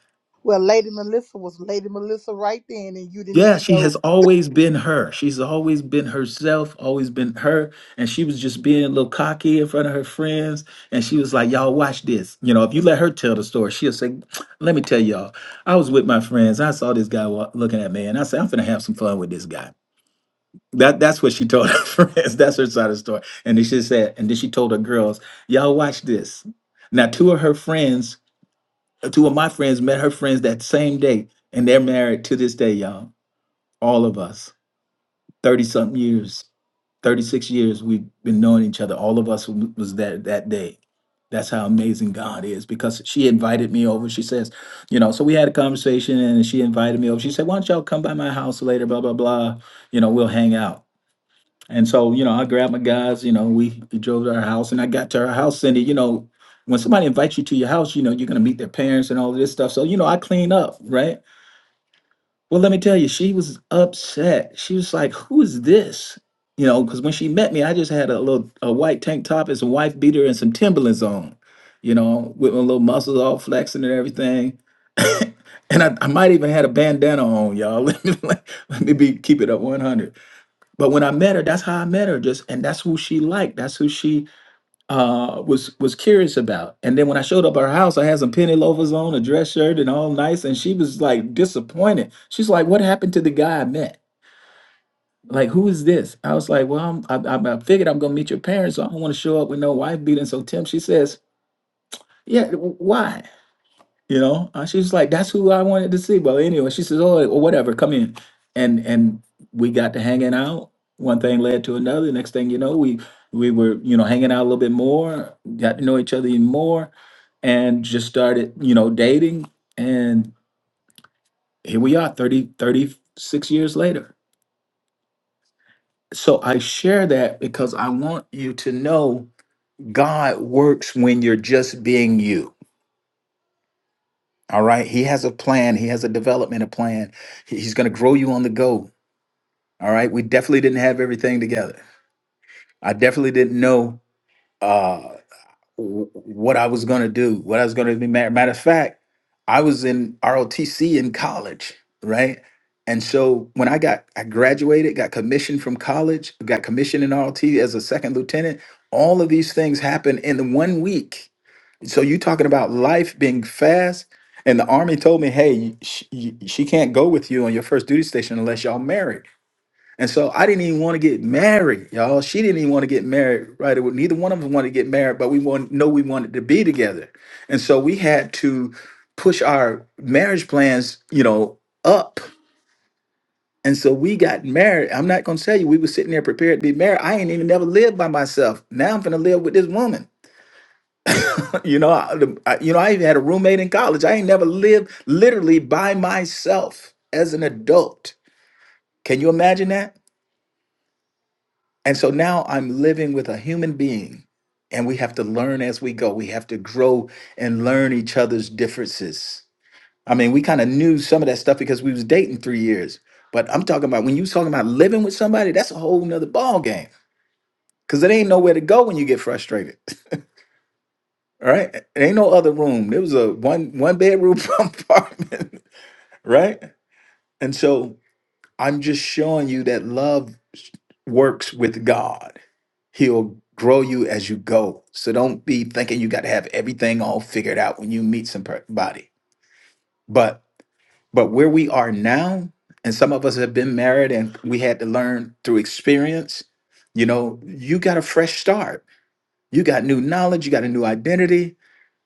Well, Lady Melissa was Lady Melissa right then, and you didn't Yeah, even she know. has always been her. She's always been herself, always been her. And she was just being a little cocky in front of her friends. And she was like, Y'all watch this. You know, if you let her tell the story, she'll say, Let me tell y'all. I was with my friends. I saw this guy wa- looking at me, and I said, I'm gonna have some fun with this guy. That that's what she told her friends. That's her side of the story. And then she said, and then she told her girls, y'all watch this. Now, two of her friends, uh, two of my friends met her friends that same day, and they're married to this day, y'all. All of us, 30 something years, 36 years we've been knowing each other. All of us w- was that that day. That's how amazing God is because she invited me over. She says, you know, so we had a conversation and she invited me over. She said, why don't y'all come by my house later, blah, blah, blah. You know, we'll hang out. And so, you know, I grabbed my guys, you know, we, we drove to our house and I got to our house Cindy, you know, when somebody invites you to your house, you know, you're going to meet their parents and all of this stuff. So, you know, I clean up, right? Well, let me tell you, she was upset. She was like, who is this? You know, because when she met me, I just had a little a white tank top and some wife beater and some Timberlands on, you know, with my little muscles all flexing and everything. and I, I might even had a bandana on, y'all. Let me, let me be keep it up 100 but when I met her, that's how I met her. Just and that's who she liked. That's who she uh, was was curious about. And then when I showed up at her house, I had some penny loafers on, a dress shirt, and all nice. And she was like disappointed. She's like, "What happened to the guy I met? Like, who is this?" I was like, "Well, I'm, I, I I figured I'm gonna meet your parents, so I don't want to show up with no wife beating." So Tim, she says, "Yeah, why?" You know, and she's like, "That's who I wanted to see." Well, anyway, she says, "Oh, well, whatever, come in," and and we got to hanging out. One thing led to another. Next thing you know, we we were you know hanging out a little bit more, got to know each other even more, and just started you know dating. And here we are, thirty thirty six years later. So I share that because I want you to know God works when you're just being you. All right. He has a plan. He has a development plan. He- He's going to grow you on the go. All right. We definitely didn't have everything together. I definitely didn't know uh, w- what I was going to do, what I was going to be. ma- Matter of fact, I was in ROTC in college, right? And so when I got, I graduated, got commissioned from college, got commissioned in ROT as a second lieutenant. All of these things happened in one week so you talking about life being fast? And the army told me, hey, she, she can't go with you on your first duty station unless y'all married. And so I didn't even want to get married, y'all. She didn't even want to get married, right? away. Neither one of us wanted to get married, but we want know we wanted to be together. And so we had to push our marriage plans, you know, up. And so we got married. I'm not gonna tell you we were sitting there prepared to be married. I ain't even never lived by myself. Now I'm gonna live with this woman. You know, I, the- I- you know, I even had a roommate in college. I ain't never lived literally by myself as an adult. Can you imagine that? And so now I'm living with a human being, and we have to learn as we go. We have to grow and learn each other's differences. I mean, we kind of knew some of that stuff because we was dating three years. But I'm talking about when you talking about living with somebody, that's a whole nother ball game. Cause it ain't nowhere to go when you get frustrated. All right. It ain't no other room. There was a one one bedroom apartment. right? And so I'm just showing you that love works with God. He'll grow you as you go. So don't be thinking you got to have everything all figured out when you meet somebody. But but where we are now, and some of us have been married and we had to learn through experience, you know, you got a fresh start. You got new knowledge, you got a new identity,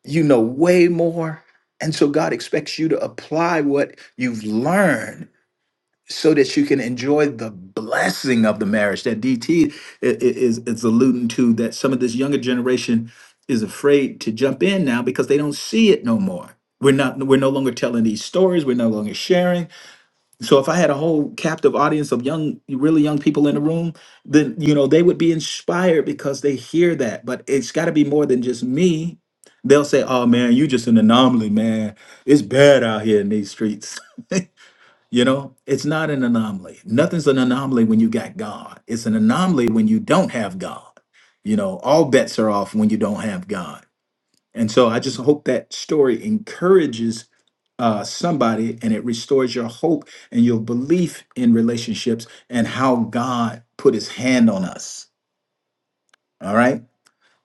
you know way more. And so God expects you to apply what you've learned so that you can enjoy the blessing of the marriage that DT is is alluding to that some of this younger generation is afraid to jump in now because they don't see it no more. We're not we're no longer telling these stories, we're no longer sharing. So if I had a whole captive audience of young really young people in the room, then you know they would be inspired because they hear that. But it's got to be more than just me. They'll say, "Oh man, you just an anomaly, man. It's bad out here in these streets." You know, it's not an anomaly. Nothing's an anomaly when you got God. It's an anomaly when you don't have God. You know, all bets are off when you don't have God. And so I just hope that story encourages uh, somebody and it restores your hope and your belief in relationships and how God put his hand on us. All right.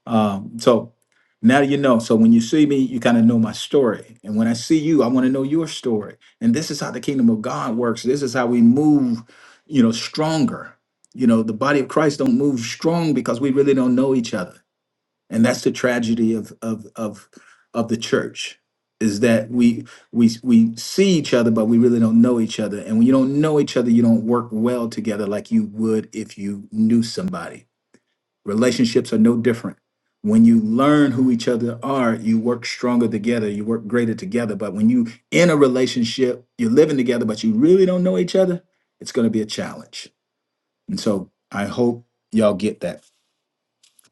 Um, so now you know. So when you see me, you kind of know my story. And when I see you, I want to know your story. And this is how the kingdom of God works. This is how we move, you know, stronger. You know, the body of Christ don't move strong because we really don't know each other. And that's the tragedy of of of of the church is that we we we see each other but we really don't know each other and when you don't know each other you don't work well together like you would if you knew somebody Relationships are no different. When you learn who each other are, you work stronger together, you work greater together. But when you in a relationship, you're living together, but you really don't know each other, it's going to be a challenge. And so I hope y'all get that.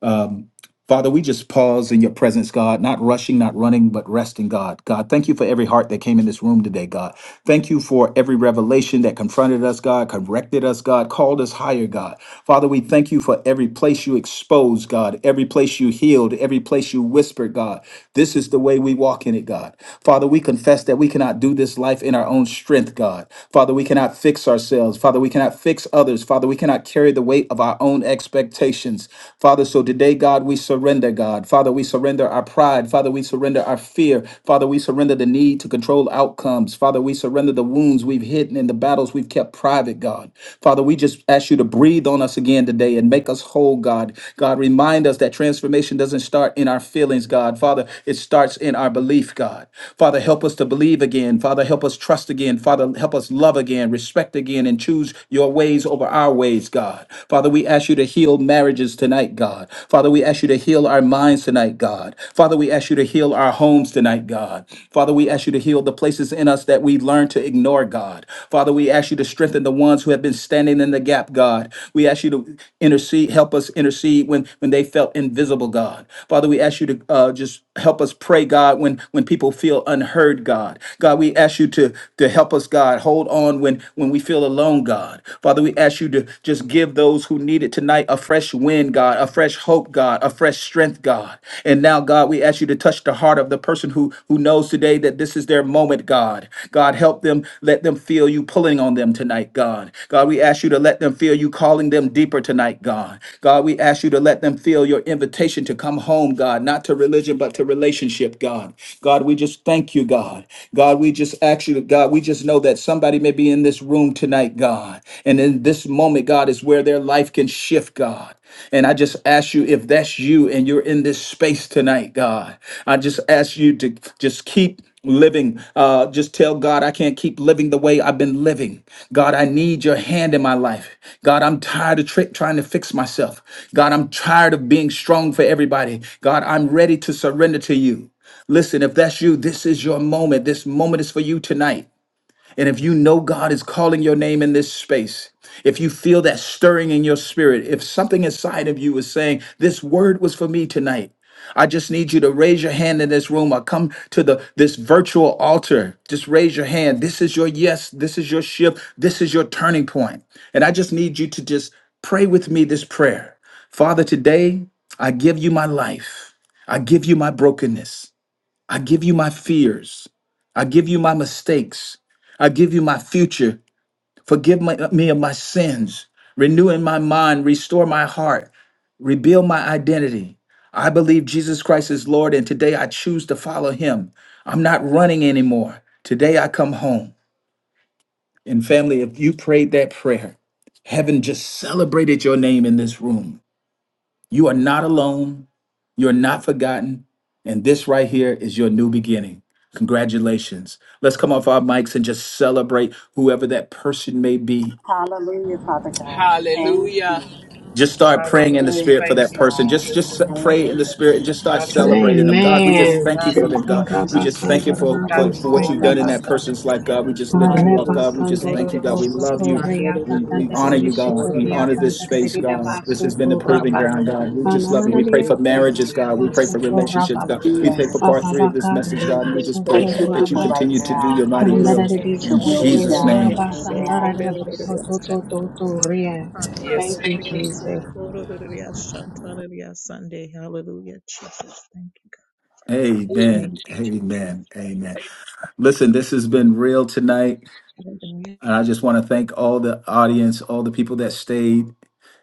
Um, Father, we just pause in your presence, God, not rushing, not running, but resting, God. God, thank you for every heart that came in this room today, God. Thank you for every revelation that confronted us, God, corrected us, God, called us higher, God. Father, we thank you for every place you exposed, God, every place you healed, every place you whispered, God. This is the way we walk in it, God. Father, we confess that we cannot do this life in our own strength, God. Father, we cannot fix ourselves. Father, we cannot fix others. Father, we cannot carry the weight of our own expectations. Father, so today, God, we surrender, God. Father, we surrender our pride. Father, we surrender surrender our fear. Father, we surrender the need to control outcomes. Father, we surrender the wounds we've hidden and the battles we've kept private, God. Father, we just ask you to breathe on us again today and make us whole, God. God, remind us that transformation doesn't start in our feelings, God. Father, it starts in our belief, God. Father, help us to believe again. Father, help us trust again. Father, help us love again, respect again, and choose your ways over our ways, God. Father, we ask you to heal marriages tonight, God. God. Father, we ask you to heal our minds tonight, God. Father, we ask you to heal our homes tonight, God. Father, we ask you to heal the places in us that we learn to ignore, God. Father, we ask you to strengthen the ones who have been standing in the gap, God. We ask you to intercede, help us intercede when, when they felt invisible, God. Father, we ask you to uh, just help us pray, God, when when people feel unheard, God. God, we ask you to to help us, God. Hold on when when we feel alone, God. Father, we ask you to just give those who need it tonight a fresh wind, God, a fresh hope, God, a fresh strength, God. And now, God, we ask you to touch the heart of the person who who knows today that this is their moment, God. God, help them. Let let them feel you pulling on them tonight, God. God, we ask you to let them feel you calling them deeper tonight, God. God, we ask you to let them feel your invitation to come home, God, not to religion, but to relationship, God. God, we just thank you, God. God, we just ask you, God, we just know that somebody may be in this room tonight, God. And in this moment, God, is where their life can shift, God. And I just ask you if that's you and you're in this space tonight, God. I just ask you to just keep living. Uh, just tell God, I can't keep living the way I've been living. God, I need your hand in my life. God, I'm tired of tri- trying to fix myself. God, I'm tired of being strong for everybody. God, I'm ready to surrender to you. Listen, if that's you, this is your moment. This moment is for you tonight. And if you know God is calling your name in this space, if you feel that stirring in your spirit, if something inside of you is saying, This word was for me tonight. I just need you to raise your hand in this room or come to the this virtual altar. Just raise your hand. This is your yes, this is your shift, this is your turning point. And I just need you to just pray with me this prayer. Father, today I give you my life. I give you my brokenness. I give you my fears. I give you my mistakes. I give you my future. Forgive my, uh, me of my sins. Renew in my mind. Restore my heart. Rebuild my identity. I believe Jesus Christ is Lord, and today I choose to follow him. I'm not running anymore. Today I come home. And family, if you prayed that prayer, heaven just celebrated your name in this room. You are not alone. You're not forgotten. And this right here is your new beginning. Congratulations. Let's come off our mics and just celebrate whoever that person may be Hallelujah, Father. Thank Hallelujah. just start praying in the you, spirit for that person God. just just pray in the Hallelujah. spirit and just start celebrating them god we just Thank Amen. thank you for them god Thank we just thank you for for, for what you've done in Hallelujah. that person's life god we just lift you up god Hallelujah. we just Thank thank you you, god we Jesus. love you we, Hallelujah. we honor Say, you, God. Lord, We honor this Hallelujah. space, Say, God. This has been the proving ground, God. We Hallelujah. just love you. We Say, pray take, for Lord, marriages, God. Hallelujah. We pray for Say, relationships, God. We Hallelujah. pray for Say, part three of this message, take, God. And we take, just Lord, pray Touch your that you people Hallelujah. right continue to Say, do now. your mighty will. Hallelujah. Hallelujah. Let your In Say, will Lord, be Jesus' done. name. Hallelujah. Say, Amen. take, Lord, Hallelujah. Sunday. you, Hallelujah. Jesus. Say, Lord, Hallelujah. Shantalia Sunday. Hallelujah, Jesus. Thank you, God. Thank Amen. you, Jesus. Amen. Amen. Listen, this has been real tonight. Hallelujah. And I just want to thank all the audience, all the people that stayed.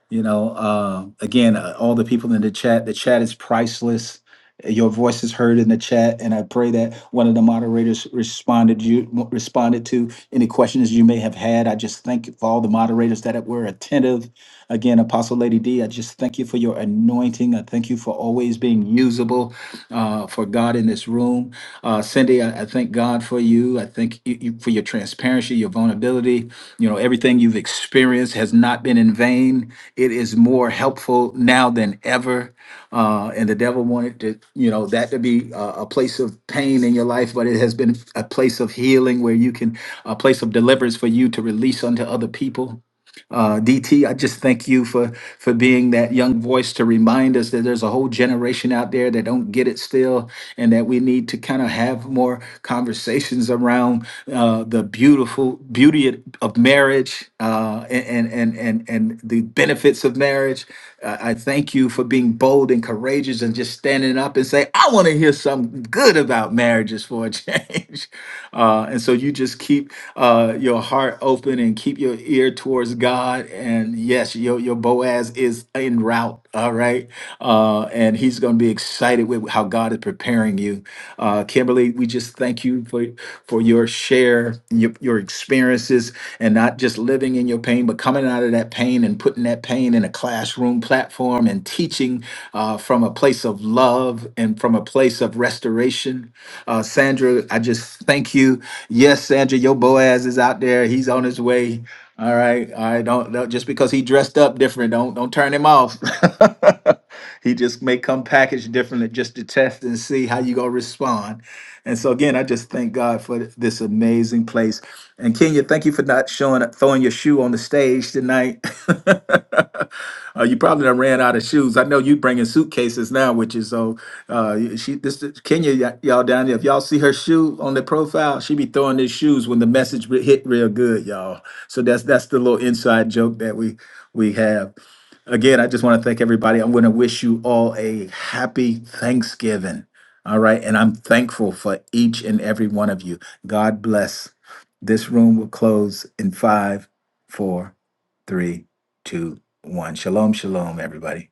You know, uh, again, uh, all the people in the chat, the chat is priceless. Your voice is heard in the chat, and I pray that one of the moderators responded you responded to any questions you may have had. I just thank you for all the moderators that were attentive Again, Apostle Lady D, I just thank you for your anointing. I thank you for always being usable uh, for God in this room. Uh, Cindy, I, I thank God for you. I thank you, you for your transparency, your vulnerability. You know, everything you've experienced has not been in vain. It is more helpful now than ever. Uh, and the devil wanted to, you know, that to be uh, a place of pain in your life, but it has been a place of healing where you can, a place of deliverance for you to release unto other people. Uh, DT, I just thank you for for being that young voice to remind us that there's a whole generation out there that don't get it still, and that we need to kind of have more conversations around uh, the beautiful beauty of marriage uh, and, and and and and the benefits of marriage. Uh, I thank you for being bold and courageous and just standing up and say, I want to hear something good about marriages for a change. Uh, and so you just keep uh, your heart open and keep your ear towards God. And yes, your, your Boaz is en route. All right. Uh, and he's going to be excited with how God is preparing you. Uh, uh, Kimberly, we just thank you for, for your share, your, your experiences, and not just living in your pain, but coming out of that pain and putting that pain in a classroom platform and teaching uh, from a place of love and from a place of restoration. Uh, Sandra, I just thank you. Yes, Sandra, your Boaz is out there. He's on his way. All right, all right. Don't, don't just because he dressed up different, don't don't turn him off. he just may come packaged differently just to test and see how you gonna respond. And so again, I just thank God for th- this amazing place. And Kenya, thank you for not showing up, throwing your shoe on the stage tonight. Uh, you probably done ran out of shoes. I know you bringing suitcases now, which is so. Uh, you- she this is- Kenya y- y'all down there. If y'all see her shoe on the profile, she be throwing these shoes when the message re- hit real good, y'all. So that's that's the little inside joke that we we have. Again, I just want to thank everybody. I'm going to wish you all a happy Thanksgiving. All right, and I'm thankful for each and every one of you. God bless. This room will close in five, four, three, two, one. Shalom, shalom, everybody.